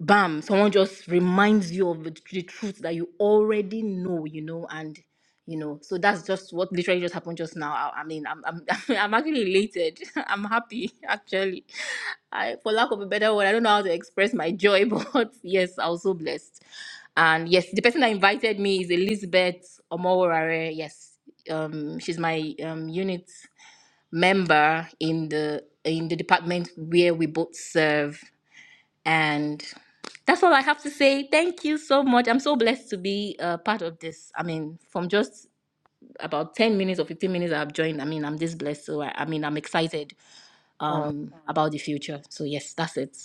bam, someone just reminds you of the, the truth that you already know, you know, and you know, so that's just what literally just happened just now. I, I mean, I'm, I'm (laughs) I'm actually elated. (laughs) I'm happy actually. I, for lack of a better word, I don't know how to express my joy, (laughs) but yes, I was so blessed. And yes, the person that invited me is Elizabeth Omoworare. Yes, um, she's my um unit member in the in the department where we both serve. And that's all I have to say. Thank you so much. I'm so blessed to be a part of this. I mean, from just about 10 minutes or 15 minutes I've joined, I mean, I'm this blessed. So, I, I mean, I'm excited Oh, um, about the future. So, yes, that's it.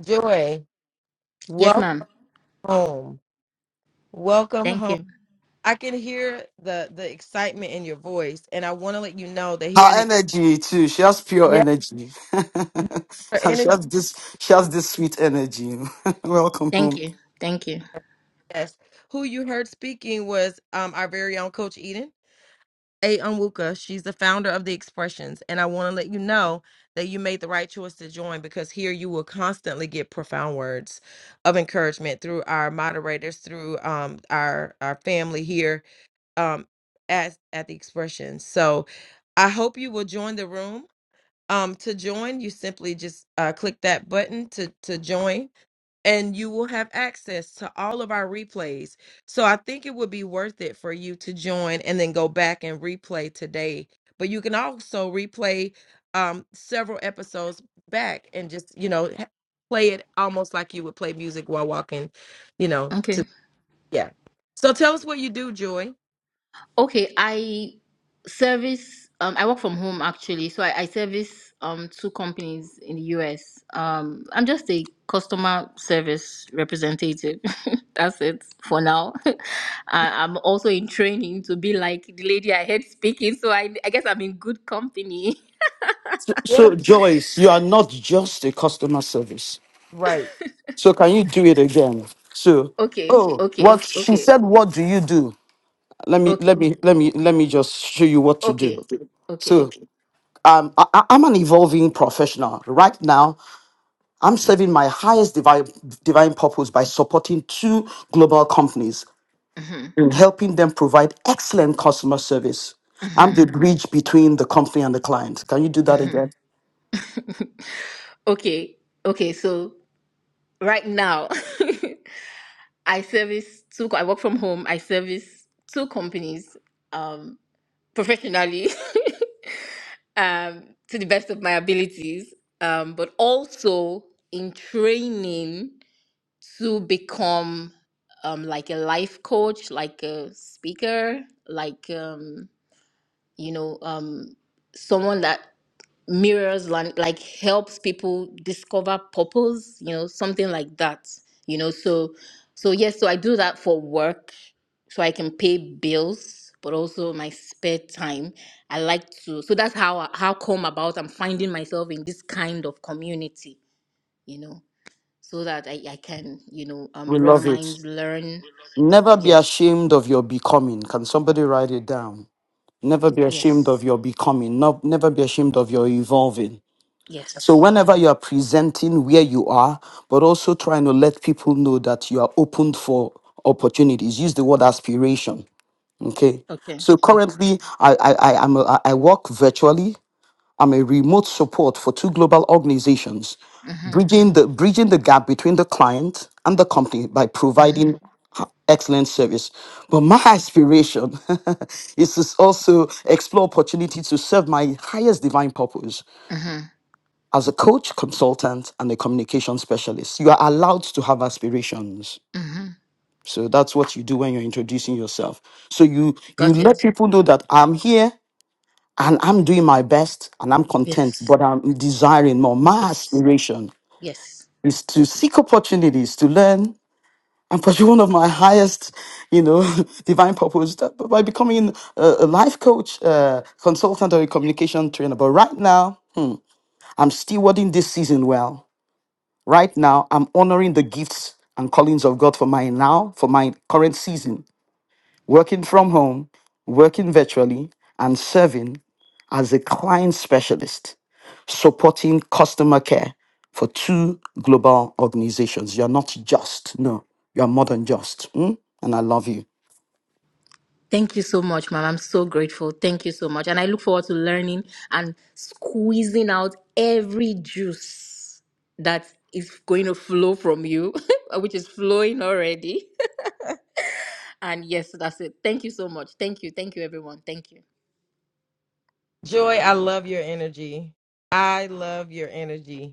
Joy, Yes, welcome ma'am. home. Welcome Thank home. you. I can hear the the excitement in your voice, and I want to let you know that here Her in the energy too. She has pure yes, energy. her (laughs) she energy, has this. She has this sweet energy. (laughs) Welcome Thank home. you. Thank you. yes, who you heard speaking was um our very own Coach Eden. A. Unwuka. She's the founder of The Expressions. And I want to let you know that you made the right choice to join because here you will constantly get profound words of encouragement through our moderators, through um, our, our family here um, at, at The Expressions. So I hope you will join the room. Um, to join, you simply just uh, click that button to, to join and you will have access to all of our replays. So I think it would be worth it for you to join and then go back and replay today. But you can also replay um, several episodes back and just, you know, ha- play it almost like you would play music while walking, you know, Okay. to, yeah. So tell us what you do, Joy. Okay, I service um I work from home actually. So I, I service um two companies in the US. Um I'm just a customer service representative. (laughs) That's it for now. (laughs) I, I'm also in training to be like the lady I heard speaking, so I I guess I'm in good company. (laughs) So, Yeah, so, Joyce, you are not just a customer service. right. So can you do it again? So, Okay, oh, what okay, she okay, said. What do you do? Let me okay, let me let me let me just show you what to do. okay, okay. So, um, I, I- I'm an evolving professional. Right now, I'm serving my highest divine divine purpose by supporting two global companies hmm in helping them provide excellent customer service. I'm hmm the bridge between the company and the client. Can you do that again? (laughs) okay, okay, so right now. (laughs) I service two, co- I work from home. I service two companies um, professionally (laughs) um, to the best of my abilities, um, but also in training to become um, like a life coach, like a speaker, like, um, you know, um, someone that mirrors lan- like helps people discover purpose you know something like that you know so so yes so i do that for work so i can pay bills but also my spare time i like to so that's how I- how come about i'm finding myself in this kind of community you know so that i, I can you know um We rub love it. minds learn Never be yes ashamed of your becoming. Can somebody write it down? Never be ashamed yes of your becoming. Not, never be ashamed of your evolving. So, yes whenever you are presenting where you are, but also trying to let people know that you are open for opportunities, use the word aspiration. Okay. okay So okay currently, I I I am a, I I work virtually. I'm a remote support for two global organizations, mm-hmm, bridging the bridging the gap between the client and the company by mm-hmm, providing excellent service. But my aspiration (laughs) is to also explore opportunity to serve my highest divine purpose mm-hmm, as a coach, consultant, and a communication specialist. You are allowed to have aspirations. mm-hmm. So that's what you do when you're introducing yourself. So you you got let it people know that I'm here and I'm doing my best and I'm content, yes but I'm desiring more. My yes aspiration Yes. is to seek opportunities to learn and pursue one of my highest, you know, (laughs) divine purpose that- by becoming a, a life coach, uh, consultant, or a communication trainer. But right now, I'm stewarding this season well. Right now, I'm honoring the gifts and callings of God for my now, for my current season, working from home, working virtually, and serving as a client specialist. supporting customer care for two global organizations. You're not just, no, you're more than just. mm? And I love you. Thank you so much, ma'am. I'm so grateful. Thank you so much. And I look forward to learning and squeezing out every juice that is going to flow from you, (laughs) which is flowing already. (laughs) And yes, that's it. Thank you so much. Thank you. Thank you, everyone. Thank you. Joy, I love your energy. I love your energy.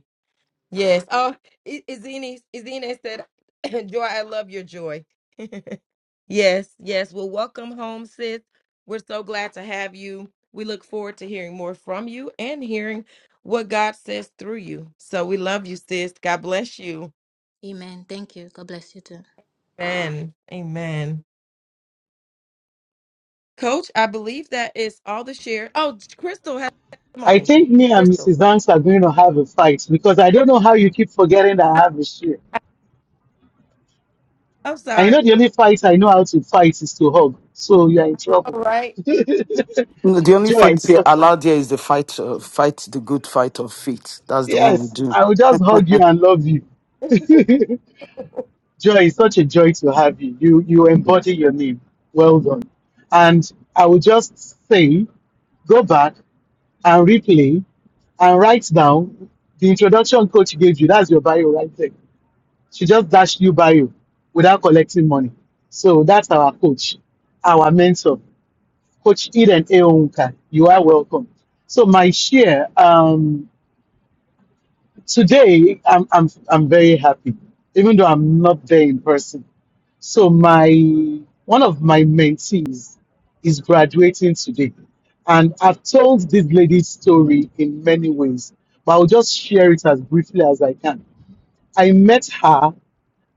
Yes. Oh, I- Izini, Izini said, (laughs) (clears throat) "Joy, I love your joy." (laughs) yes, yes. Well, welcome home, sis. We're so glad to have you. We look forward to hearing more from you and hearing what God says through you. So we love you, sis. God bless you. Amen. Thank you. God bless you too. Amen. Amen. Coach, I believe that is all the share. Oh, Crystal has a I testimony. think me and Crystal, Mrs. Hanks are going to have a fight because I don't know how you keep forgetting that I have a share. I'm I sorry. know the only fight I know how to fight is to hug. So you're in trouble. All right. (laughs) No, The only Joy, fight is here allowed here is the fight, uh, fight the good fight of faith. That's the one we yes, do. I will just hug you and love you. (laughs) joy, it's such a joy to have you. You you embody your name. Well done. And I will just say, go back. and replay and write down the introduction coach gave you. That's your bio right there. She just dashed you bio without collecting money. So that's our coach, our mentor, Coach Eden Eonka. You are welcome. So my share, um, today I'm, I'm, I'm very happy, even though I'm not there in person. So my one of my mentees is graduating today, and I've told this lady's story in many ways, but I'll just share it as briefly as I can. I met her,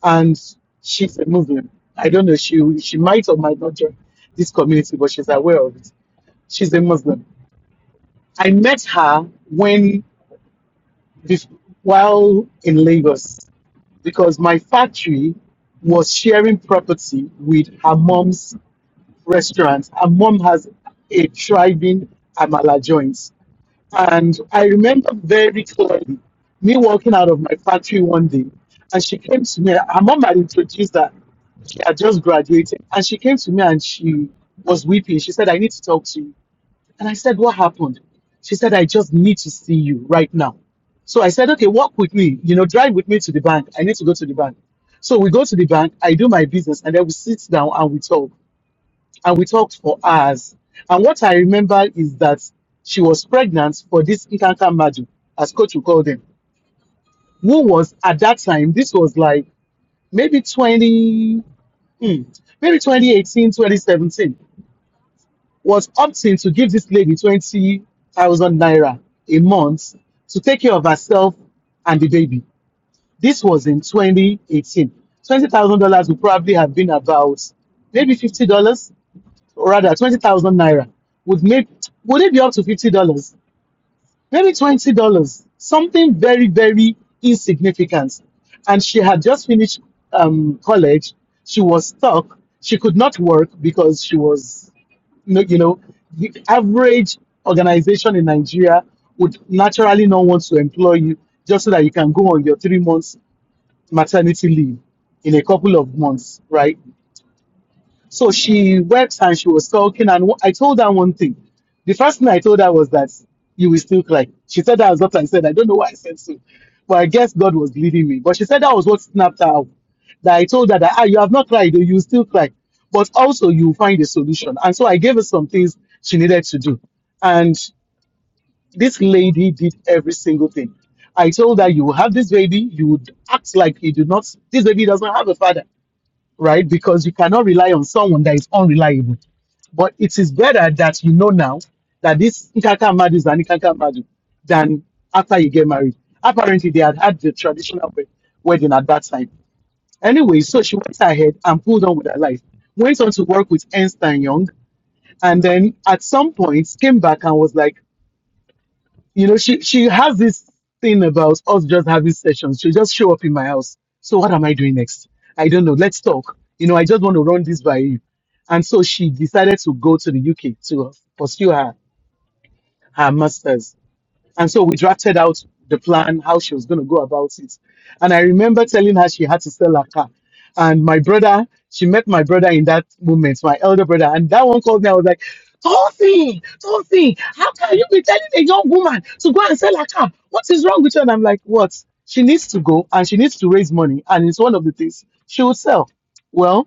and she's a Muslim. I don't know she she might or might not join this community, but she's aware of it. She's a Muslim. I met her when bef- while in Lagos because my factory was sharing property with her mom's restaurants, and mom has a thriving amala joint. And I remember very clearly me walking out of my factory one day, and she came to me. Her mom had introduced her. She had just graduated, and she came to me and she was weeping. She said, "I need to talk to you." And I said, "What happened?" She said, "I just need to see you right now." So I said, "Okay, walk with me. You know, drive with me to the bank. I need to go to the bank." So we go to the bank. I do my business, and then we sit down and we talk and we talked for hours. And what I remember is that she was pregnant for this Nkanka Madu, as coach would call them, who was at that time, this was like maybe 20, hmm, maybe 2018, 2017. was opting to give this lady 20,000 naira a month to take care of herself and the baby. This was in 2018. $20,000 would probably have been about maybe $50 or rather 20,000 naira would make would it be up to $50 maybe $20 something very very insignificant and she had just finished um, college she was stuck she could not work because she was no- you know the average organization in Nigeria would naturally not want to employ you just so that you can go on your 3 months maternity leave in a couple of months right so she wept and she was sulking. And wh- I told her one thing. The first thing I told her was that you will still cry. She said that was what I said. I don't know why I said so. But I guess God was leading me. But she said that was what snapped her out. That I told her that ah, you have not cried, though, you will still cry. But also you will find a solution. And so I gave her some things she needed to do. And this lady did every single thing. I told her you will have this baby, you would act like you do not this baby doesn't have a father right? Because you cannot rely on someone that is unreliable. But it is better that you know now that this Ikaka Madu is an Ikaka Madu than after you get married. Apparently, they had had the traditional wed- wedding at that time. Anyway, so she went ahead and pulled on with her life. Went on to work with Ernst and Young, and then at some point came back and was like, you know, she she has this thing about us just having sessions. She just show up in my house. So what am I doing next? I don't know. Let's talk. You know, I just want to run this by you. And so she decided to go to the UK to pursue her her masters and so we drafted out the plan, how she was going to go about it. And I remember telling her she had to sell her car. And my brother, she met my brother in that moment, my elder brother. And that one called me. I was like, Tosi, Tosi, how can you be telling a young woman to go and sell her car? What is wrong with her? And I'm like, what? She needs to go and she needs to raise money. And it's one of the things she will sell. Well,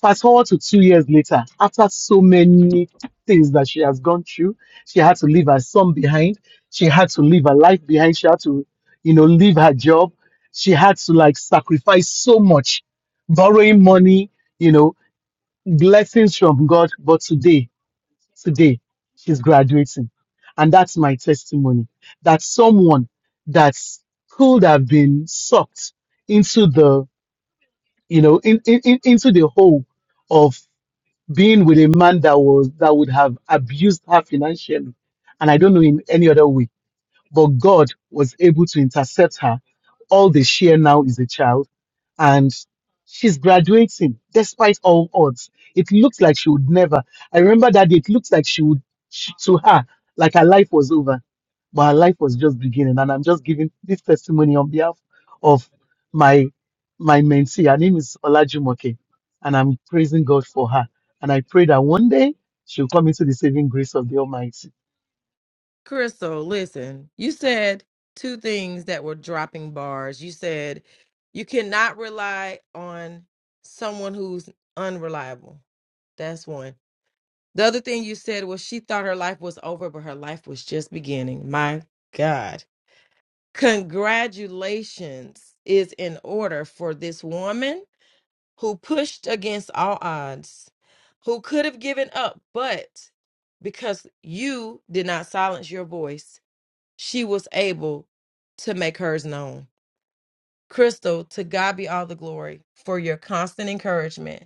Fast forward to two years later, after so many things that she has gone through, she had to leave her son behind. She had to leave her life behind. She had to, you know, leave her job. She had to like sacrifice so much, borrowing money, you know, blessings from God. But today, today, she's graduating. And that's my testimony that someone that could have been sucked into the, you know, in, in, in- into the hole of being with a man that was that would have abused her financially, and I don't know in any other way but God was able to intercept her. All they share now is a child, and she's graduating despite all odds. It looks like she would never. I remember that day, it looks like she would, she, to her, like her life was over, but her life was just beginning. And I'm just giving this testimony on behalf of my my mentee. Her name is Olajumoke, and I'm praising God for her. And I pray that one day she'll come into the saving grace of the Almighty. Crystal, listen, you said two things that were dropping bars. You said you cannot rely on someone who's unreliable. That's one. The other thing you said was she thought her life was over, but her life was just beginning. My God. Congratulations is in order for this woman who pushed against all odds, who could have given up, but because you did not silence your voice she was able to make hers known. Crystal, to God be all the glory for your constant encouragement,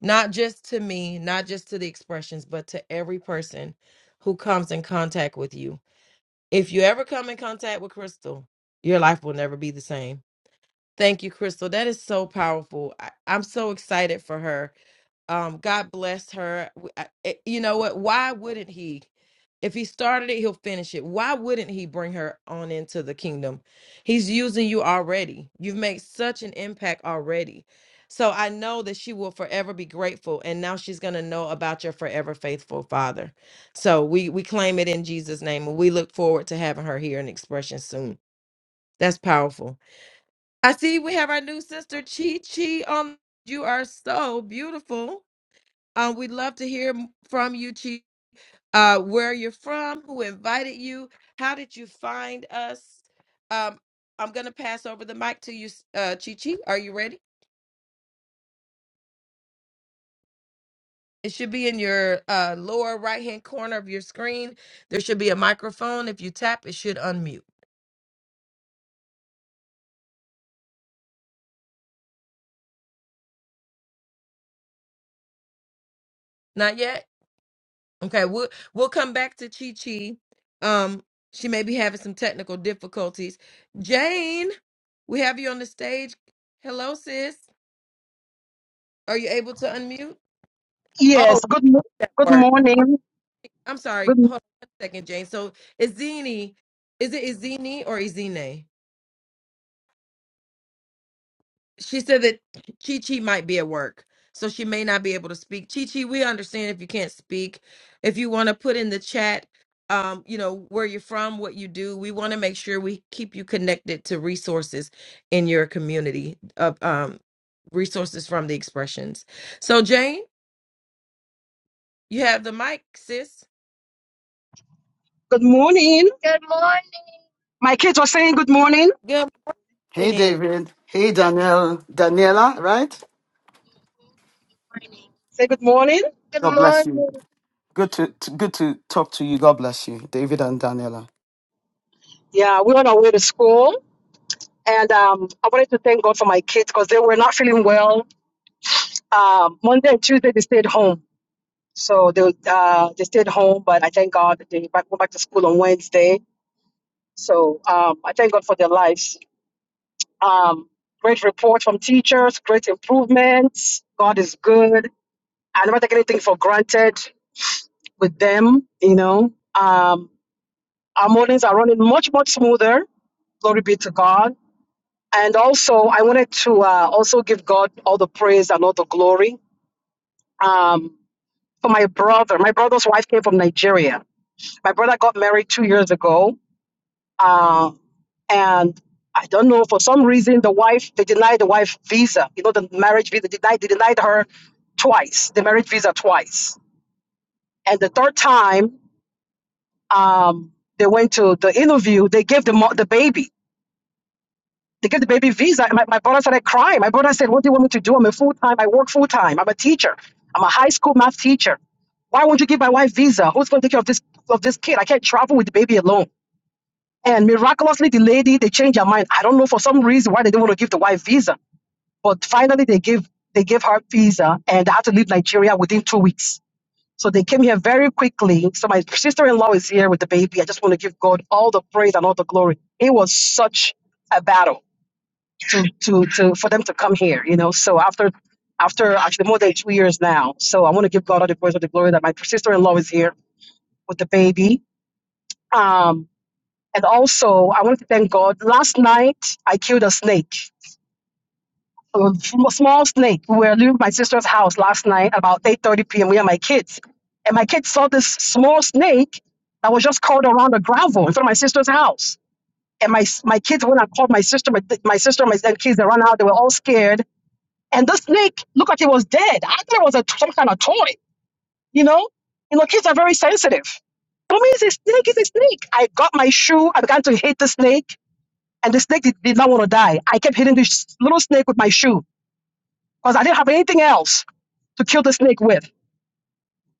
not just to me, not just to the expressions, but to every person who comes in contact with you. If you ever come in contact with Crystal, your life will never be the same. Thank you, Crystal. That is so powerful. I, I'm so excited for her um god bless her W- I- it- you know what why wouldn't he if he started it he'll finish it why wouldn't he bring her on into the kingdom he's using you already you've made such an impact already so i know that she will forever be grateful and now she's going to know about your forever faithful father so we we claim it in jesus name and we look forward to having her here in expression soon that's powerful i see we have our new sister chi chi Um, you are so beautiful um, we'd love to hear m- from you, Chief. Uh, where you're from, who invited you, how did you find us? Um, I'm gonna pass over the mic to you, s- uh, Chichi. Are you ready? It should be in your uh, lower right hand corner of your screen. There should be a microphone. If you tap, it should unmute. Not yet. Okay, we'll we'll come back to Chi Chi. Um, she may be having some technical difficulties. Jane, we have you on the stage. Hello, sis. Are you able to unmute? Oh. Yes, good mo- that good work. morning. I'm sorry. Good Hold on one second, Jane. So Izini, is it Izini or Izine? She said that Chi Chi might be at work, so she may not be able to speak. Chi Chi, we understand if you can't speak. If you want to put in the chat, um, you know where you're from, what you do. We want to make sure we keep you connected to resources in your community of um, resources from the expressions. So Jane, you have the mic, sis. good morning. My kids were saying good morning. Good Hey, morning. David. Hey, Daniel. Daniela, right? Say good morning. God bless you. Good to, to good to talk to you. God bless you, David and Daniela. Yeah, we're on our way to school, and um, I wanted to thank God for my kids because they were not feeling well. Um, Monday and Tuesday they stayed home, so they uh, they stayed home. But I thank God that they back, went back to school on Wednesday. So um, I thank God for their lives. Um, great report from teachers, great improvements. God is good. I never take anything for granted. with them, you know. Um, our mornings are running much, much smoother. Glory be to God. And also, I wanted to uh, also give God all the praise and all the glory um, for my brother. My brother's wife came from Nigeria. My brother got married two years ago. Uh, and I don't know, for some reason, the wife, they denied the wife visa, you know, the marriage visa, they denied, they denied her twice, the marriage visa twice. And the third time, um, they went to the interview. They gave the mo- the baby. They gave the baby visa. And My, my brother started crying. My brother said, "What do you want me to do? I'm a full time. I work full time. I'm a teacher. I'm a high school math teacher. Why won't you give my wife visa? Who's going to take care of this of this kid? I can't travel with the baby alone." And miraculously, the lady they changed their mind. I don't know for some reason why they didn't want to give the wife visa, but finally they gave they gave her visa, and they had to leave Nigeria within two weeks so they came here very quickly. So my sister-in-law is here with the baby. I just want to give God all the praise and all the glory. It was such a battle to to to for them to come here, you know. So after after actually more than two years now. So I want to give God all the praise and the glory that my sister-in-law is here with the baby. Um and also I want to thank God. Last night I killed a snake a small snake. We were leaving my sister's house last night about 8:30 p.m. We had my kids, and my kids saw this small snake that was just caught around the gravel in front of my sister's house. And my my kids went and called my sister. My, my sister and my and kids they ran out. They were all scared. And the snake looked like it was dead. I thought it was a, some kind of toy. You know, you know, kids are very sensitive. For me, it's a snake. It's a snake. I got my shoe. I began to hit the snake, and the snake did, did not want to die. I kept hitting this little snake with my shoe because I didn't have anything else. to kill the snake with.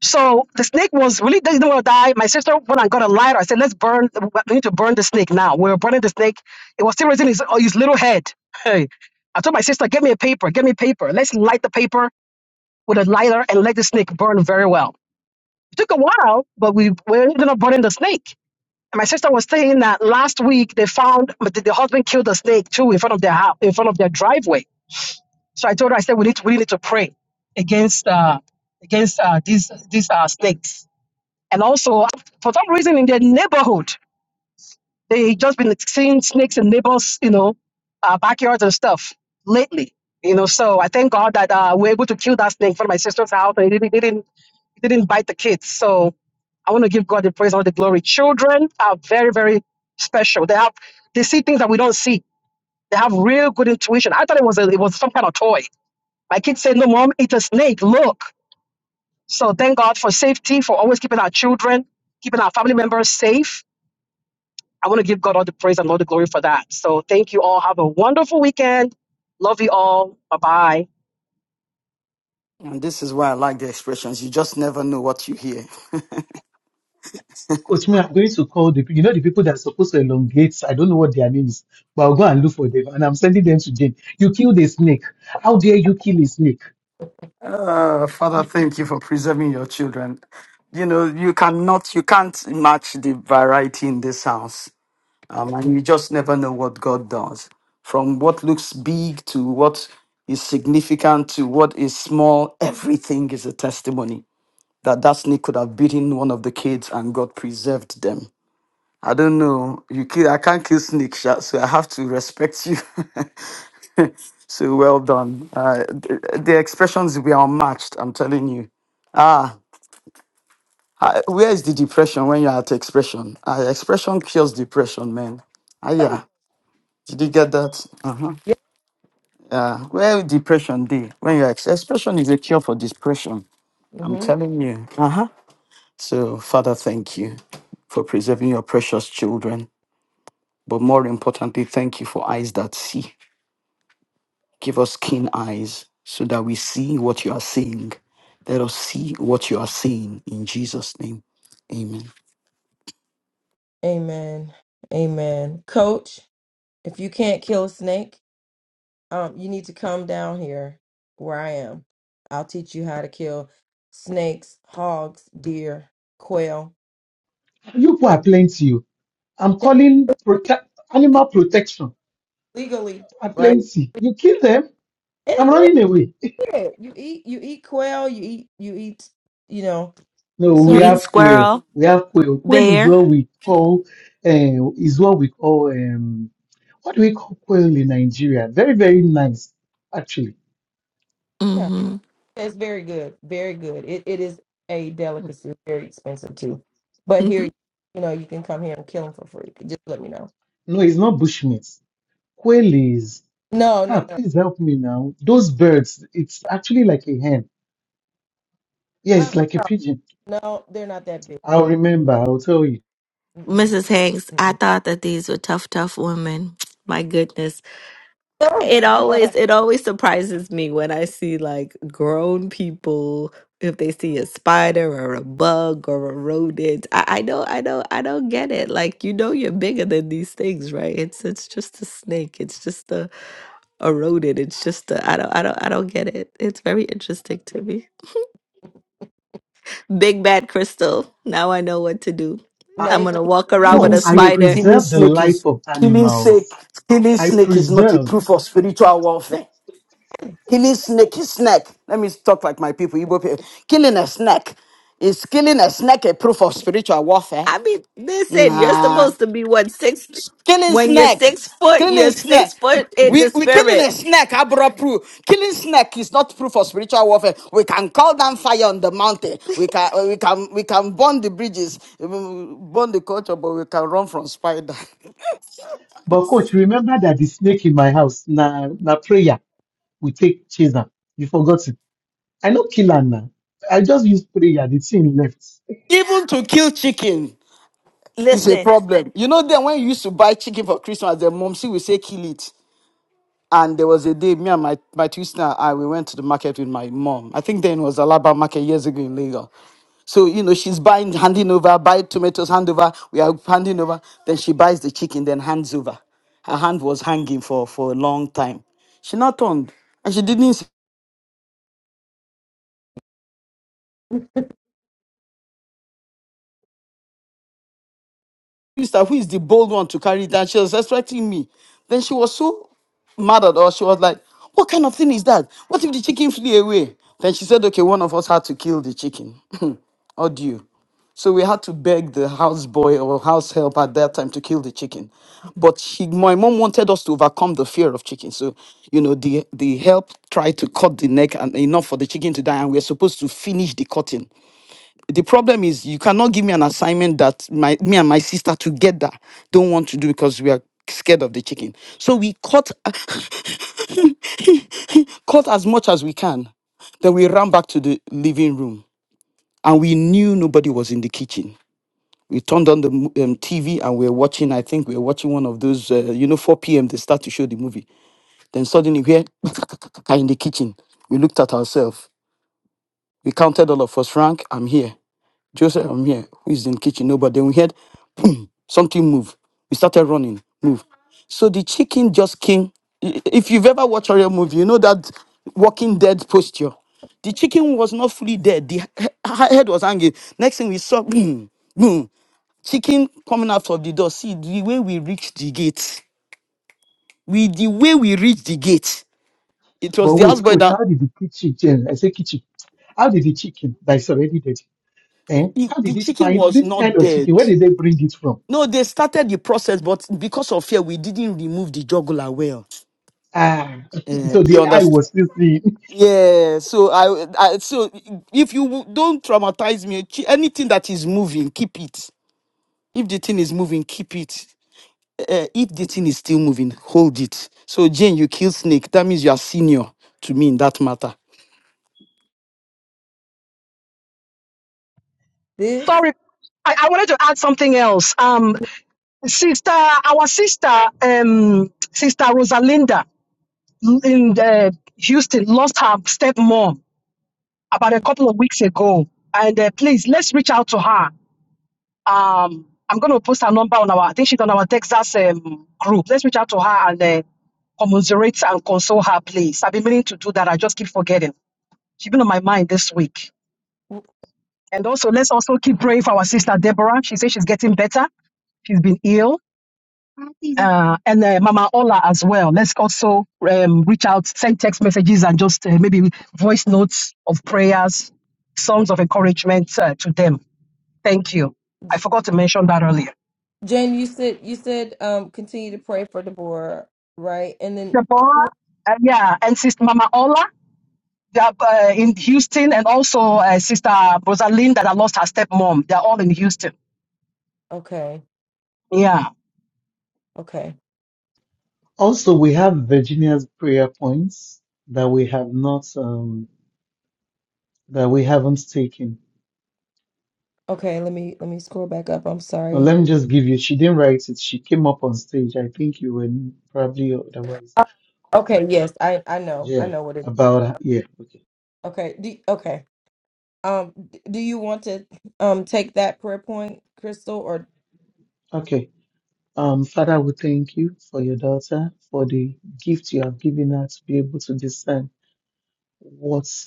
So the snake was really didn't want to die. My sister went and got a lighter. I said, "Let's burn. We need to burn the snake now." We were burning the snake. It was still raising his, oh, his little head. Hey, I told my sister, "Get me a paper. Get me paper. Let's light the paper with a lighter and let the snake burn very well." It took a while, but we we ended up burning the snake. And my sister was saying that last week they found the, the husband killed a snake too in front of their house, in front of their driveway so I told her, I said, we need to, we need to pray against uh, against uh, these these uh, snakes. And also, for some reason, in their neighborhood, they just been seeing snakes in neighbors, you know, uh, backyards and stuff lately. You know, so I thank God that uh, we're able to kill that snake from my sister's house, and it didn't it didn't, it didn't bite the kids. So I want to give God the praise, all the glory. Children are very very special. They have they see things that we don't see. They have real good intuition. I thought it was a, it was some kind of toy my kids say, No, mom, it's a snake. Look. So thank God for safety, for always keeping our children, keeping our family members safe. I want to give God all the praise and all the glory for that. So thank you all. Have a wonderful weekend. Love you all. Bye bye. And this is why I like the expressions. You just never know what you hear. Coach me, I'm going to call the pe- you know the people that are supposed to elongate. I don't know what their name is, but I'll go and look for them. And I'm sending them to Jane. You killed a snake. How dare you kill a snake? Uh, Father, thank you for preserving your children. You know, you cannot, you can't match the variety in this house. Um, and you just never know what God does. From what looks big to what is significant to what is small, everything is a testimony that that snake could have beaten one of the kids and God preserved them. I don't know. You kill, I can't kill snake, sha, so I have to respect you. (laughs) (laughs) so well done. Uh, the, the expressions were unmatched, I'm telling you. Ah, I, where is the depression when you're at expression? Uh, expression kills depression, man. Ah, Come yeah. Did you get that? Uh-huh. Yeah. Where depression be When you're ex- expression is a cure for depression. on. I'm telling you. Uh-huh. So, Father, thank you for preserving your precious children. But more importantly, thank you for eyes that see. Give us keen eyes so that we see what you are seeing Let us see what you are seeing in Jesus' name. Amen. Amen. Amen. Coach, if you can't kill a snake, um, you need to come down here where I am. I'll teach you how to kill snakes, hogs, deer, quail You people are plenty. oh. I'm calling protect animal protection. legally, Are right? plenty. You kill them. I'm It's running away. legal. yeah. You eat you eat quail, you eat you eat, you know, No, we You eat swine. have quail. squirrel, We have quail. Quail is bear. what we call uh, is what we call um what do we call quail in Nigeria? Very very nice actually. Yeah, hmm that's very good. Very good. It it is a delicacy, very expensive too. But (laughs) here, you know, you can come here and kill them for free. Just let me know. No, it's not bushmeat. Quail is. No, no, Ah, no. please help me now. Those birds, it's actually like a hen. Yeah, it's like a Uh, pigeon. No, they're not that big. I'll remember, I'll tell you. Mm-mm, Mrs. Hanks, I mm-mm. thought that these were tough, tough women. (sniffs) My goodness. Oh. It always (laughs) it always surprises me when I see like grown people if they see a spider or a bug or a rodent. I, I don't I don't I don't get it. Like you know you're bigger than these things, right? It's it's just a snake. It's just a, a rodent. It's just a I don't I don't I don't get it. It's very interesting to me. Big bad crystal. Now I know what to do. Uh, now I'm you know gonna walk around with Killing no, a I snake, spider. killing preserve the snake life is of killing snake. animals. Killing I snake is not a preserve. proof of spiritual warfare. Killing snake is snake. Let me talk like my people, Igbo people. Killing a snake is killing a snake a proof of spiritual warfare. I mean, listen, you're Nah. supposed to be what six killing when you're snake, six foot, killing you're snake. six foot in We the we killing a spirit. snake. I brought proof. Killing snake is not proof of spiritual warfare. We can call down fire on the mountain. We can we can we can burn the bridges, burn the culture, but we can run from spider. But coach, remember that the snake in my house, na na prayer, we take chase am. You forgot it. I no kill am now. I just use prayer, the thing left. (laughs) Even to kill chicken is a Listen. problem. You know, then when you used to buy chicken for Christmas, the mom see we say kill it. And there was a day, me and my, my two sister, I we went to the market with my mom. I think then it was Alaba market years ago in Lagos. So, you know, she's buying, handing over, buy tomatoes, hand over. We are handing over. Then she buys the chicken, then hands over. Her hand was hanging for, for a long time. She not turned. And she didn't sister who is the bold one to carry it and she was expecting me then she was so mad at us she was like what kind of thing is that what if the chicken flew away then she said okay one of us had to kill the chicken (laughs) or do you so we had to beg the houseboy or house help at that time to kill the chicken but she, my mom wanted us to overcome the fear of chicken so you know the the help tried to cut the neck and enough for the chicken to die and we we're supposed to finish the cutting the problem is you cannot give me an assignment that my me and my sister together don't want to do because we are scared of the chicken. So we cut (laughs) cut as much as we can. Then we ran back to the living room and we knew nobody was in the kitchen. We turned on the mo- um, TV and we were watching, I think we were watching one of those, uh, you know, 4 p.m. they start to show the movie. Then suddenly we hear (laughs) in the kitchen. We looked at ourselves. We counted all of us, Frank, I'm here. Joseph, I'm here. Who is in the kitchen? Nobody. Then we heard, boom, something move. We started running, move. So the chicken just came. I- If you've ever watched a real movie, you know that Walking Dead posture. The chicken was not fully dead. The he- he- head was hanging. Next thing we saw, boom, boom, chicken coming out of the door. See the way we reached the gate. We the way we reached the gate. It was But the wait, houseboy coach, that how did the chicken, I say kitchen, how did the chicken that is already dead, eh? he- How the did it chicken find was this kind not of chicken? dead. Where did they bring it from? No, they started the process, but because of fear, we didn't remove the jugular well. Ah, (laughs) Eh, so you the eye was understand? still seeing. Yeah. So I, I, so if you w- don't traumatize me, ch- anything that is moving, keep it. If the thing is moving, keep it. Eh, eh, if the thing is still moving, hold it. So Jane, you kill snake. That means you are senior to me in that matter. this. Sorry. I, I wanted to add something else. Um, sister, our sister, um, sister Rosalinda, in uh, Houston lost her stepmom about a couple of weeks ago. And uh, please, let's reach out to her. Um, I'm going to post her number on our, I think she's on our Texas um, group. Let's reach out to her and uh, commiserate and console her, please. I've been meaning to do that. I just keep forgetting. She's been on my mind this week. And also, let's also keep praying for our sister Deborah. She says she's getting better. She's been ill. uh, and uh, Mama Ola as well. Let's also um, reach out, send text messages, and just uh, maybe voice notes of prayers, songs of encouragement uh, to them. Thank you. I J- forgot to mention that earlier. Jen, you said you said um continue to pray for Deborah, right? And then who? Deborah, uh, yeah, and Sister Mama Ola. They are uh, in Houston, and also uh, Sister Rosalind that I lost her stepmom. They're all in Houston. Okay, Yeah. okay, Also, we have Virginia's prayer points that we have not, um, that we haven't taken. okay. Let me let me scroll back up. I'm Now, sorry. let me just give you, she didn't write it. She came up on stage. I think you were probably otherwise. Uh, Okay, yes, I I know I Yeah, know what it. is. about her. Yeah, okay. Okay, do, okay. Um, d- do you want to um take that prayer point, Crystal, or Okay. Um, Father, we thank you for your daughter, for the gift you have given her to be able to discern what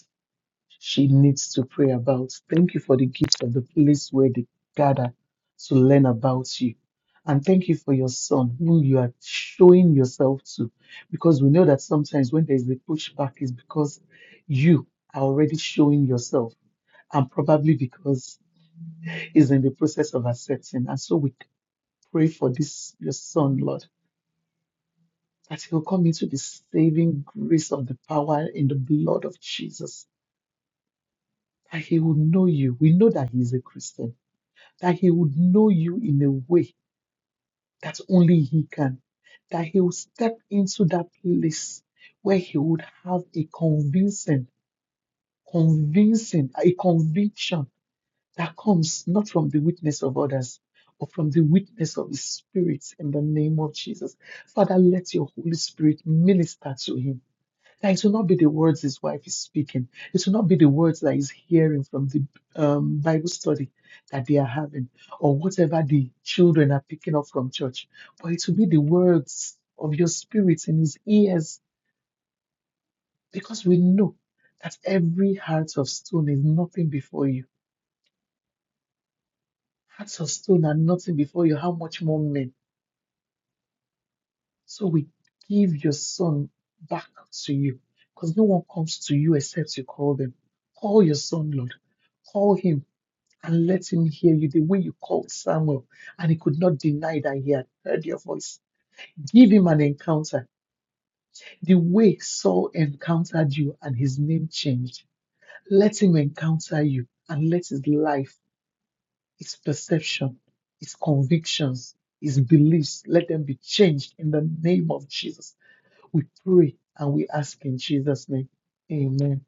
she needs to pray about. Thank you for the gift of the place where they gather to learn about you. And thank you for your son, whom you are showing yourself to. Because we know that sometimes when there's the pushback, is because you are already showing yourself, and probably because he's in the process of accepting. And so we pray for this, your son, Lord, that he'll come into the saving grace of the power in the blood of Jesus, that he will know you. We know that he is a Christian that he would know you in a way that only he can, that he would step into that place where he would have a convincing, convincing, a conviction that comes not from the witness of others, but from the witness of the Spirit in the name of Jesus. Father, let your Holy Spirit minister to him that it will not be the words his wife is speaking. It will not be the words that he's hearing from the um, Bible study that they are having or whatever the children are picking up from church, but it will be the words of your spirit in his ears because we know that every heart of stone is nothing before you. Hearts of stone are nothing before you. How much more men? So we give your son back to you because no one comes to you except you call them. Call your son, Lord call him and let him hear you the way you called Samuel, and he could not deny that he had heard your voice. Give him an encounter. The way Saul encountered you and his name changed. Let him encounter you and let his life, his perception, his convictions, his beliefs, let them be changed in the name of Jesus. We pray and we ask in Jesus' name. Amen.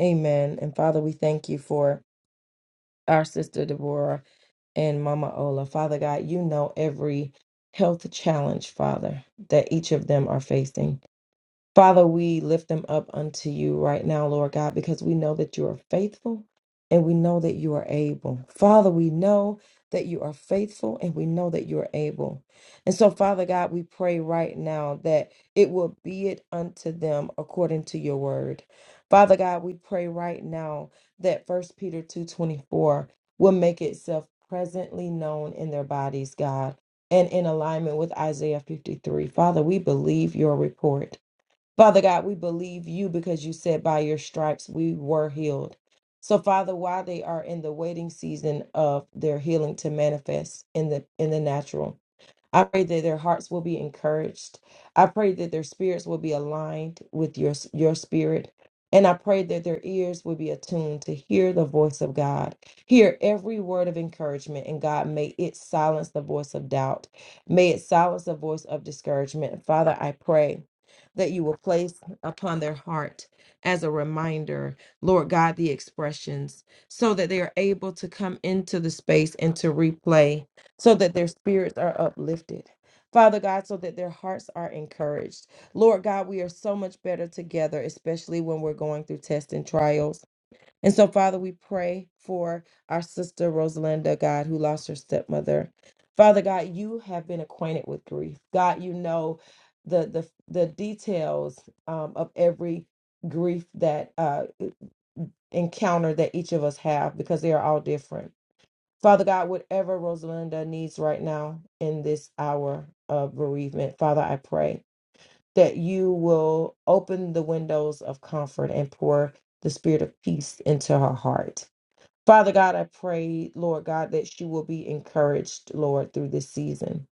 Amen? And Father, we thank you for our sister Deborah. and Mama Ola. Father God, you know every health challenge, Father, that each of them are facing. Father, we lift them up unto you right now, Lord God, because we know that you are faithful and we know that you are able. Father, we know that you are faithful and we know that you are able. And so, Father God, we pray right now that it will be it unto them according to your word. Father God, we pray right now that First Peter 2:24 will make itself presently known in their bodies, God, and in alignment with Isaiah 53. Father, we believe your report. Father God, we believe you because you said by your stripes we were healed. So Father, while they are in the waiting season of their healing to manifest in the in the natural, I pray that their hearts will be encouraged. I pray that their spirits will be aligned with your, your spirit. And I pray that their ears will be attuned to hear the voice of God. Hear every word of encouragement, and God, may it silence the voice of doubt. May it silence the voice of discouragement. Father, I pray that you will place upon their heart as a reminder, Lord God, the expressions so that they are able to come into the space and to replay so that their spirits are uplifted. Father God, so that their hearts are encouraged. Lord God, we are so much better together, especially when we're going through tests and trials. And so, Father, we pray for our sister Rosalinda, God, who lost her stepmother. Father God, you have been acquainted with grief. God, you know the the the details um, of every grief that uh, e, encounter that each of us have because they are all different. Father God, whatever Rosalinda needs right now in this hour of bereavement, Father, I pray that you will open the windows of comfort and pour the spirit of peace into her heart. Father God, I pray, Lord God, that she will be encouraged, Lord, through this season.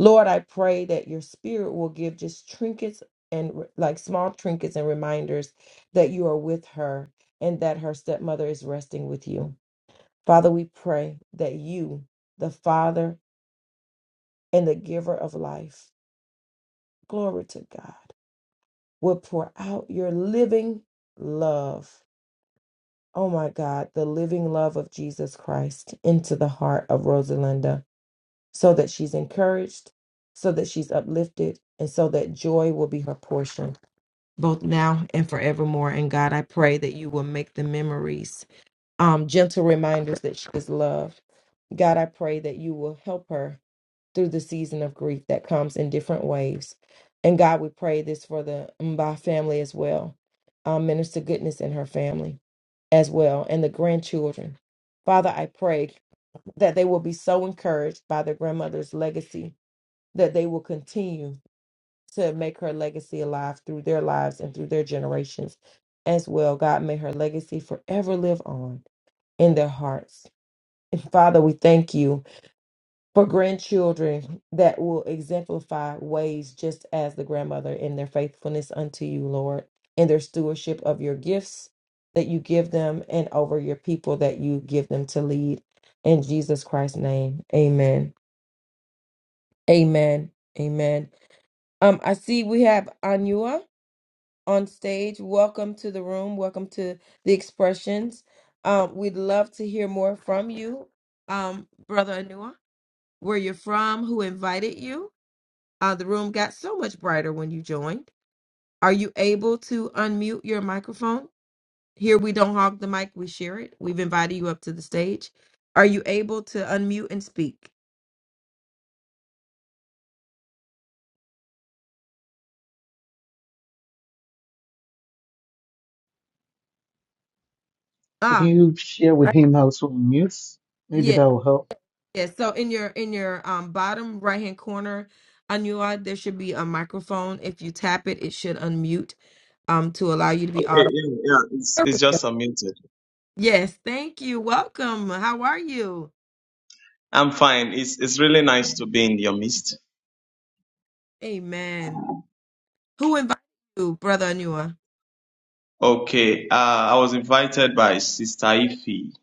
Lord, I pray that your spirit will give just trinkets and like small trinkets and reminders that you are with her and that her stepmother is resting with you. Father, we pray that you, the Father and the giver of life, glory to God, will pour out your living love. Oh my God, the living love of Jesus Christ into the heart of Rosalinda so that she's encouraged, so that she's uplifted, and so that joy will be her portion both now and forevermore. And God, I pray that you will make the memories um, gentle reminders that she is loved. God, I pray that you will help her through the season of grief that comes in different waves. And God, we pray this for the Mba family as well, uh, Minister Goodness and her family as well, and the grandchildren. Father, I pray that they will be so encouraged by their grandmother's legacy that they will continue to make her legacy alive through their lives and through their generations as well. God, may her legacy forever live on in their hearts. And Father, we thank you for grandchildren that will exemplify ways just as the grandmother in their faithfulness unto you, Lord, in their stewardship of your gifts that you give them and over your people that you give them to lead. In Jesus Christ's name, amen. Amen. Amen. Um, I see we have Anua on stage. Welcome to the room. Welcome to the expressions. Um, we'd love to hear more from you, um, Brother Anua, where you're from, who invited you Uh, the room got so much brighter when you joined. Are you able to unmute your microphone? Here we don't hog the mic, we share it. We've invited you up to the stage. Are you able to unmute and speak? Can Ah, you share with I- him how to mute? Maybe yeah, that will yeah. So in your in your um bottom right hand corner, Anua, there should be a microphone. If you tap it, it should unmute um to allow you to be Okay, audible. yeah, yeah, it's, it's just unmuted. Yes, thank you. Welcome. How are you? I'm fine. It's it's really nice to be in your midst. Amen. Who invited you, brother Anua? Okay, uh, I was invited by Sister Ife.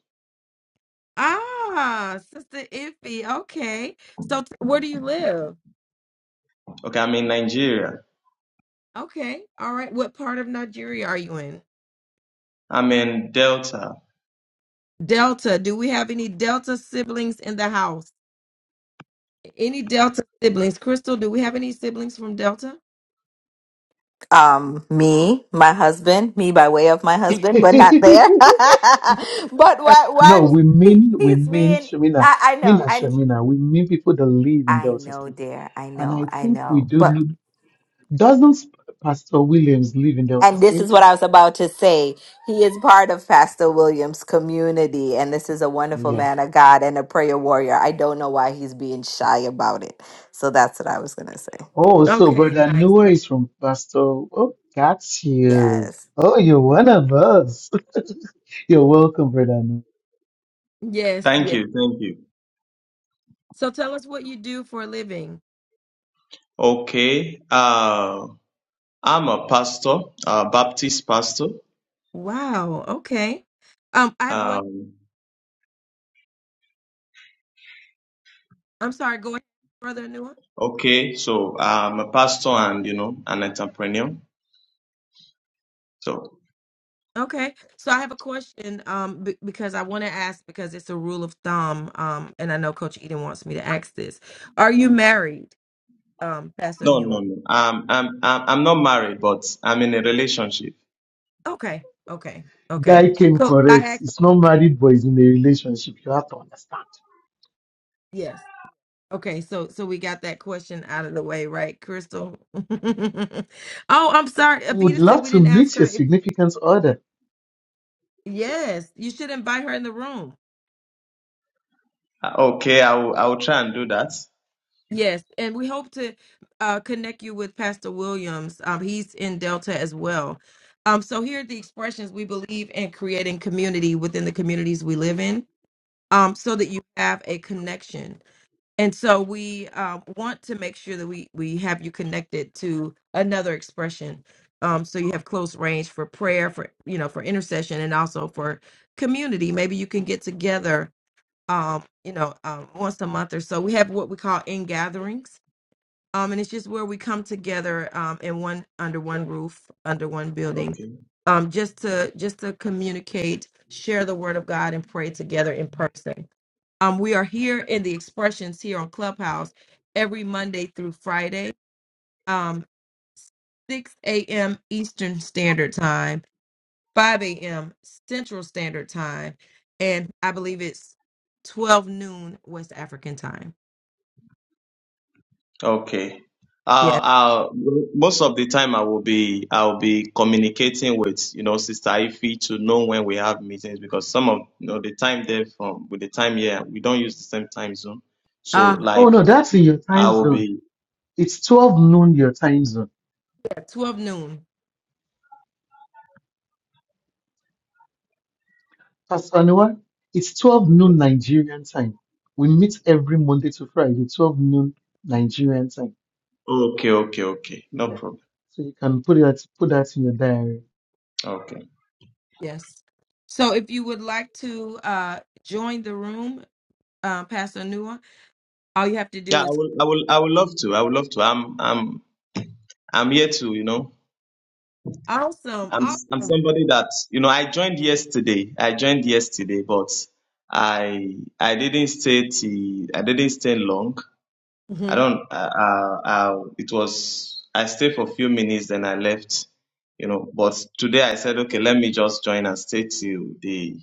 Ah, Sister Iffy. Okay. So t- where do you live? Okay, I'm in Nigeria. Okay. All right. What part of Nigeria are you in? I'm in Delta. Delta. Do we have any Delta siblings in the house? Any Delta siblings? Crystal, do we have any siblings from Delta? Um, me, my husband, me by way of my husband, but not there. help. (laughs) but (laughs) Uh, why why No, we he, mean we he's mean being Shamina, I, I mean know, as I Shamina. We mean people that live in I Delta know, State, dear. I and know, I I think we know. do. But. know- Doesn't Pastor Williams live in Delta And this State? is what I was about to say. He is part of Pastor Williams' community, and this is a wonderful Yeah. man of God and a prayer warrior. I don't know why he's being shy about it. So that's what I was going to say. Oh, so Okay, brother nice. Noah nice. is from Pastor. Oh, got you. Yes. Oh, you're one of us. (laughs) You're welcome, brother. Noah. Yes, Thank yes. you, thank you. So tell us what you do for a living. Okay, uh, I'm a pastor, a Baptist pastor. Wow. Okay. Um, I have one. Um, I'm sorry. Go ahead, Brother Noah. okay, so I'm a pastor and you know an entrepreneur. So Okay, so I have a question um b because I want to ask because it's a rule of thumb um and I know Coach Eden wants me to ask this. Are you married, um Pastor no, Newell? no, no. Um, I'm I'm I'm not married, but I'm in a relationship. Okay, okay, okay. Guy came So I correct. asked He's not married, but he's in a relationship. You have to understand. yes. Okay, so so we got that question out of the way, right, Crystal? (laughs) Oh, I'm sorry. Would Avita said love we to didn't ask meet her your if significant other. yes, you should invite her in the room. Uh, Okay, I will I will try and do that. Yes, and we hope to uh, connect you with Pastor Williams. Um, he's in Delta as well. Um, so here are the expressions we believe in creating community within the communities we live in, um, so that you have a connection. And so we um, want to make sure that we we have you connected to another expression, um, so you have close range for prayer, for you know, for intercession, and also for community. Maybe you can get together, um, you know, um, once a month or so. We have what we call in gatherings um, and it's just where we come together um, in one under one roof, under one building, Okay. um, just to just to communicate, share the word of God, and pray together in person. Um, we are here in the expressions here on Clubhouse every Monday through Friday, um, 6 a.m. Eastern Standard Time, 5 a.m. Central Standard Time, and I believe it's 12 noon West African Time. Okay. Yeah. I'll, I'll, most of the time I will be I'll be communicating with you know Sister Ify to know when we have meetings because some of you know the time there from with the time here we don't use the same time zone so Oh no, like that's in your I time will zone. be It's 12 noon your time zone. at 12 noon. Pastor Noah, it's 12 noon Nigerian time. We meet every Monday to Friday, 12 noon Nigerian time. okay okay okay no Yeah. problem So you can put that put that in your diary. okay Yes. So if you would like to uh, join the room, uh, Pastor Nua, all you have to do yeah I is will I will I would love to I would love to I'm I'm I'm here to you know awesome. I'm aw- I'm somebody that you know I joined yesterday. I joined yesterday, but I I didn't stay till I didn't stay long. I Mhm. don't. Uh, uh, uh, it was I stayed for a few minutes, then I left. You know, but today I said, okay, let me just join and stay till the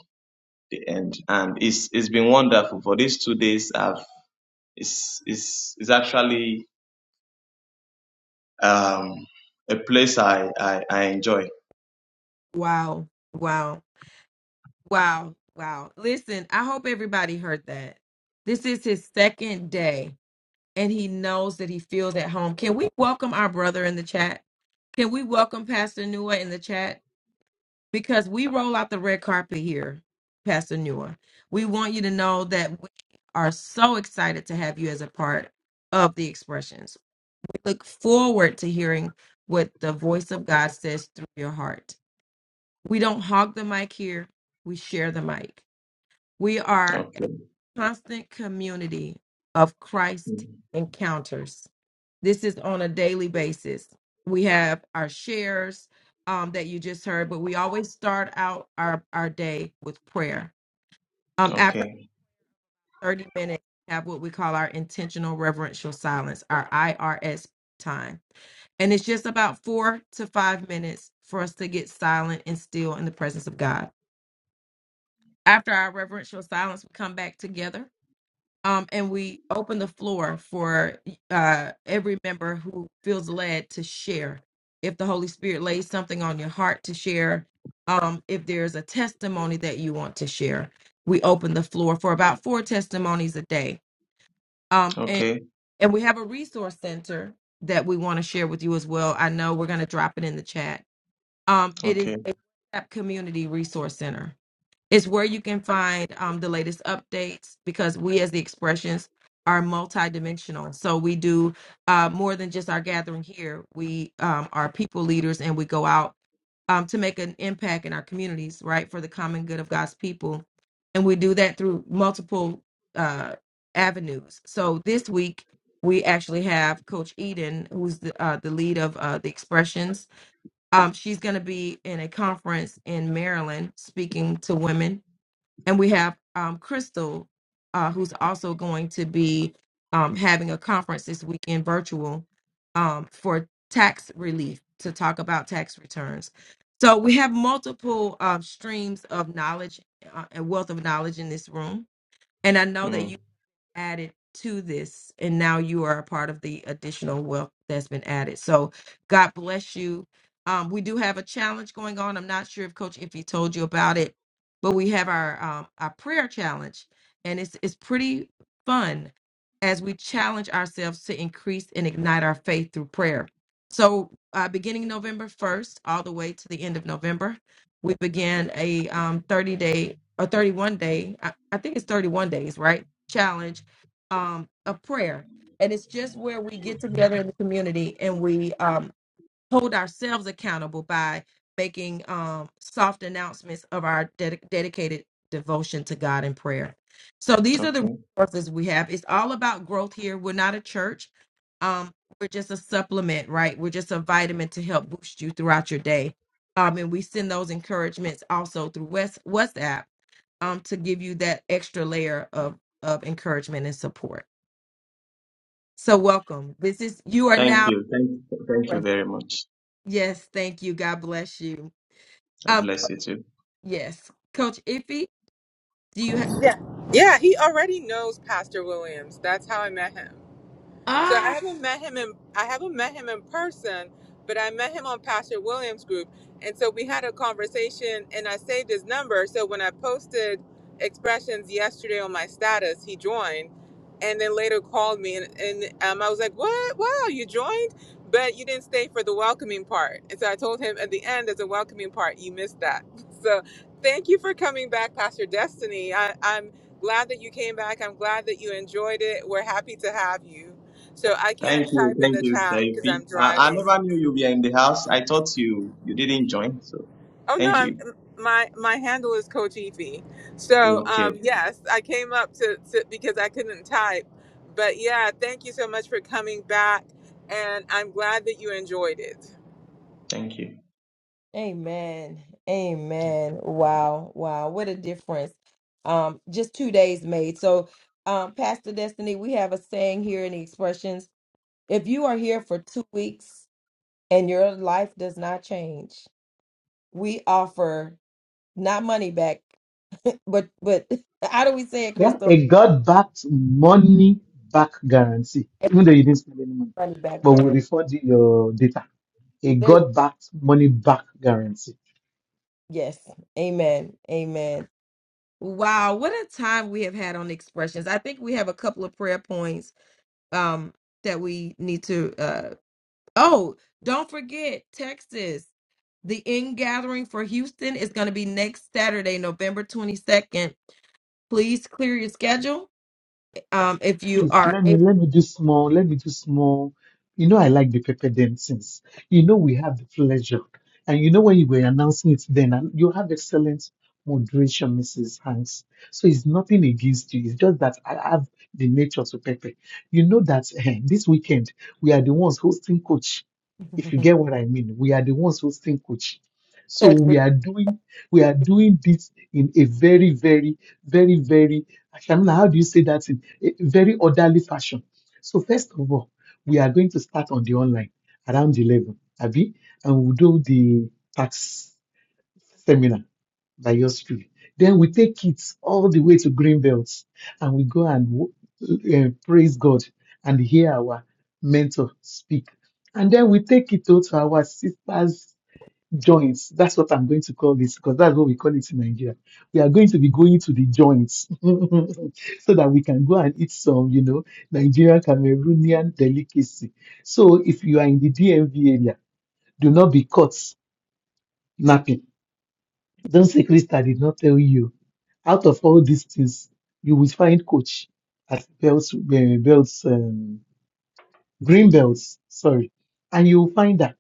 the end. And it's it's been wonderful for these two days. I've it's it's it's actually um a place I I, I enjoy. Wow. Wow. Wow, wow. Listen, I hope everybody heard that. This is his second day, and he knows that he feels at home. Can we welcome our brother in the chat? Can we welcome Pastor Nua in the chat? Because we roll out the red carpet here, Pastor Nua. We want you to know that we are so excited to have you as a part of the expressions. We look forward to hearing what the voice of God says through your heart. We don't hog the mic here, we share the mic. We are Okay. constant community of Mm. Christ encounters. This is on a daily basis. We have our shares um, that you just heard, but we always start out our, our day with prayer. Um, after Okay. 30 minutes, we have what we call our intentional reverential silence, our IRS time. And it's just about four to five minutes for us to get silent and still in the presence of God. After our reverential silence, we come back together um, and we open the floor for uh, every member who feels led to share. If the Holy Spirit lays something on your heart to share, um, if there's a testimony that you want to share, we open the floor for about four testimonies a day. Um, and, Okay. and we have a resource center that we want to share with you as well. I know we're going to drop it in the chat. Um, it Okay. is a WhatsApp community resource center is where you can find um, the latest updates because we as the expressions are multidimensional so we do uh, more than just our gathering here we um, are people leaders and we go out um, to make an impact in our communities right for the common good of god's people and we do that through multiple uh, avenues so this week we actually have coach eden who's the, uh, the lead of uh, the expressions um, she's going to be in a conference in maryland speaking to women and we have um, Crystal, uh, who's also going to be um, having a conference this weekend, virtual, um, for tax relief to talk about tax returns. So we have multiple um, streams of knowledge uh, and wealth of knowledge in this room, and I know that Mm, added to this and now you are a part of the additional wealth that's been added so god bless you um, we do have a challenge going on i'm not sure if coach if he told you about it but we have our um, our prayer challenge and it's it's pretty fun as we challenge ourselves to increase and ignite our faith through prayer so uh, beginning november 1st all the way to the end of november we began a um, 30 day or 31 day I, I think it's 31 days right challenge um a prayer and it's just where we get together in the community and we um hold ourselves accountable by making um soft announcements of our ded- dedicated devotion to God in prayer. So these are the okay. resources we have. It's all about growth here. We're not a church. Um we're just a supplement, right? We're just a vitamin to help boost you throughout your day. Um and we send those encouragements also through West WhatsApp um to give you that extra layer of of encouragement and support. So welcome. This is you are Thank now. you. Thank thank you very much. Yes, thank you. God bless you. God Um, bless you too. yes, Coach Iffy. Do you have? Yeah. Yeah, he already knows Pastor Williams. That's how I met him. So I Ah, haven't met him in I haven't met him in person, but I met him on Pastor Williams group. And so we had a conversation and I saved his number. So when I posted expressions yesterday on my status, he joined and then later called me and, and um, I was like, What? Wow, you joined? But you didn't stay for the welcoming part. And so I told him at the end there's a welcoming part. You missed that. (laughs) So thank you for coming back, Pastor Destiny. I, I'm glad that you came back. I'm glad that you enjoyed it. We're happy to have you. So I can't Thank you. type in Thank the you, chat because Saifi. I'm Uh, I driving. never knew you were in the house. I thought you you didn't join. So Oh no, thank I'm, you. my my handle is Coach Efi. So Okay. um, yes, I came up to, to because I couldn't type. But yeah, thank you so much for coming back, and I'm glad that you enjoyed it. Thank you. Amen. Amen. Wow, wow. What a difference. Um, just two days made. So, um, Pastor Destiny, we have a saying here in the expressions. If you are here for two weeks and your life does not change, we offer not money back, but but (laughs) how do we say it, Yeah. Crystal? A God-backed money back guarantee, even though you didn't spend any money, Money back but we there. refund you your data. A God-backed money back guarantee. Yes. Amen. Amen. Wow, what a time we have had on expressions. I think we have a couple of prayer points um that we need to uh oh, don't forget Texas. The in gathering for Houston is going to be next Saturday, November 22nd. Please clear your schedule um, if you Please are let me able, let me do small, let me do small. You know I like the pepper dancings. You know we have the pleasure. And you know when you were announcing it then and you have excellent moderation, Mrs. Hanks. So it's nothing against you. It's just that I have the nature to pepper. You know that eh, this weekend we are the ones hosting coach. If you (laughs) get what I mean, we are the ones hosting coach. So Chris, we are doing we are doing this in a very, very, very, very Shamina, how do you say that in a very orderly fashion? So first of all, we are going to start on the online around 11, Abi, and we'll do the tax seminar by yours truly. Then we take it all the way to Greenbelt and we go and wo- eh, praise God and hear our mentor speak. And then we take it to to our sisters joints. That's what I'm going to call this because that's what we call it in Nigeria. We are going to be going to the joints (laughs) so that we can go and eat some, you know, Nigerian Cameroonian delicacy. So if you are in the DMV area, do not be caught napping. Don't say Krista did not tell you. Out of all these things, you will find coach at Belts, eh, Belts, um, Green Belts, sorry, and you will find her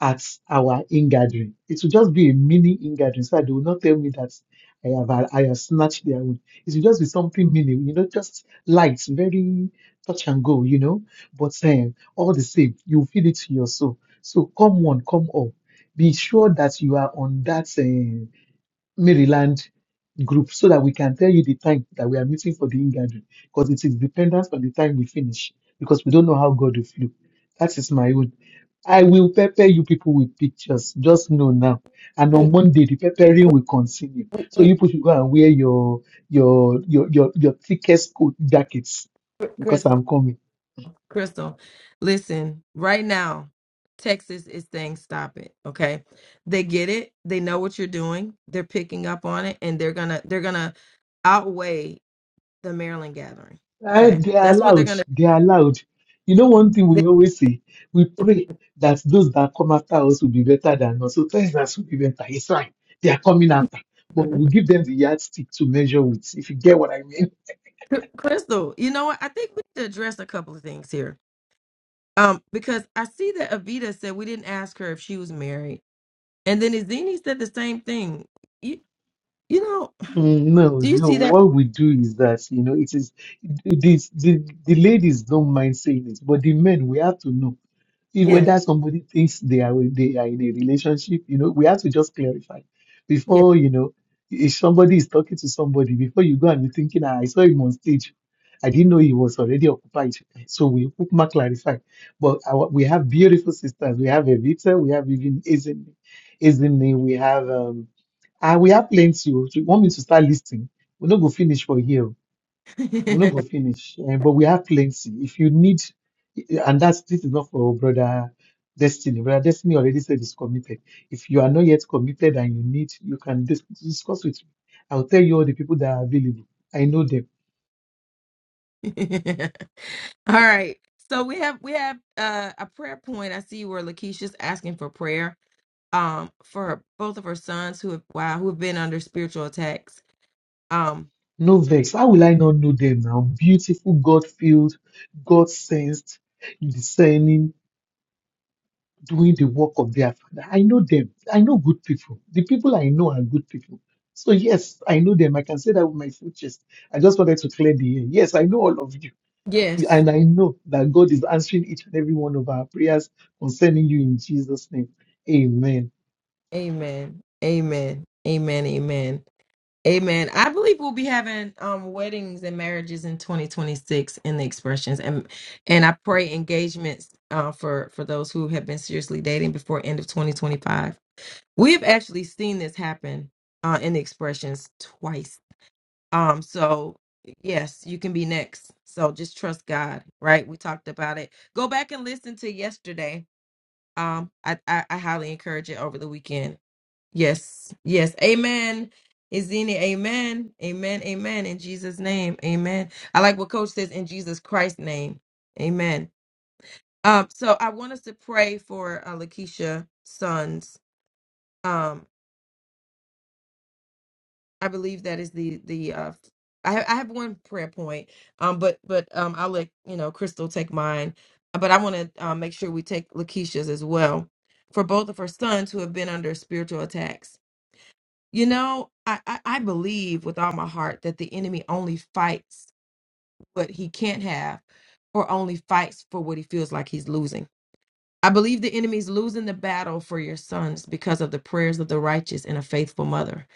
at our in-gathering. It will just be a mini in-gathering so that they will not tell me that I have I have snatched their own. It will just be something mini, you know, just light, very touch and go, you know. But um, all the same, you feel it to your soul. So come on, come on. Be sure that you are on that. eh, Maryland group so that we can tell you the time that we are meeting for the in-gathering because it is dependent on the time we finish because we don't know how God will flow. That is my own. I will pepper you people with pictures. Just know now. And on we, Monday, the peppering will continue. we, So we, you people should go and wear your your your your, your thickest coat jackets Chris, because I'm coming. Crystal, listen, right now, Texas is saying stop it. Okay. They get it. They know what you're doing. They're picking up on it and they're gonna they're gonna outweigh the Maryland gathering. Eh, Okay. they are That's what they're allowed. gonna They are allowed. You know, one thing we always say, we pray that those that come after us will be better than us. So thanks that will be better. It's fine. They are coming after. But they- we give them the yardstick to measure with, if you get what I mean. (laughs) Crystal, you know what? I think we need to address a couple of things here. Um, because I see that Avita said we didn't ask her if she was married. And then Izini said the same thing. You you know, Mm, No, do you no. see that? What we do is that, you know, it is this the, the ladies don't mind saying it, but the men we have to know See Yeah, whether somebody thinks they are they are in a relationship. You know, we have to just clarify yeah. before you know if somebody is talking to somebody before you go and be thinking, "Ah, I saw him on stage. I didn't know he was already occupied. So we Ukma clarify. But our, we have beautiful sisters. We have Evita. We have even Izini. Izini. We have um. Ah, we have plenty. If you want me to start listing, we're not go finish for here. We're not going to finish, eh, but we have plenty. If you need, and that's this is not for brother Destiny. Brother Destiny already said he's committed. If you are not yet committed and you need, you can dis- discuss with me. I'll tell you all the people that are available. I know them. (laughs) All right. So we have we have uh, a prayer point. I see where Lakeisha's asking for prayer um for her, both of her sons who have wow who have been under spiritual attacks. Um No vex. How will I not know them now? Beautiful, God filled, God sensed, discerning. doing the work of their father. I know them. I know good people. The people I know are good people. So yes, I know them. I can say that with my full chest. I just wanted to clear the air. Yes, I know all of you. yes. And I know that God is answering each and every one of our prayers concerning you in Jesus' name. Amen. Amen. Amen. Amen. Amen. Amen. I believe we'll be having um weddings and marriages in 2026 in the expressions and and I pray engagements uh for for those who have been seriously dating before end of 2025. We've actually seen this happen uh, in the expressions twice Um, so yes, you can be next. So just trust God, right? We talked about it. Go back and listen to yesterday. Um, I, I, I highly encourage it over the weekend. Yes, yes, amen. Izini, amen, amen, amen. In Jesus' name, amen. I like what Coach says in Jesus Christ's name, amen. Um, so I want us to pray for uh, Lakeisha sons. Um, I believe that is the the uh I have, I have one prayer point um but but um I'll let you know Crystal take mine but I want to uh, make sure we take Lakeisha's as well for both of her sons who have been under spiritual attacks. You know, I, I I believe with all my heart that the enemy only fights what he can't have or only fights for what he feels like he's losing. I believe the enemy's losing the battle for your sons because of the prayers of the righteous and a faithful mother.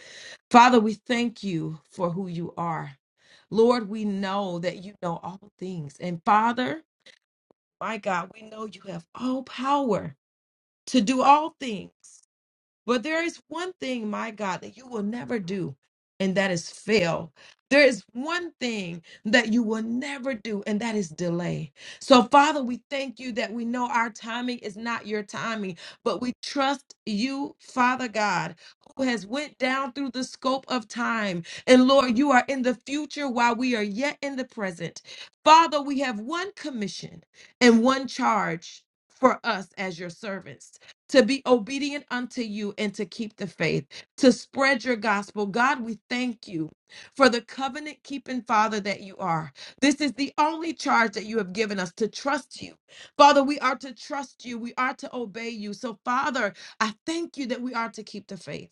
Father, we thank you for who you are. Lord, we know that you know all things. And Father, my God, we know you have all power to do all things. But there is one thing, my God, that you will never do, and that is fail. There is one thing that you will never do, and that is delay. So, Father, we thank you that we know our timing is not your timing, but we trust you, Father God, who has went down through the scope of time. And Lord, you are in the future while we are yet in the present. Father, we have one commission and one charge for us as your servants to be obedient unto you and to keep the faith, to spread your gospel. God, we thank you for the covenant keeping Father that you are. This is the only charge that you have given us to trust you. Father, we are to trust you, we are to obey you. So, Father, I thank you that we are to keep the faith.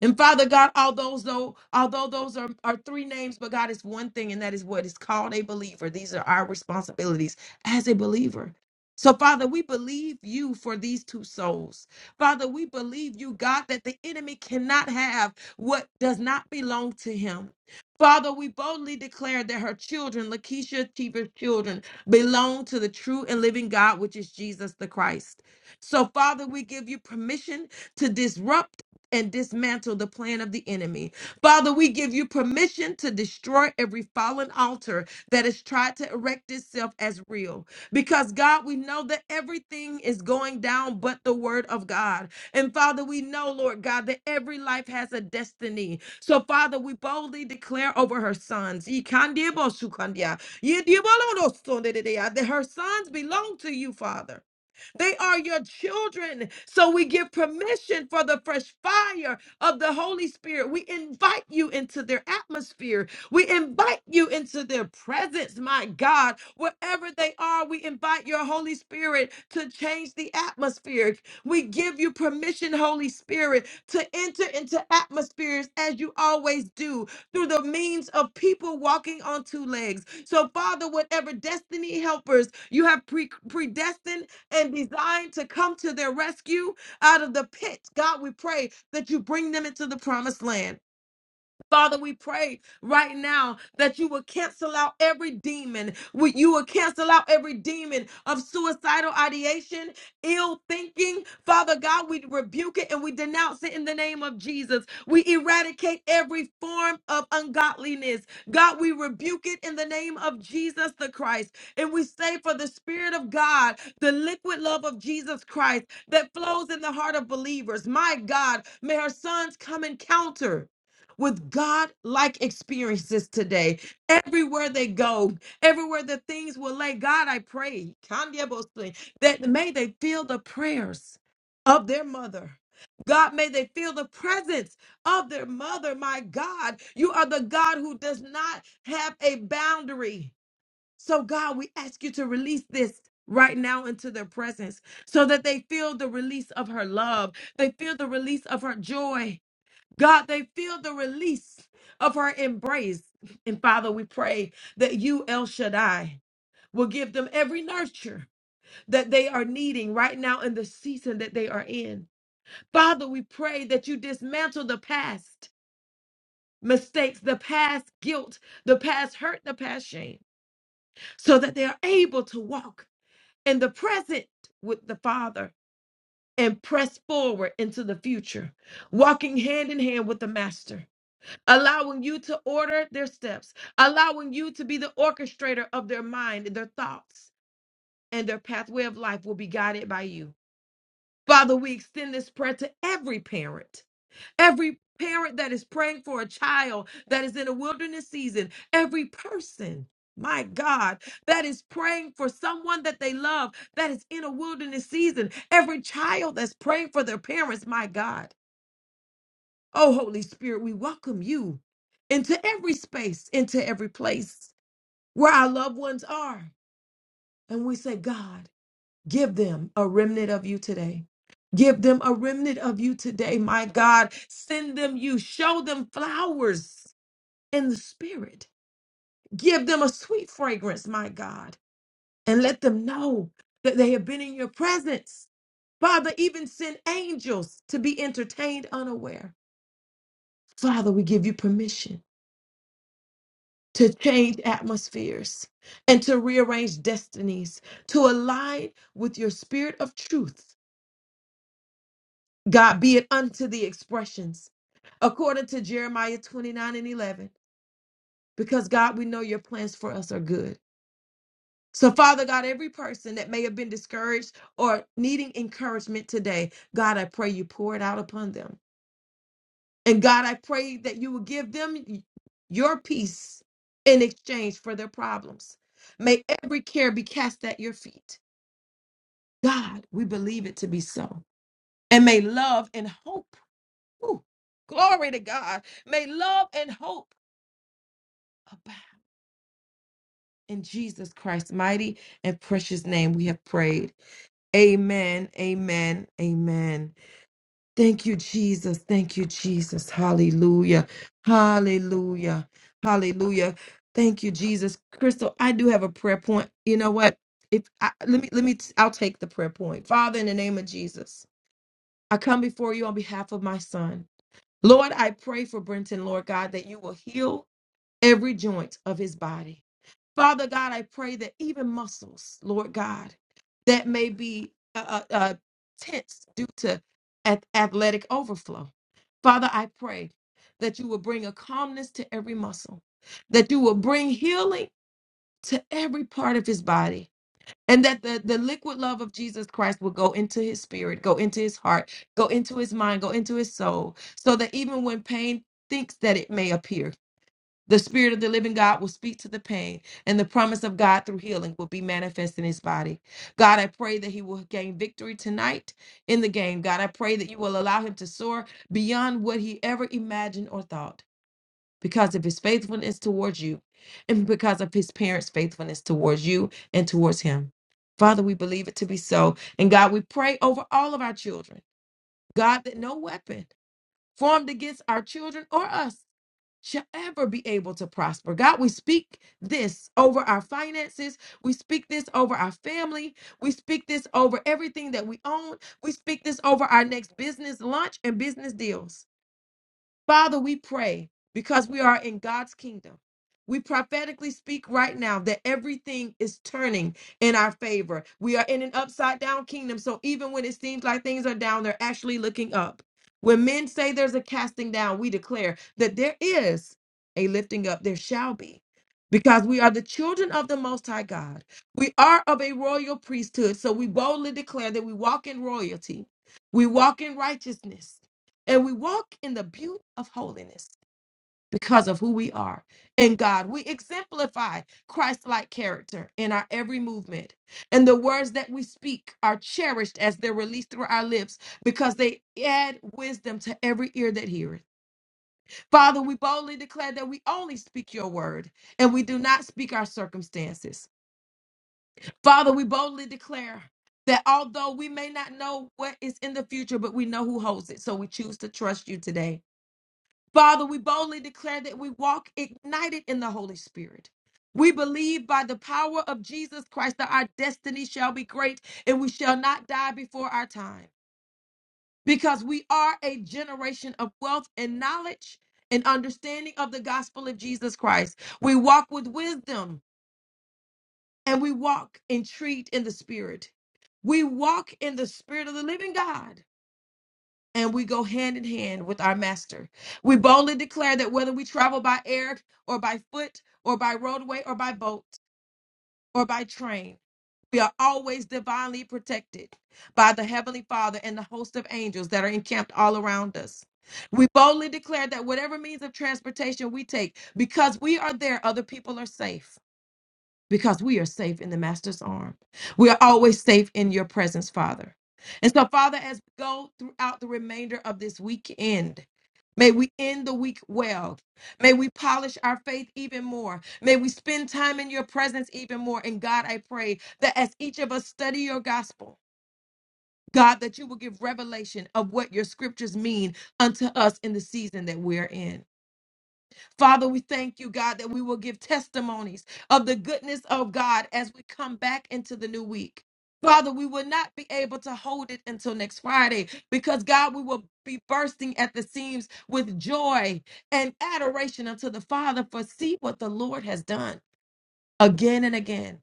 And Father God, all though, although those are, are three names, but God is one thing, and that is what is called a believer. These are our responsibilities as a believer. So, Father, we believe you for these two souls. Father, we believe you, God, that the enemy cannot have what does not belong to him. Father, we boldly declare that her children, Lakeisha Teeber's children, belong to the true and living God, which is Jesus the Christ. So, Father, we give you permission to disrupt and dismantle the plan of the enemy. Father, we give you permission to destroy every fallen altar that has tried to erect itself as real. Because, God, we know that everything is going down but the word of God. And, Father, we know, Lord God, that every life has a destiny. So, Father, we boldly declare over her sons "Ikandiebosukandia, yediebolodosundedeya," that her sons belong to you, Father. They are your children. So we give permission for the fresh fire of the Holy Spirit. We invite you into their atmosphere. We invite you into their presence, my God. Wherever they are, we invite your Holy Spirit to change the atmosphere. We give you permission, Holy Spirit, to enter into atmospheres as you always do through the means of people walking on two legs. So, Father, whatever destiny helpers you have pre- predestined and designed to come to their rescue out of the pit. God, we pray that you bring them into the promised land. Father, we pray right now that you will cancel out every demon. We- You will cancel out every demon of suicidal ideation, ill thinking. Father God, we rebuke it and we denounce it in the name of Jesus. We eradicate every form of ungodliness. God, we rebuke it in the name of Jesus the Christ. And we say for the Spirit of God, the liquid love of Jesus Christ that flows in the heart of believers. My God, may her sons come and counter with God like experiences today. Everywhere they go, everywhere the things will lay, God, I pray kandiabosli, that may they feel the prayers of their mother. God, may they feel the presence of their mother. My God, you are the God who does not have a boundary. So, God, we ask you to release this right now into their presence so that they feel the release of her love. They feel the release of her joy God, they feel the release of her embrace. And Father, we pray that you, El Shaddai, will give them every nurture that they are needing right now in the season that they are in. Father, we pray that you dismantle the past mistakes, the past guilt, the past hurt, the past shame, so that they are able to walk in the present with the Father and press forward into the future, walking hand in hand with the Master. allowing you to order their steps, allowing you to be the orchestrator of their mind, their thoughts, and their pathway of life will be guided by you. Father, we extend this prayer to every parent, every parent that is praying for a child that is in a wilderness season, every person. My God, that is praying for someone that they love that is in a wilderness season. Every child that's praying for their parents, my God. Oh, Holy Spirit, we welcome you into every space, into every place where our loved ones are. And we say, God, give them a remnant of you today. Give them a remnant of you today, my God. Send them you. Show them flowers in the spirit. Give them a sweet fragrance, my God. And let them know that they have been in your presence. Father, even send angels to be entertained unaware. Father, we give you permission to change atmospheres and to rearrange destinies, to align with your spirit of truth. God, be it unto the expressions, according to Jeremiah 29 and 11, because God, we know your plans for us are good. So, Father God, every person that may have been discouraged or needing encouragement today, God, I pray you pour it out upon them. And God, I pray that you will give them your peace in exchange for their problems. May every care be cast at your feet. God, we believe it to be so. And may love and hope, ooh, glory to God, may love and hope abound. In Jesus Christ's mighty and precious name, we have prayed. Amen, amen, amen. Thank you, Jesus. Thank you, Jesus. Hallelujah. Hallelujah. Hallelujah. Thank you, Jesus. Crystal, I do have a prayer point. You know what? If I, let me let me I'll take the prayer point. Father, in the name of Jesus, I come before you on behalf of my son. Lord, I pray for Brenton, Lord God, that you will heal every joint of his body. Father God, I pray that even muscles, Lord God, that may be uh, uh, uh, tense due to ath- athletic overflow. Father, I pray that you will bring a calmness to every muscle, that you will bring healing to every part of his body, and that the, the liquid love of Jesus Christ will go into his spirit, go into his heart, go into his mind, go into his soul, so that even when pain thinks that it may appear, the Spirit of the living God will speak to the pain, and the promise of God through healing will be manifest in his body. God, I pray that he will gain victory tonight in the game. God, I pray that you will allow him to soar beyond what he ever imagined or thought because of his faithfulness towards you and because of his parents' faithfulness towards you and towards him. Father, we believe it to be so. And God, we pray over all of our children. God, that no weapon formed against our children or us shall ever be able to prosper. God, we speak this over our finances. We speak this over our family. We speak this over everything that we own. We speak this over our next business lunch and business deals. Father, we pray because we are in God's kingdom. We prophetically speak right now that everything is turning in our favor. We are in an upside down kingdom. So even when it seems like things are down, they're actually looking up. When men say there's a casting down, we declare that there is a lifting up. There shall be. Because we are the children of the Most High God. We are of a royal priesthood. So we boldly declare that we walk in royalty. We walk in righteousness and we walk in the beauty of holiness because of who we are in God. We exemplify Christ like character in our every movement, and the words that we speak are cherished as they're released through our lips because they add wisdom to every ear that heareth. Father, we boldly declare that we only speak your word and we do not speak our circumstances. Father, we boldly declare. That although we may not know what is in the future, but we know who holds it. So we choose to trust you today. Father, we boldly declare that we walk ignited in the Holy Spirit. We believe by the power of Jesus Christ that our destiny shall be great and we shall not die before our time because we are a generation of wealth and knowledge and understanding of the gospel of Jesus Christ. We walk with wisdom and we walk and treat in the spirit. We walk in the spirit of the living God and we go hand in hand with our master. We boldly declare that whether we travel by air or by foot or by roadway or by boat or by train, we are always divinely protected by the Heavenly Father and the host of angels that are encamped all around us. We boldly declare that whatever means of transportation we take, because we are there, other people are safe because we are safe in the master's arm. We are always safe in your presence, Father. And so, Father, as we go throughout the remainder of this weekend, may we end the week well. May we polish our faith even more. May we spend time in your presence even more. And God, I pray that as each of us study your gospel, God, that you will give revelation of what your scriptures mean unto us in the season that we're in. Father, we thank you, God, that we will give testimonies of the goodness of God as we come back into the new week. Father, we will not be able to hold it until next Friday because, God, we will be bursting at the seams with joy and adoration unto the Father for see what the Lord has done again and again.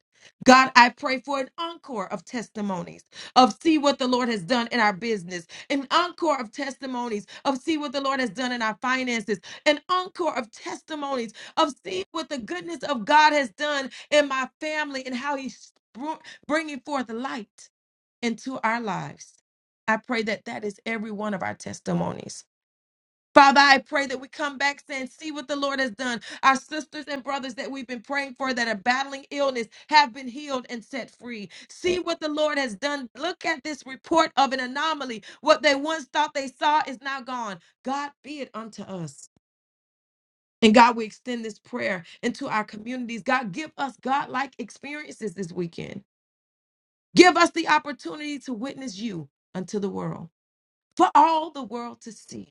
God, I pray for an encore of testimonies of see what the Lord has done in our business, an encore of testimonies of see what the Lord has done in our finances, an encore of testimonies of see what the goodness of God has done in my family and how He's br- bringing forth light into our lives. I pray that that is every one of our testimonies. Father, I pray that we come back and see what the Lord has done. Our sisters and brothers that we've been praying for that are battling illness have been healed and set free. See what the Lord has done. Look at this report of an anomaly. What they once thought they saw is now gone. God be it unto us. And God, we extend this prayer into our communities. God, give us God-like experiences this weekend. Give us the opportunity to witness you unto the world, for all the world to see.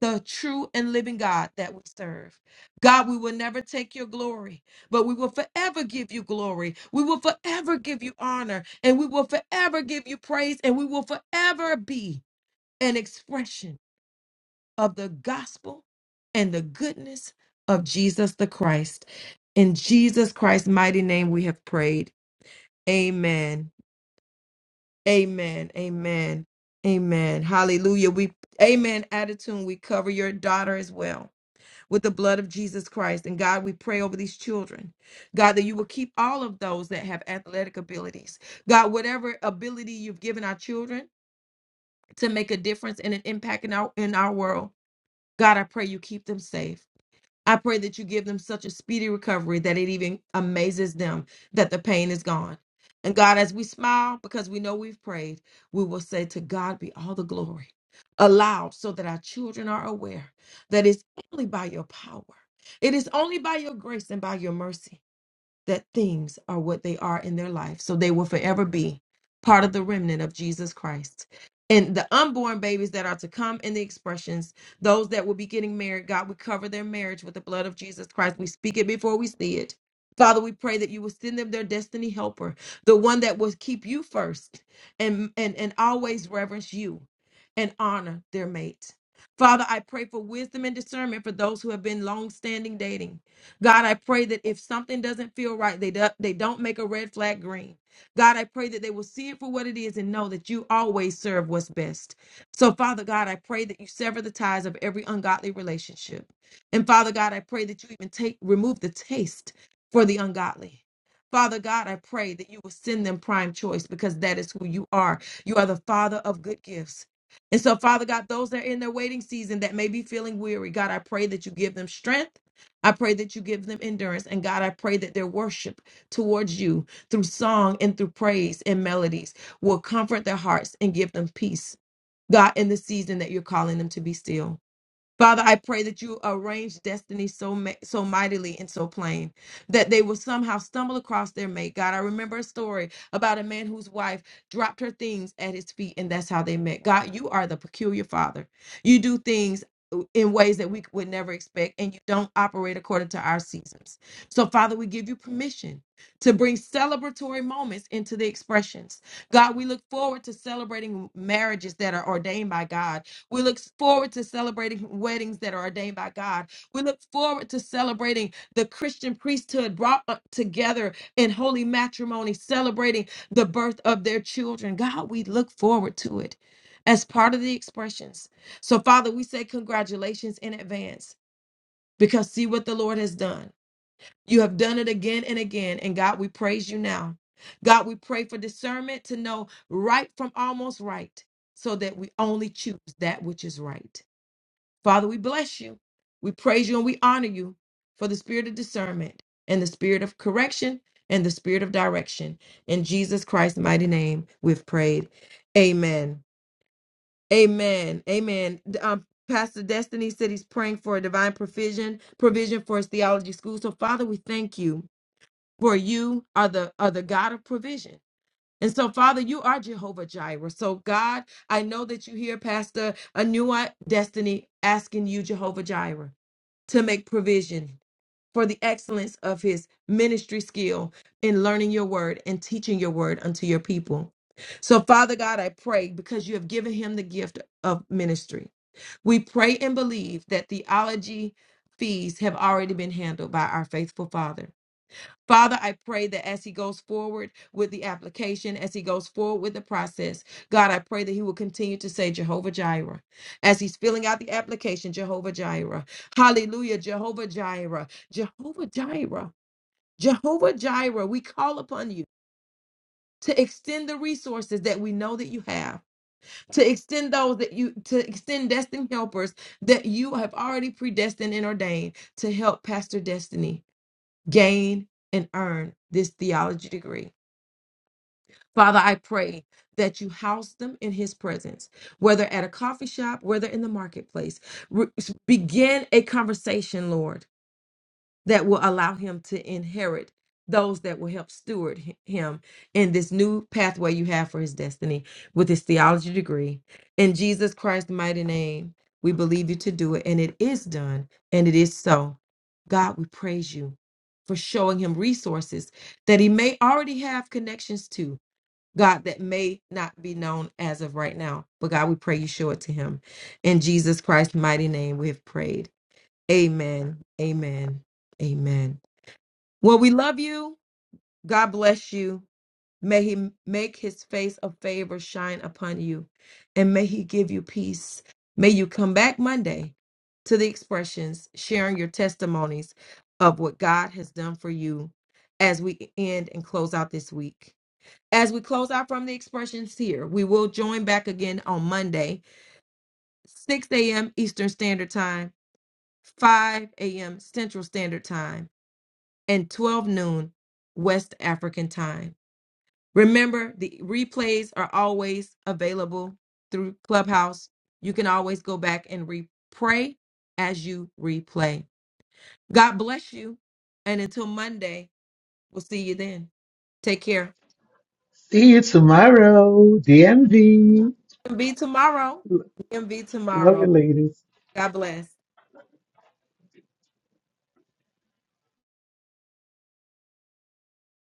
the true and living God that we serve. God, we will never take your glory, but we will forever give you glory. We will forever give you honor, and we will forever give you praise, and we will forever be an expression of the gospel and the goodness of Jesus the Christ. In Jesus Christ's mighty name, we have prayed. Amen. Amen. Amen. Amen. Hallelujah. We amen. Attitude. We cover your daughter as well with the blood of Jesus Christ. And God, we pray over these children. God, that you will keep all of those that have athletic abilities. God, whatever ability you've given our children to make a difference and an impact in our in our world, God, I pray you keep them safe. I pray that you give them such a speedy recovery that it even amazes them that the pain is gone. And God, as we smile because we know we've prayed, we will say, To God be all the glory. Aloud, so that our children are aware that it's only by your power, it is only by your grace and by your mercy that things are what they are in their life. So they will forever be part of the remnant of Jesus Christ. And the unborn babies that are to come in the expressions, those that will be getting married, God, we cover their marriage with the blood of Jesus Christ. We speak it before we see it. Father, we pray that you will send them their destiny helper, the one that will keep you first and, and, and always reverence you and honor their mate. Father, I pray for wisdom and discernment for those who have been long standing dating God, I pray that if something doesn't feel right, they, do, they don't make a red flag green. God, I pray that they will see it for what it is and know that you always serve what's best. So, Father God, I pray that you sever the ties of every ungodly relationship. And Father God, I pray that you even take remove the taste for the ungodly. Father God, I pray that you will send them prime choice because that is who you are. You are the Father of good gifts. And so, Father God, those that are in their waiting season that may be feeling weary, God, I pray that you give them strength. I pray that you give them endurance. And God, I pray that their worship towards you through song and through praise and melodies will comfort their hearts and give them peace. God, in the season that you're calling them to be still. Father, I pray that you arrange destiny so ma- so mightily and so plain that they will somehow stumble across their mate. God, I remember a story about a man whose wife dropped her things at his feet, and that's how they met. God, you are the peculiar Father. You do things uh, in ways that we would never expect, and you don't operate according to our seasons. So, Father, we give you permission to bring celebratory moments into the expressions. God, we look forward to celebrating marriages that are ordained by God we look forward to celebrating weddings that are ordained by God. We look forward to celebrating the Christian priesthood brought up together in holy matrimony, celebrating the birth of their children. God, we look forward to it as part of the expressions. So, Father, we say congratulations in advance because see what the Lord has done. You have done it again and again. And God, we praise you now. God, we pray for discernment to know right from almost right so that we only choose that which is right. Father, we bless you. We praise you and we honor you for the spirit of discernment and the spirit of correction and the spirit of direction. In Jesus Christ's mighty name, we've prayed. Amen. Amen. Amen. Um, Pastor Destiny said he's praying for a divine provision, provision for his theology school. So, Father, we thank you for you are the are the God of provision. And so, Father, you are Jehovah Jireh. So, God, I know that you hear Pastor Anua Destiny asking you, Jehovah Jireh to make provision for the excellence of his ministry skill in learning your word and teaching your word unto your people. So, Father God, I pray because you have given him the gift of ministry. We pray and believe that theology fees have already been handled by our faithful Father. Father, I pray that as he goes forward with the application, as he goes forward with the process, God, I pray that he will continue to say Jehovah Jireh. As he's filling out the application, Jehovah Jireh. Hallelujah, Jehovah Jireh. Jehovah Jireh. Jehovah Jireh, we call upon you to extend the resources that we know that you have, to extend those that you, to extend destined helpers that you have already predestined and ordained to help Pastor Destiny gain and earn this theology degree. Father, I pray that you house them in his presence, whether at a coffee shop, whether in the marketplace. Re- begin a conversation, Lord, that will allow him to inherit those that will help steward hi- him in this new pathway you have for his destiny with his theology degree. In Jesus Christ's mighty name, we believe you to do it, and it is done, and it is so. God, we praise you for showing him resources that he may already have connections to God, that may not be known as of right now. But God, we pray you show it to him. In Jesus Christ's mighty name, we have prayed. Amen. Amen. Amen. Well, we love you. God bless you. May he make his face of favor shine upon you and may he give you peace. May you come back Monday to the expressions, sharing your testimonies of what God has done for you as we e-, end and close out this week. As we close out from the expressions here, we will join back again on Monday, 6 a.m. Eastern Standard Time, 5 a.m. Central Standard Time, and 12 noon West African Time. Remember, the replays are always available through Clubhouse. You can always go back and replay as you replay. God bless you. And until Monday, we'll see you then. Take care. See you tomorrow. DMV. Be tomorrow. MV Love you, tomorrow. ladies. God bless.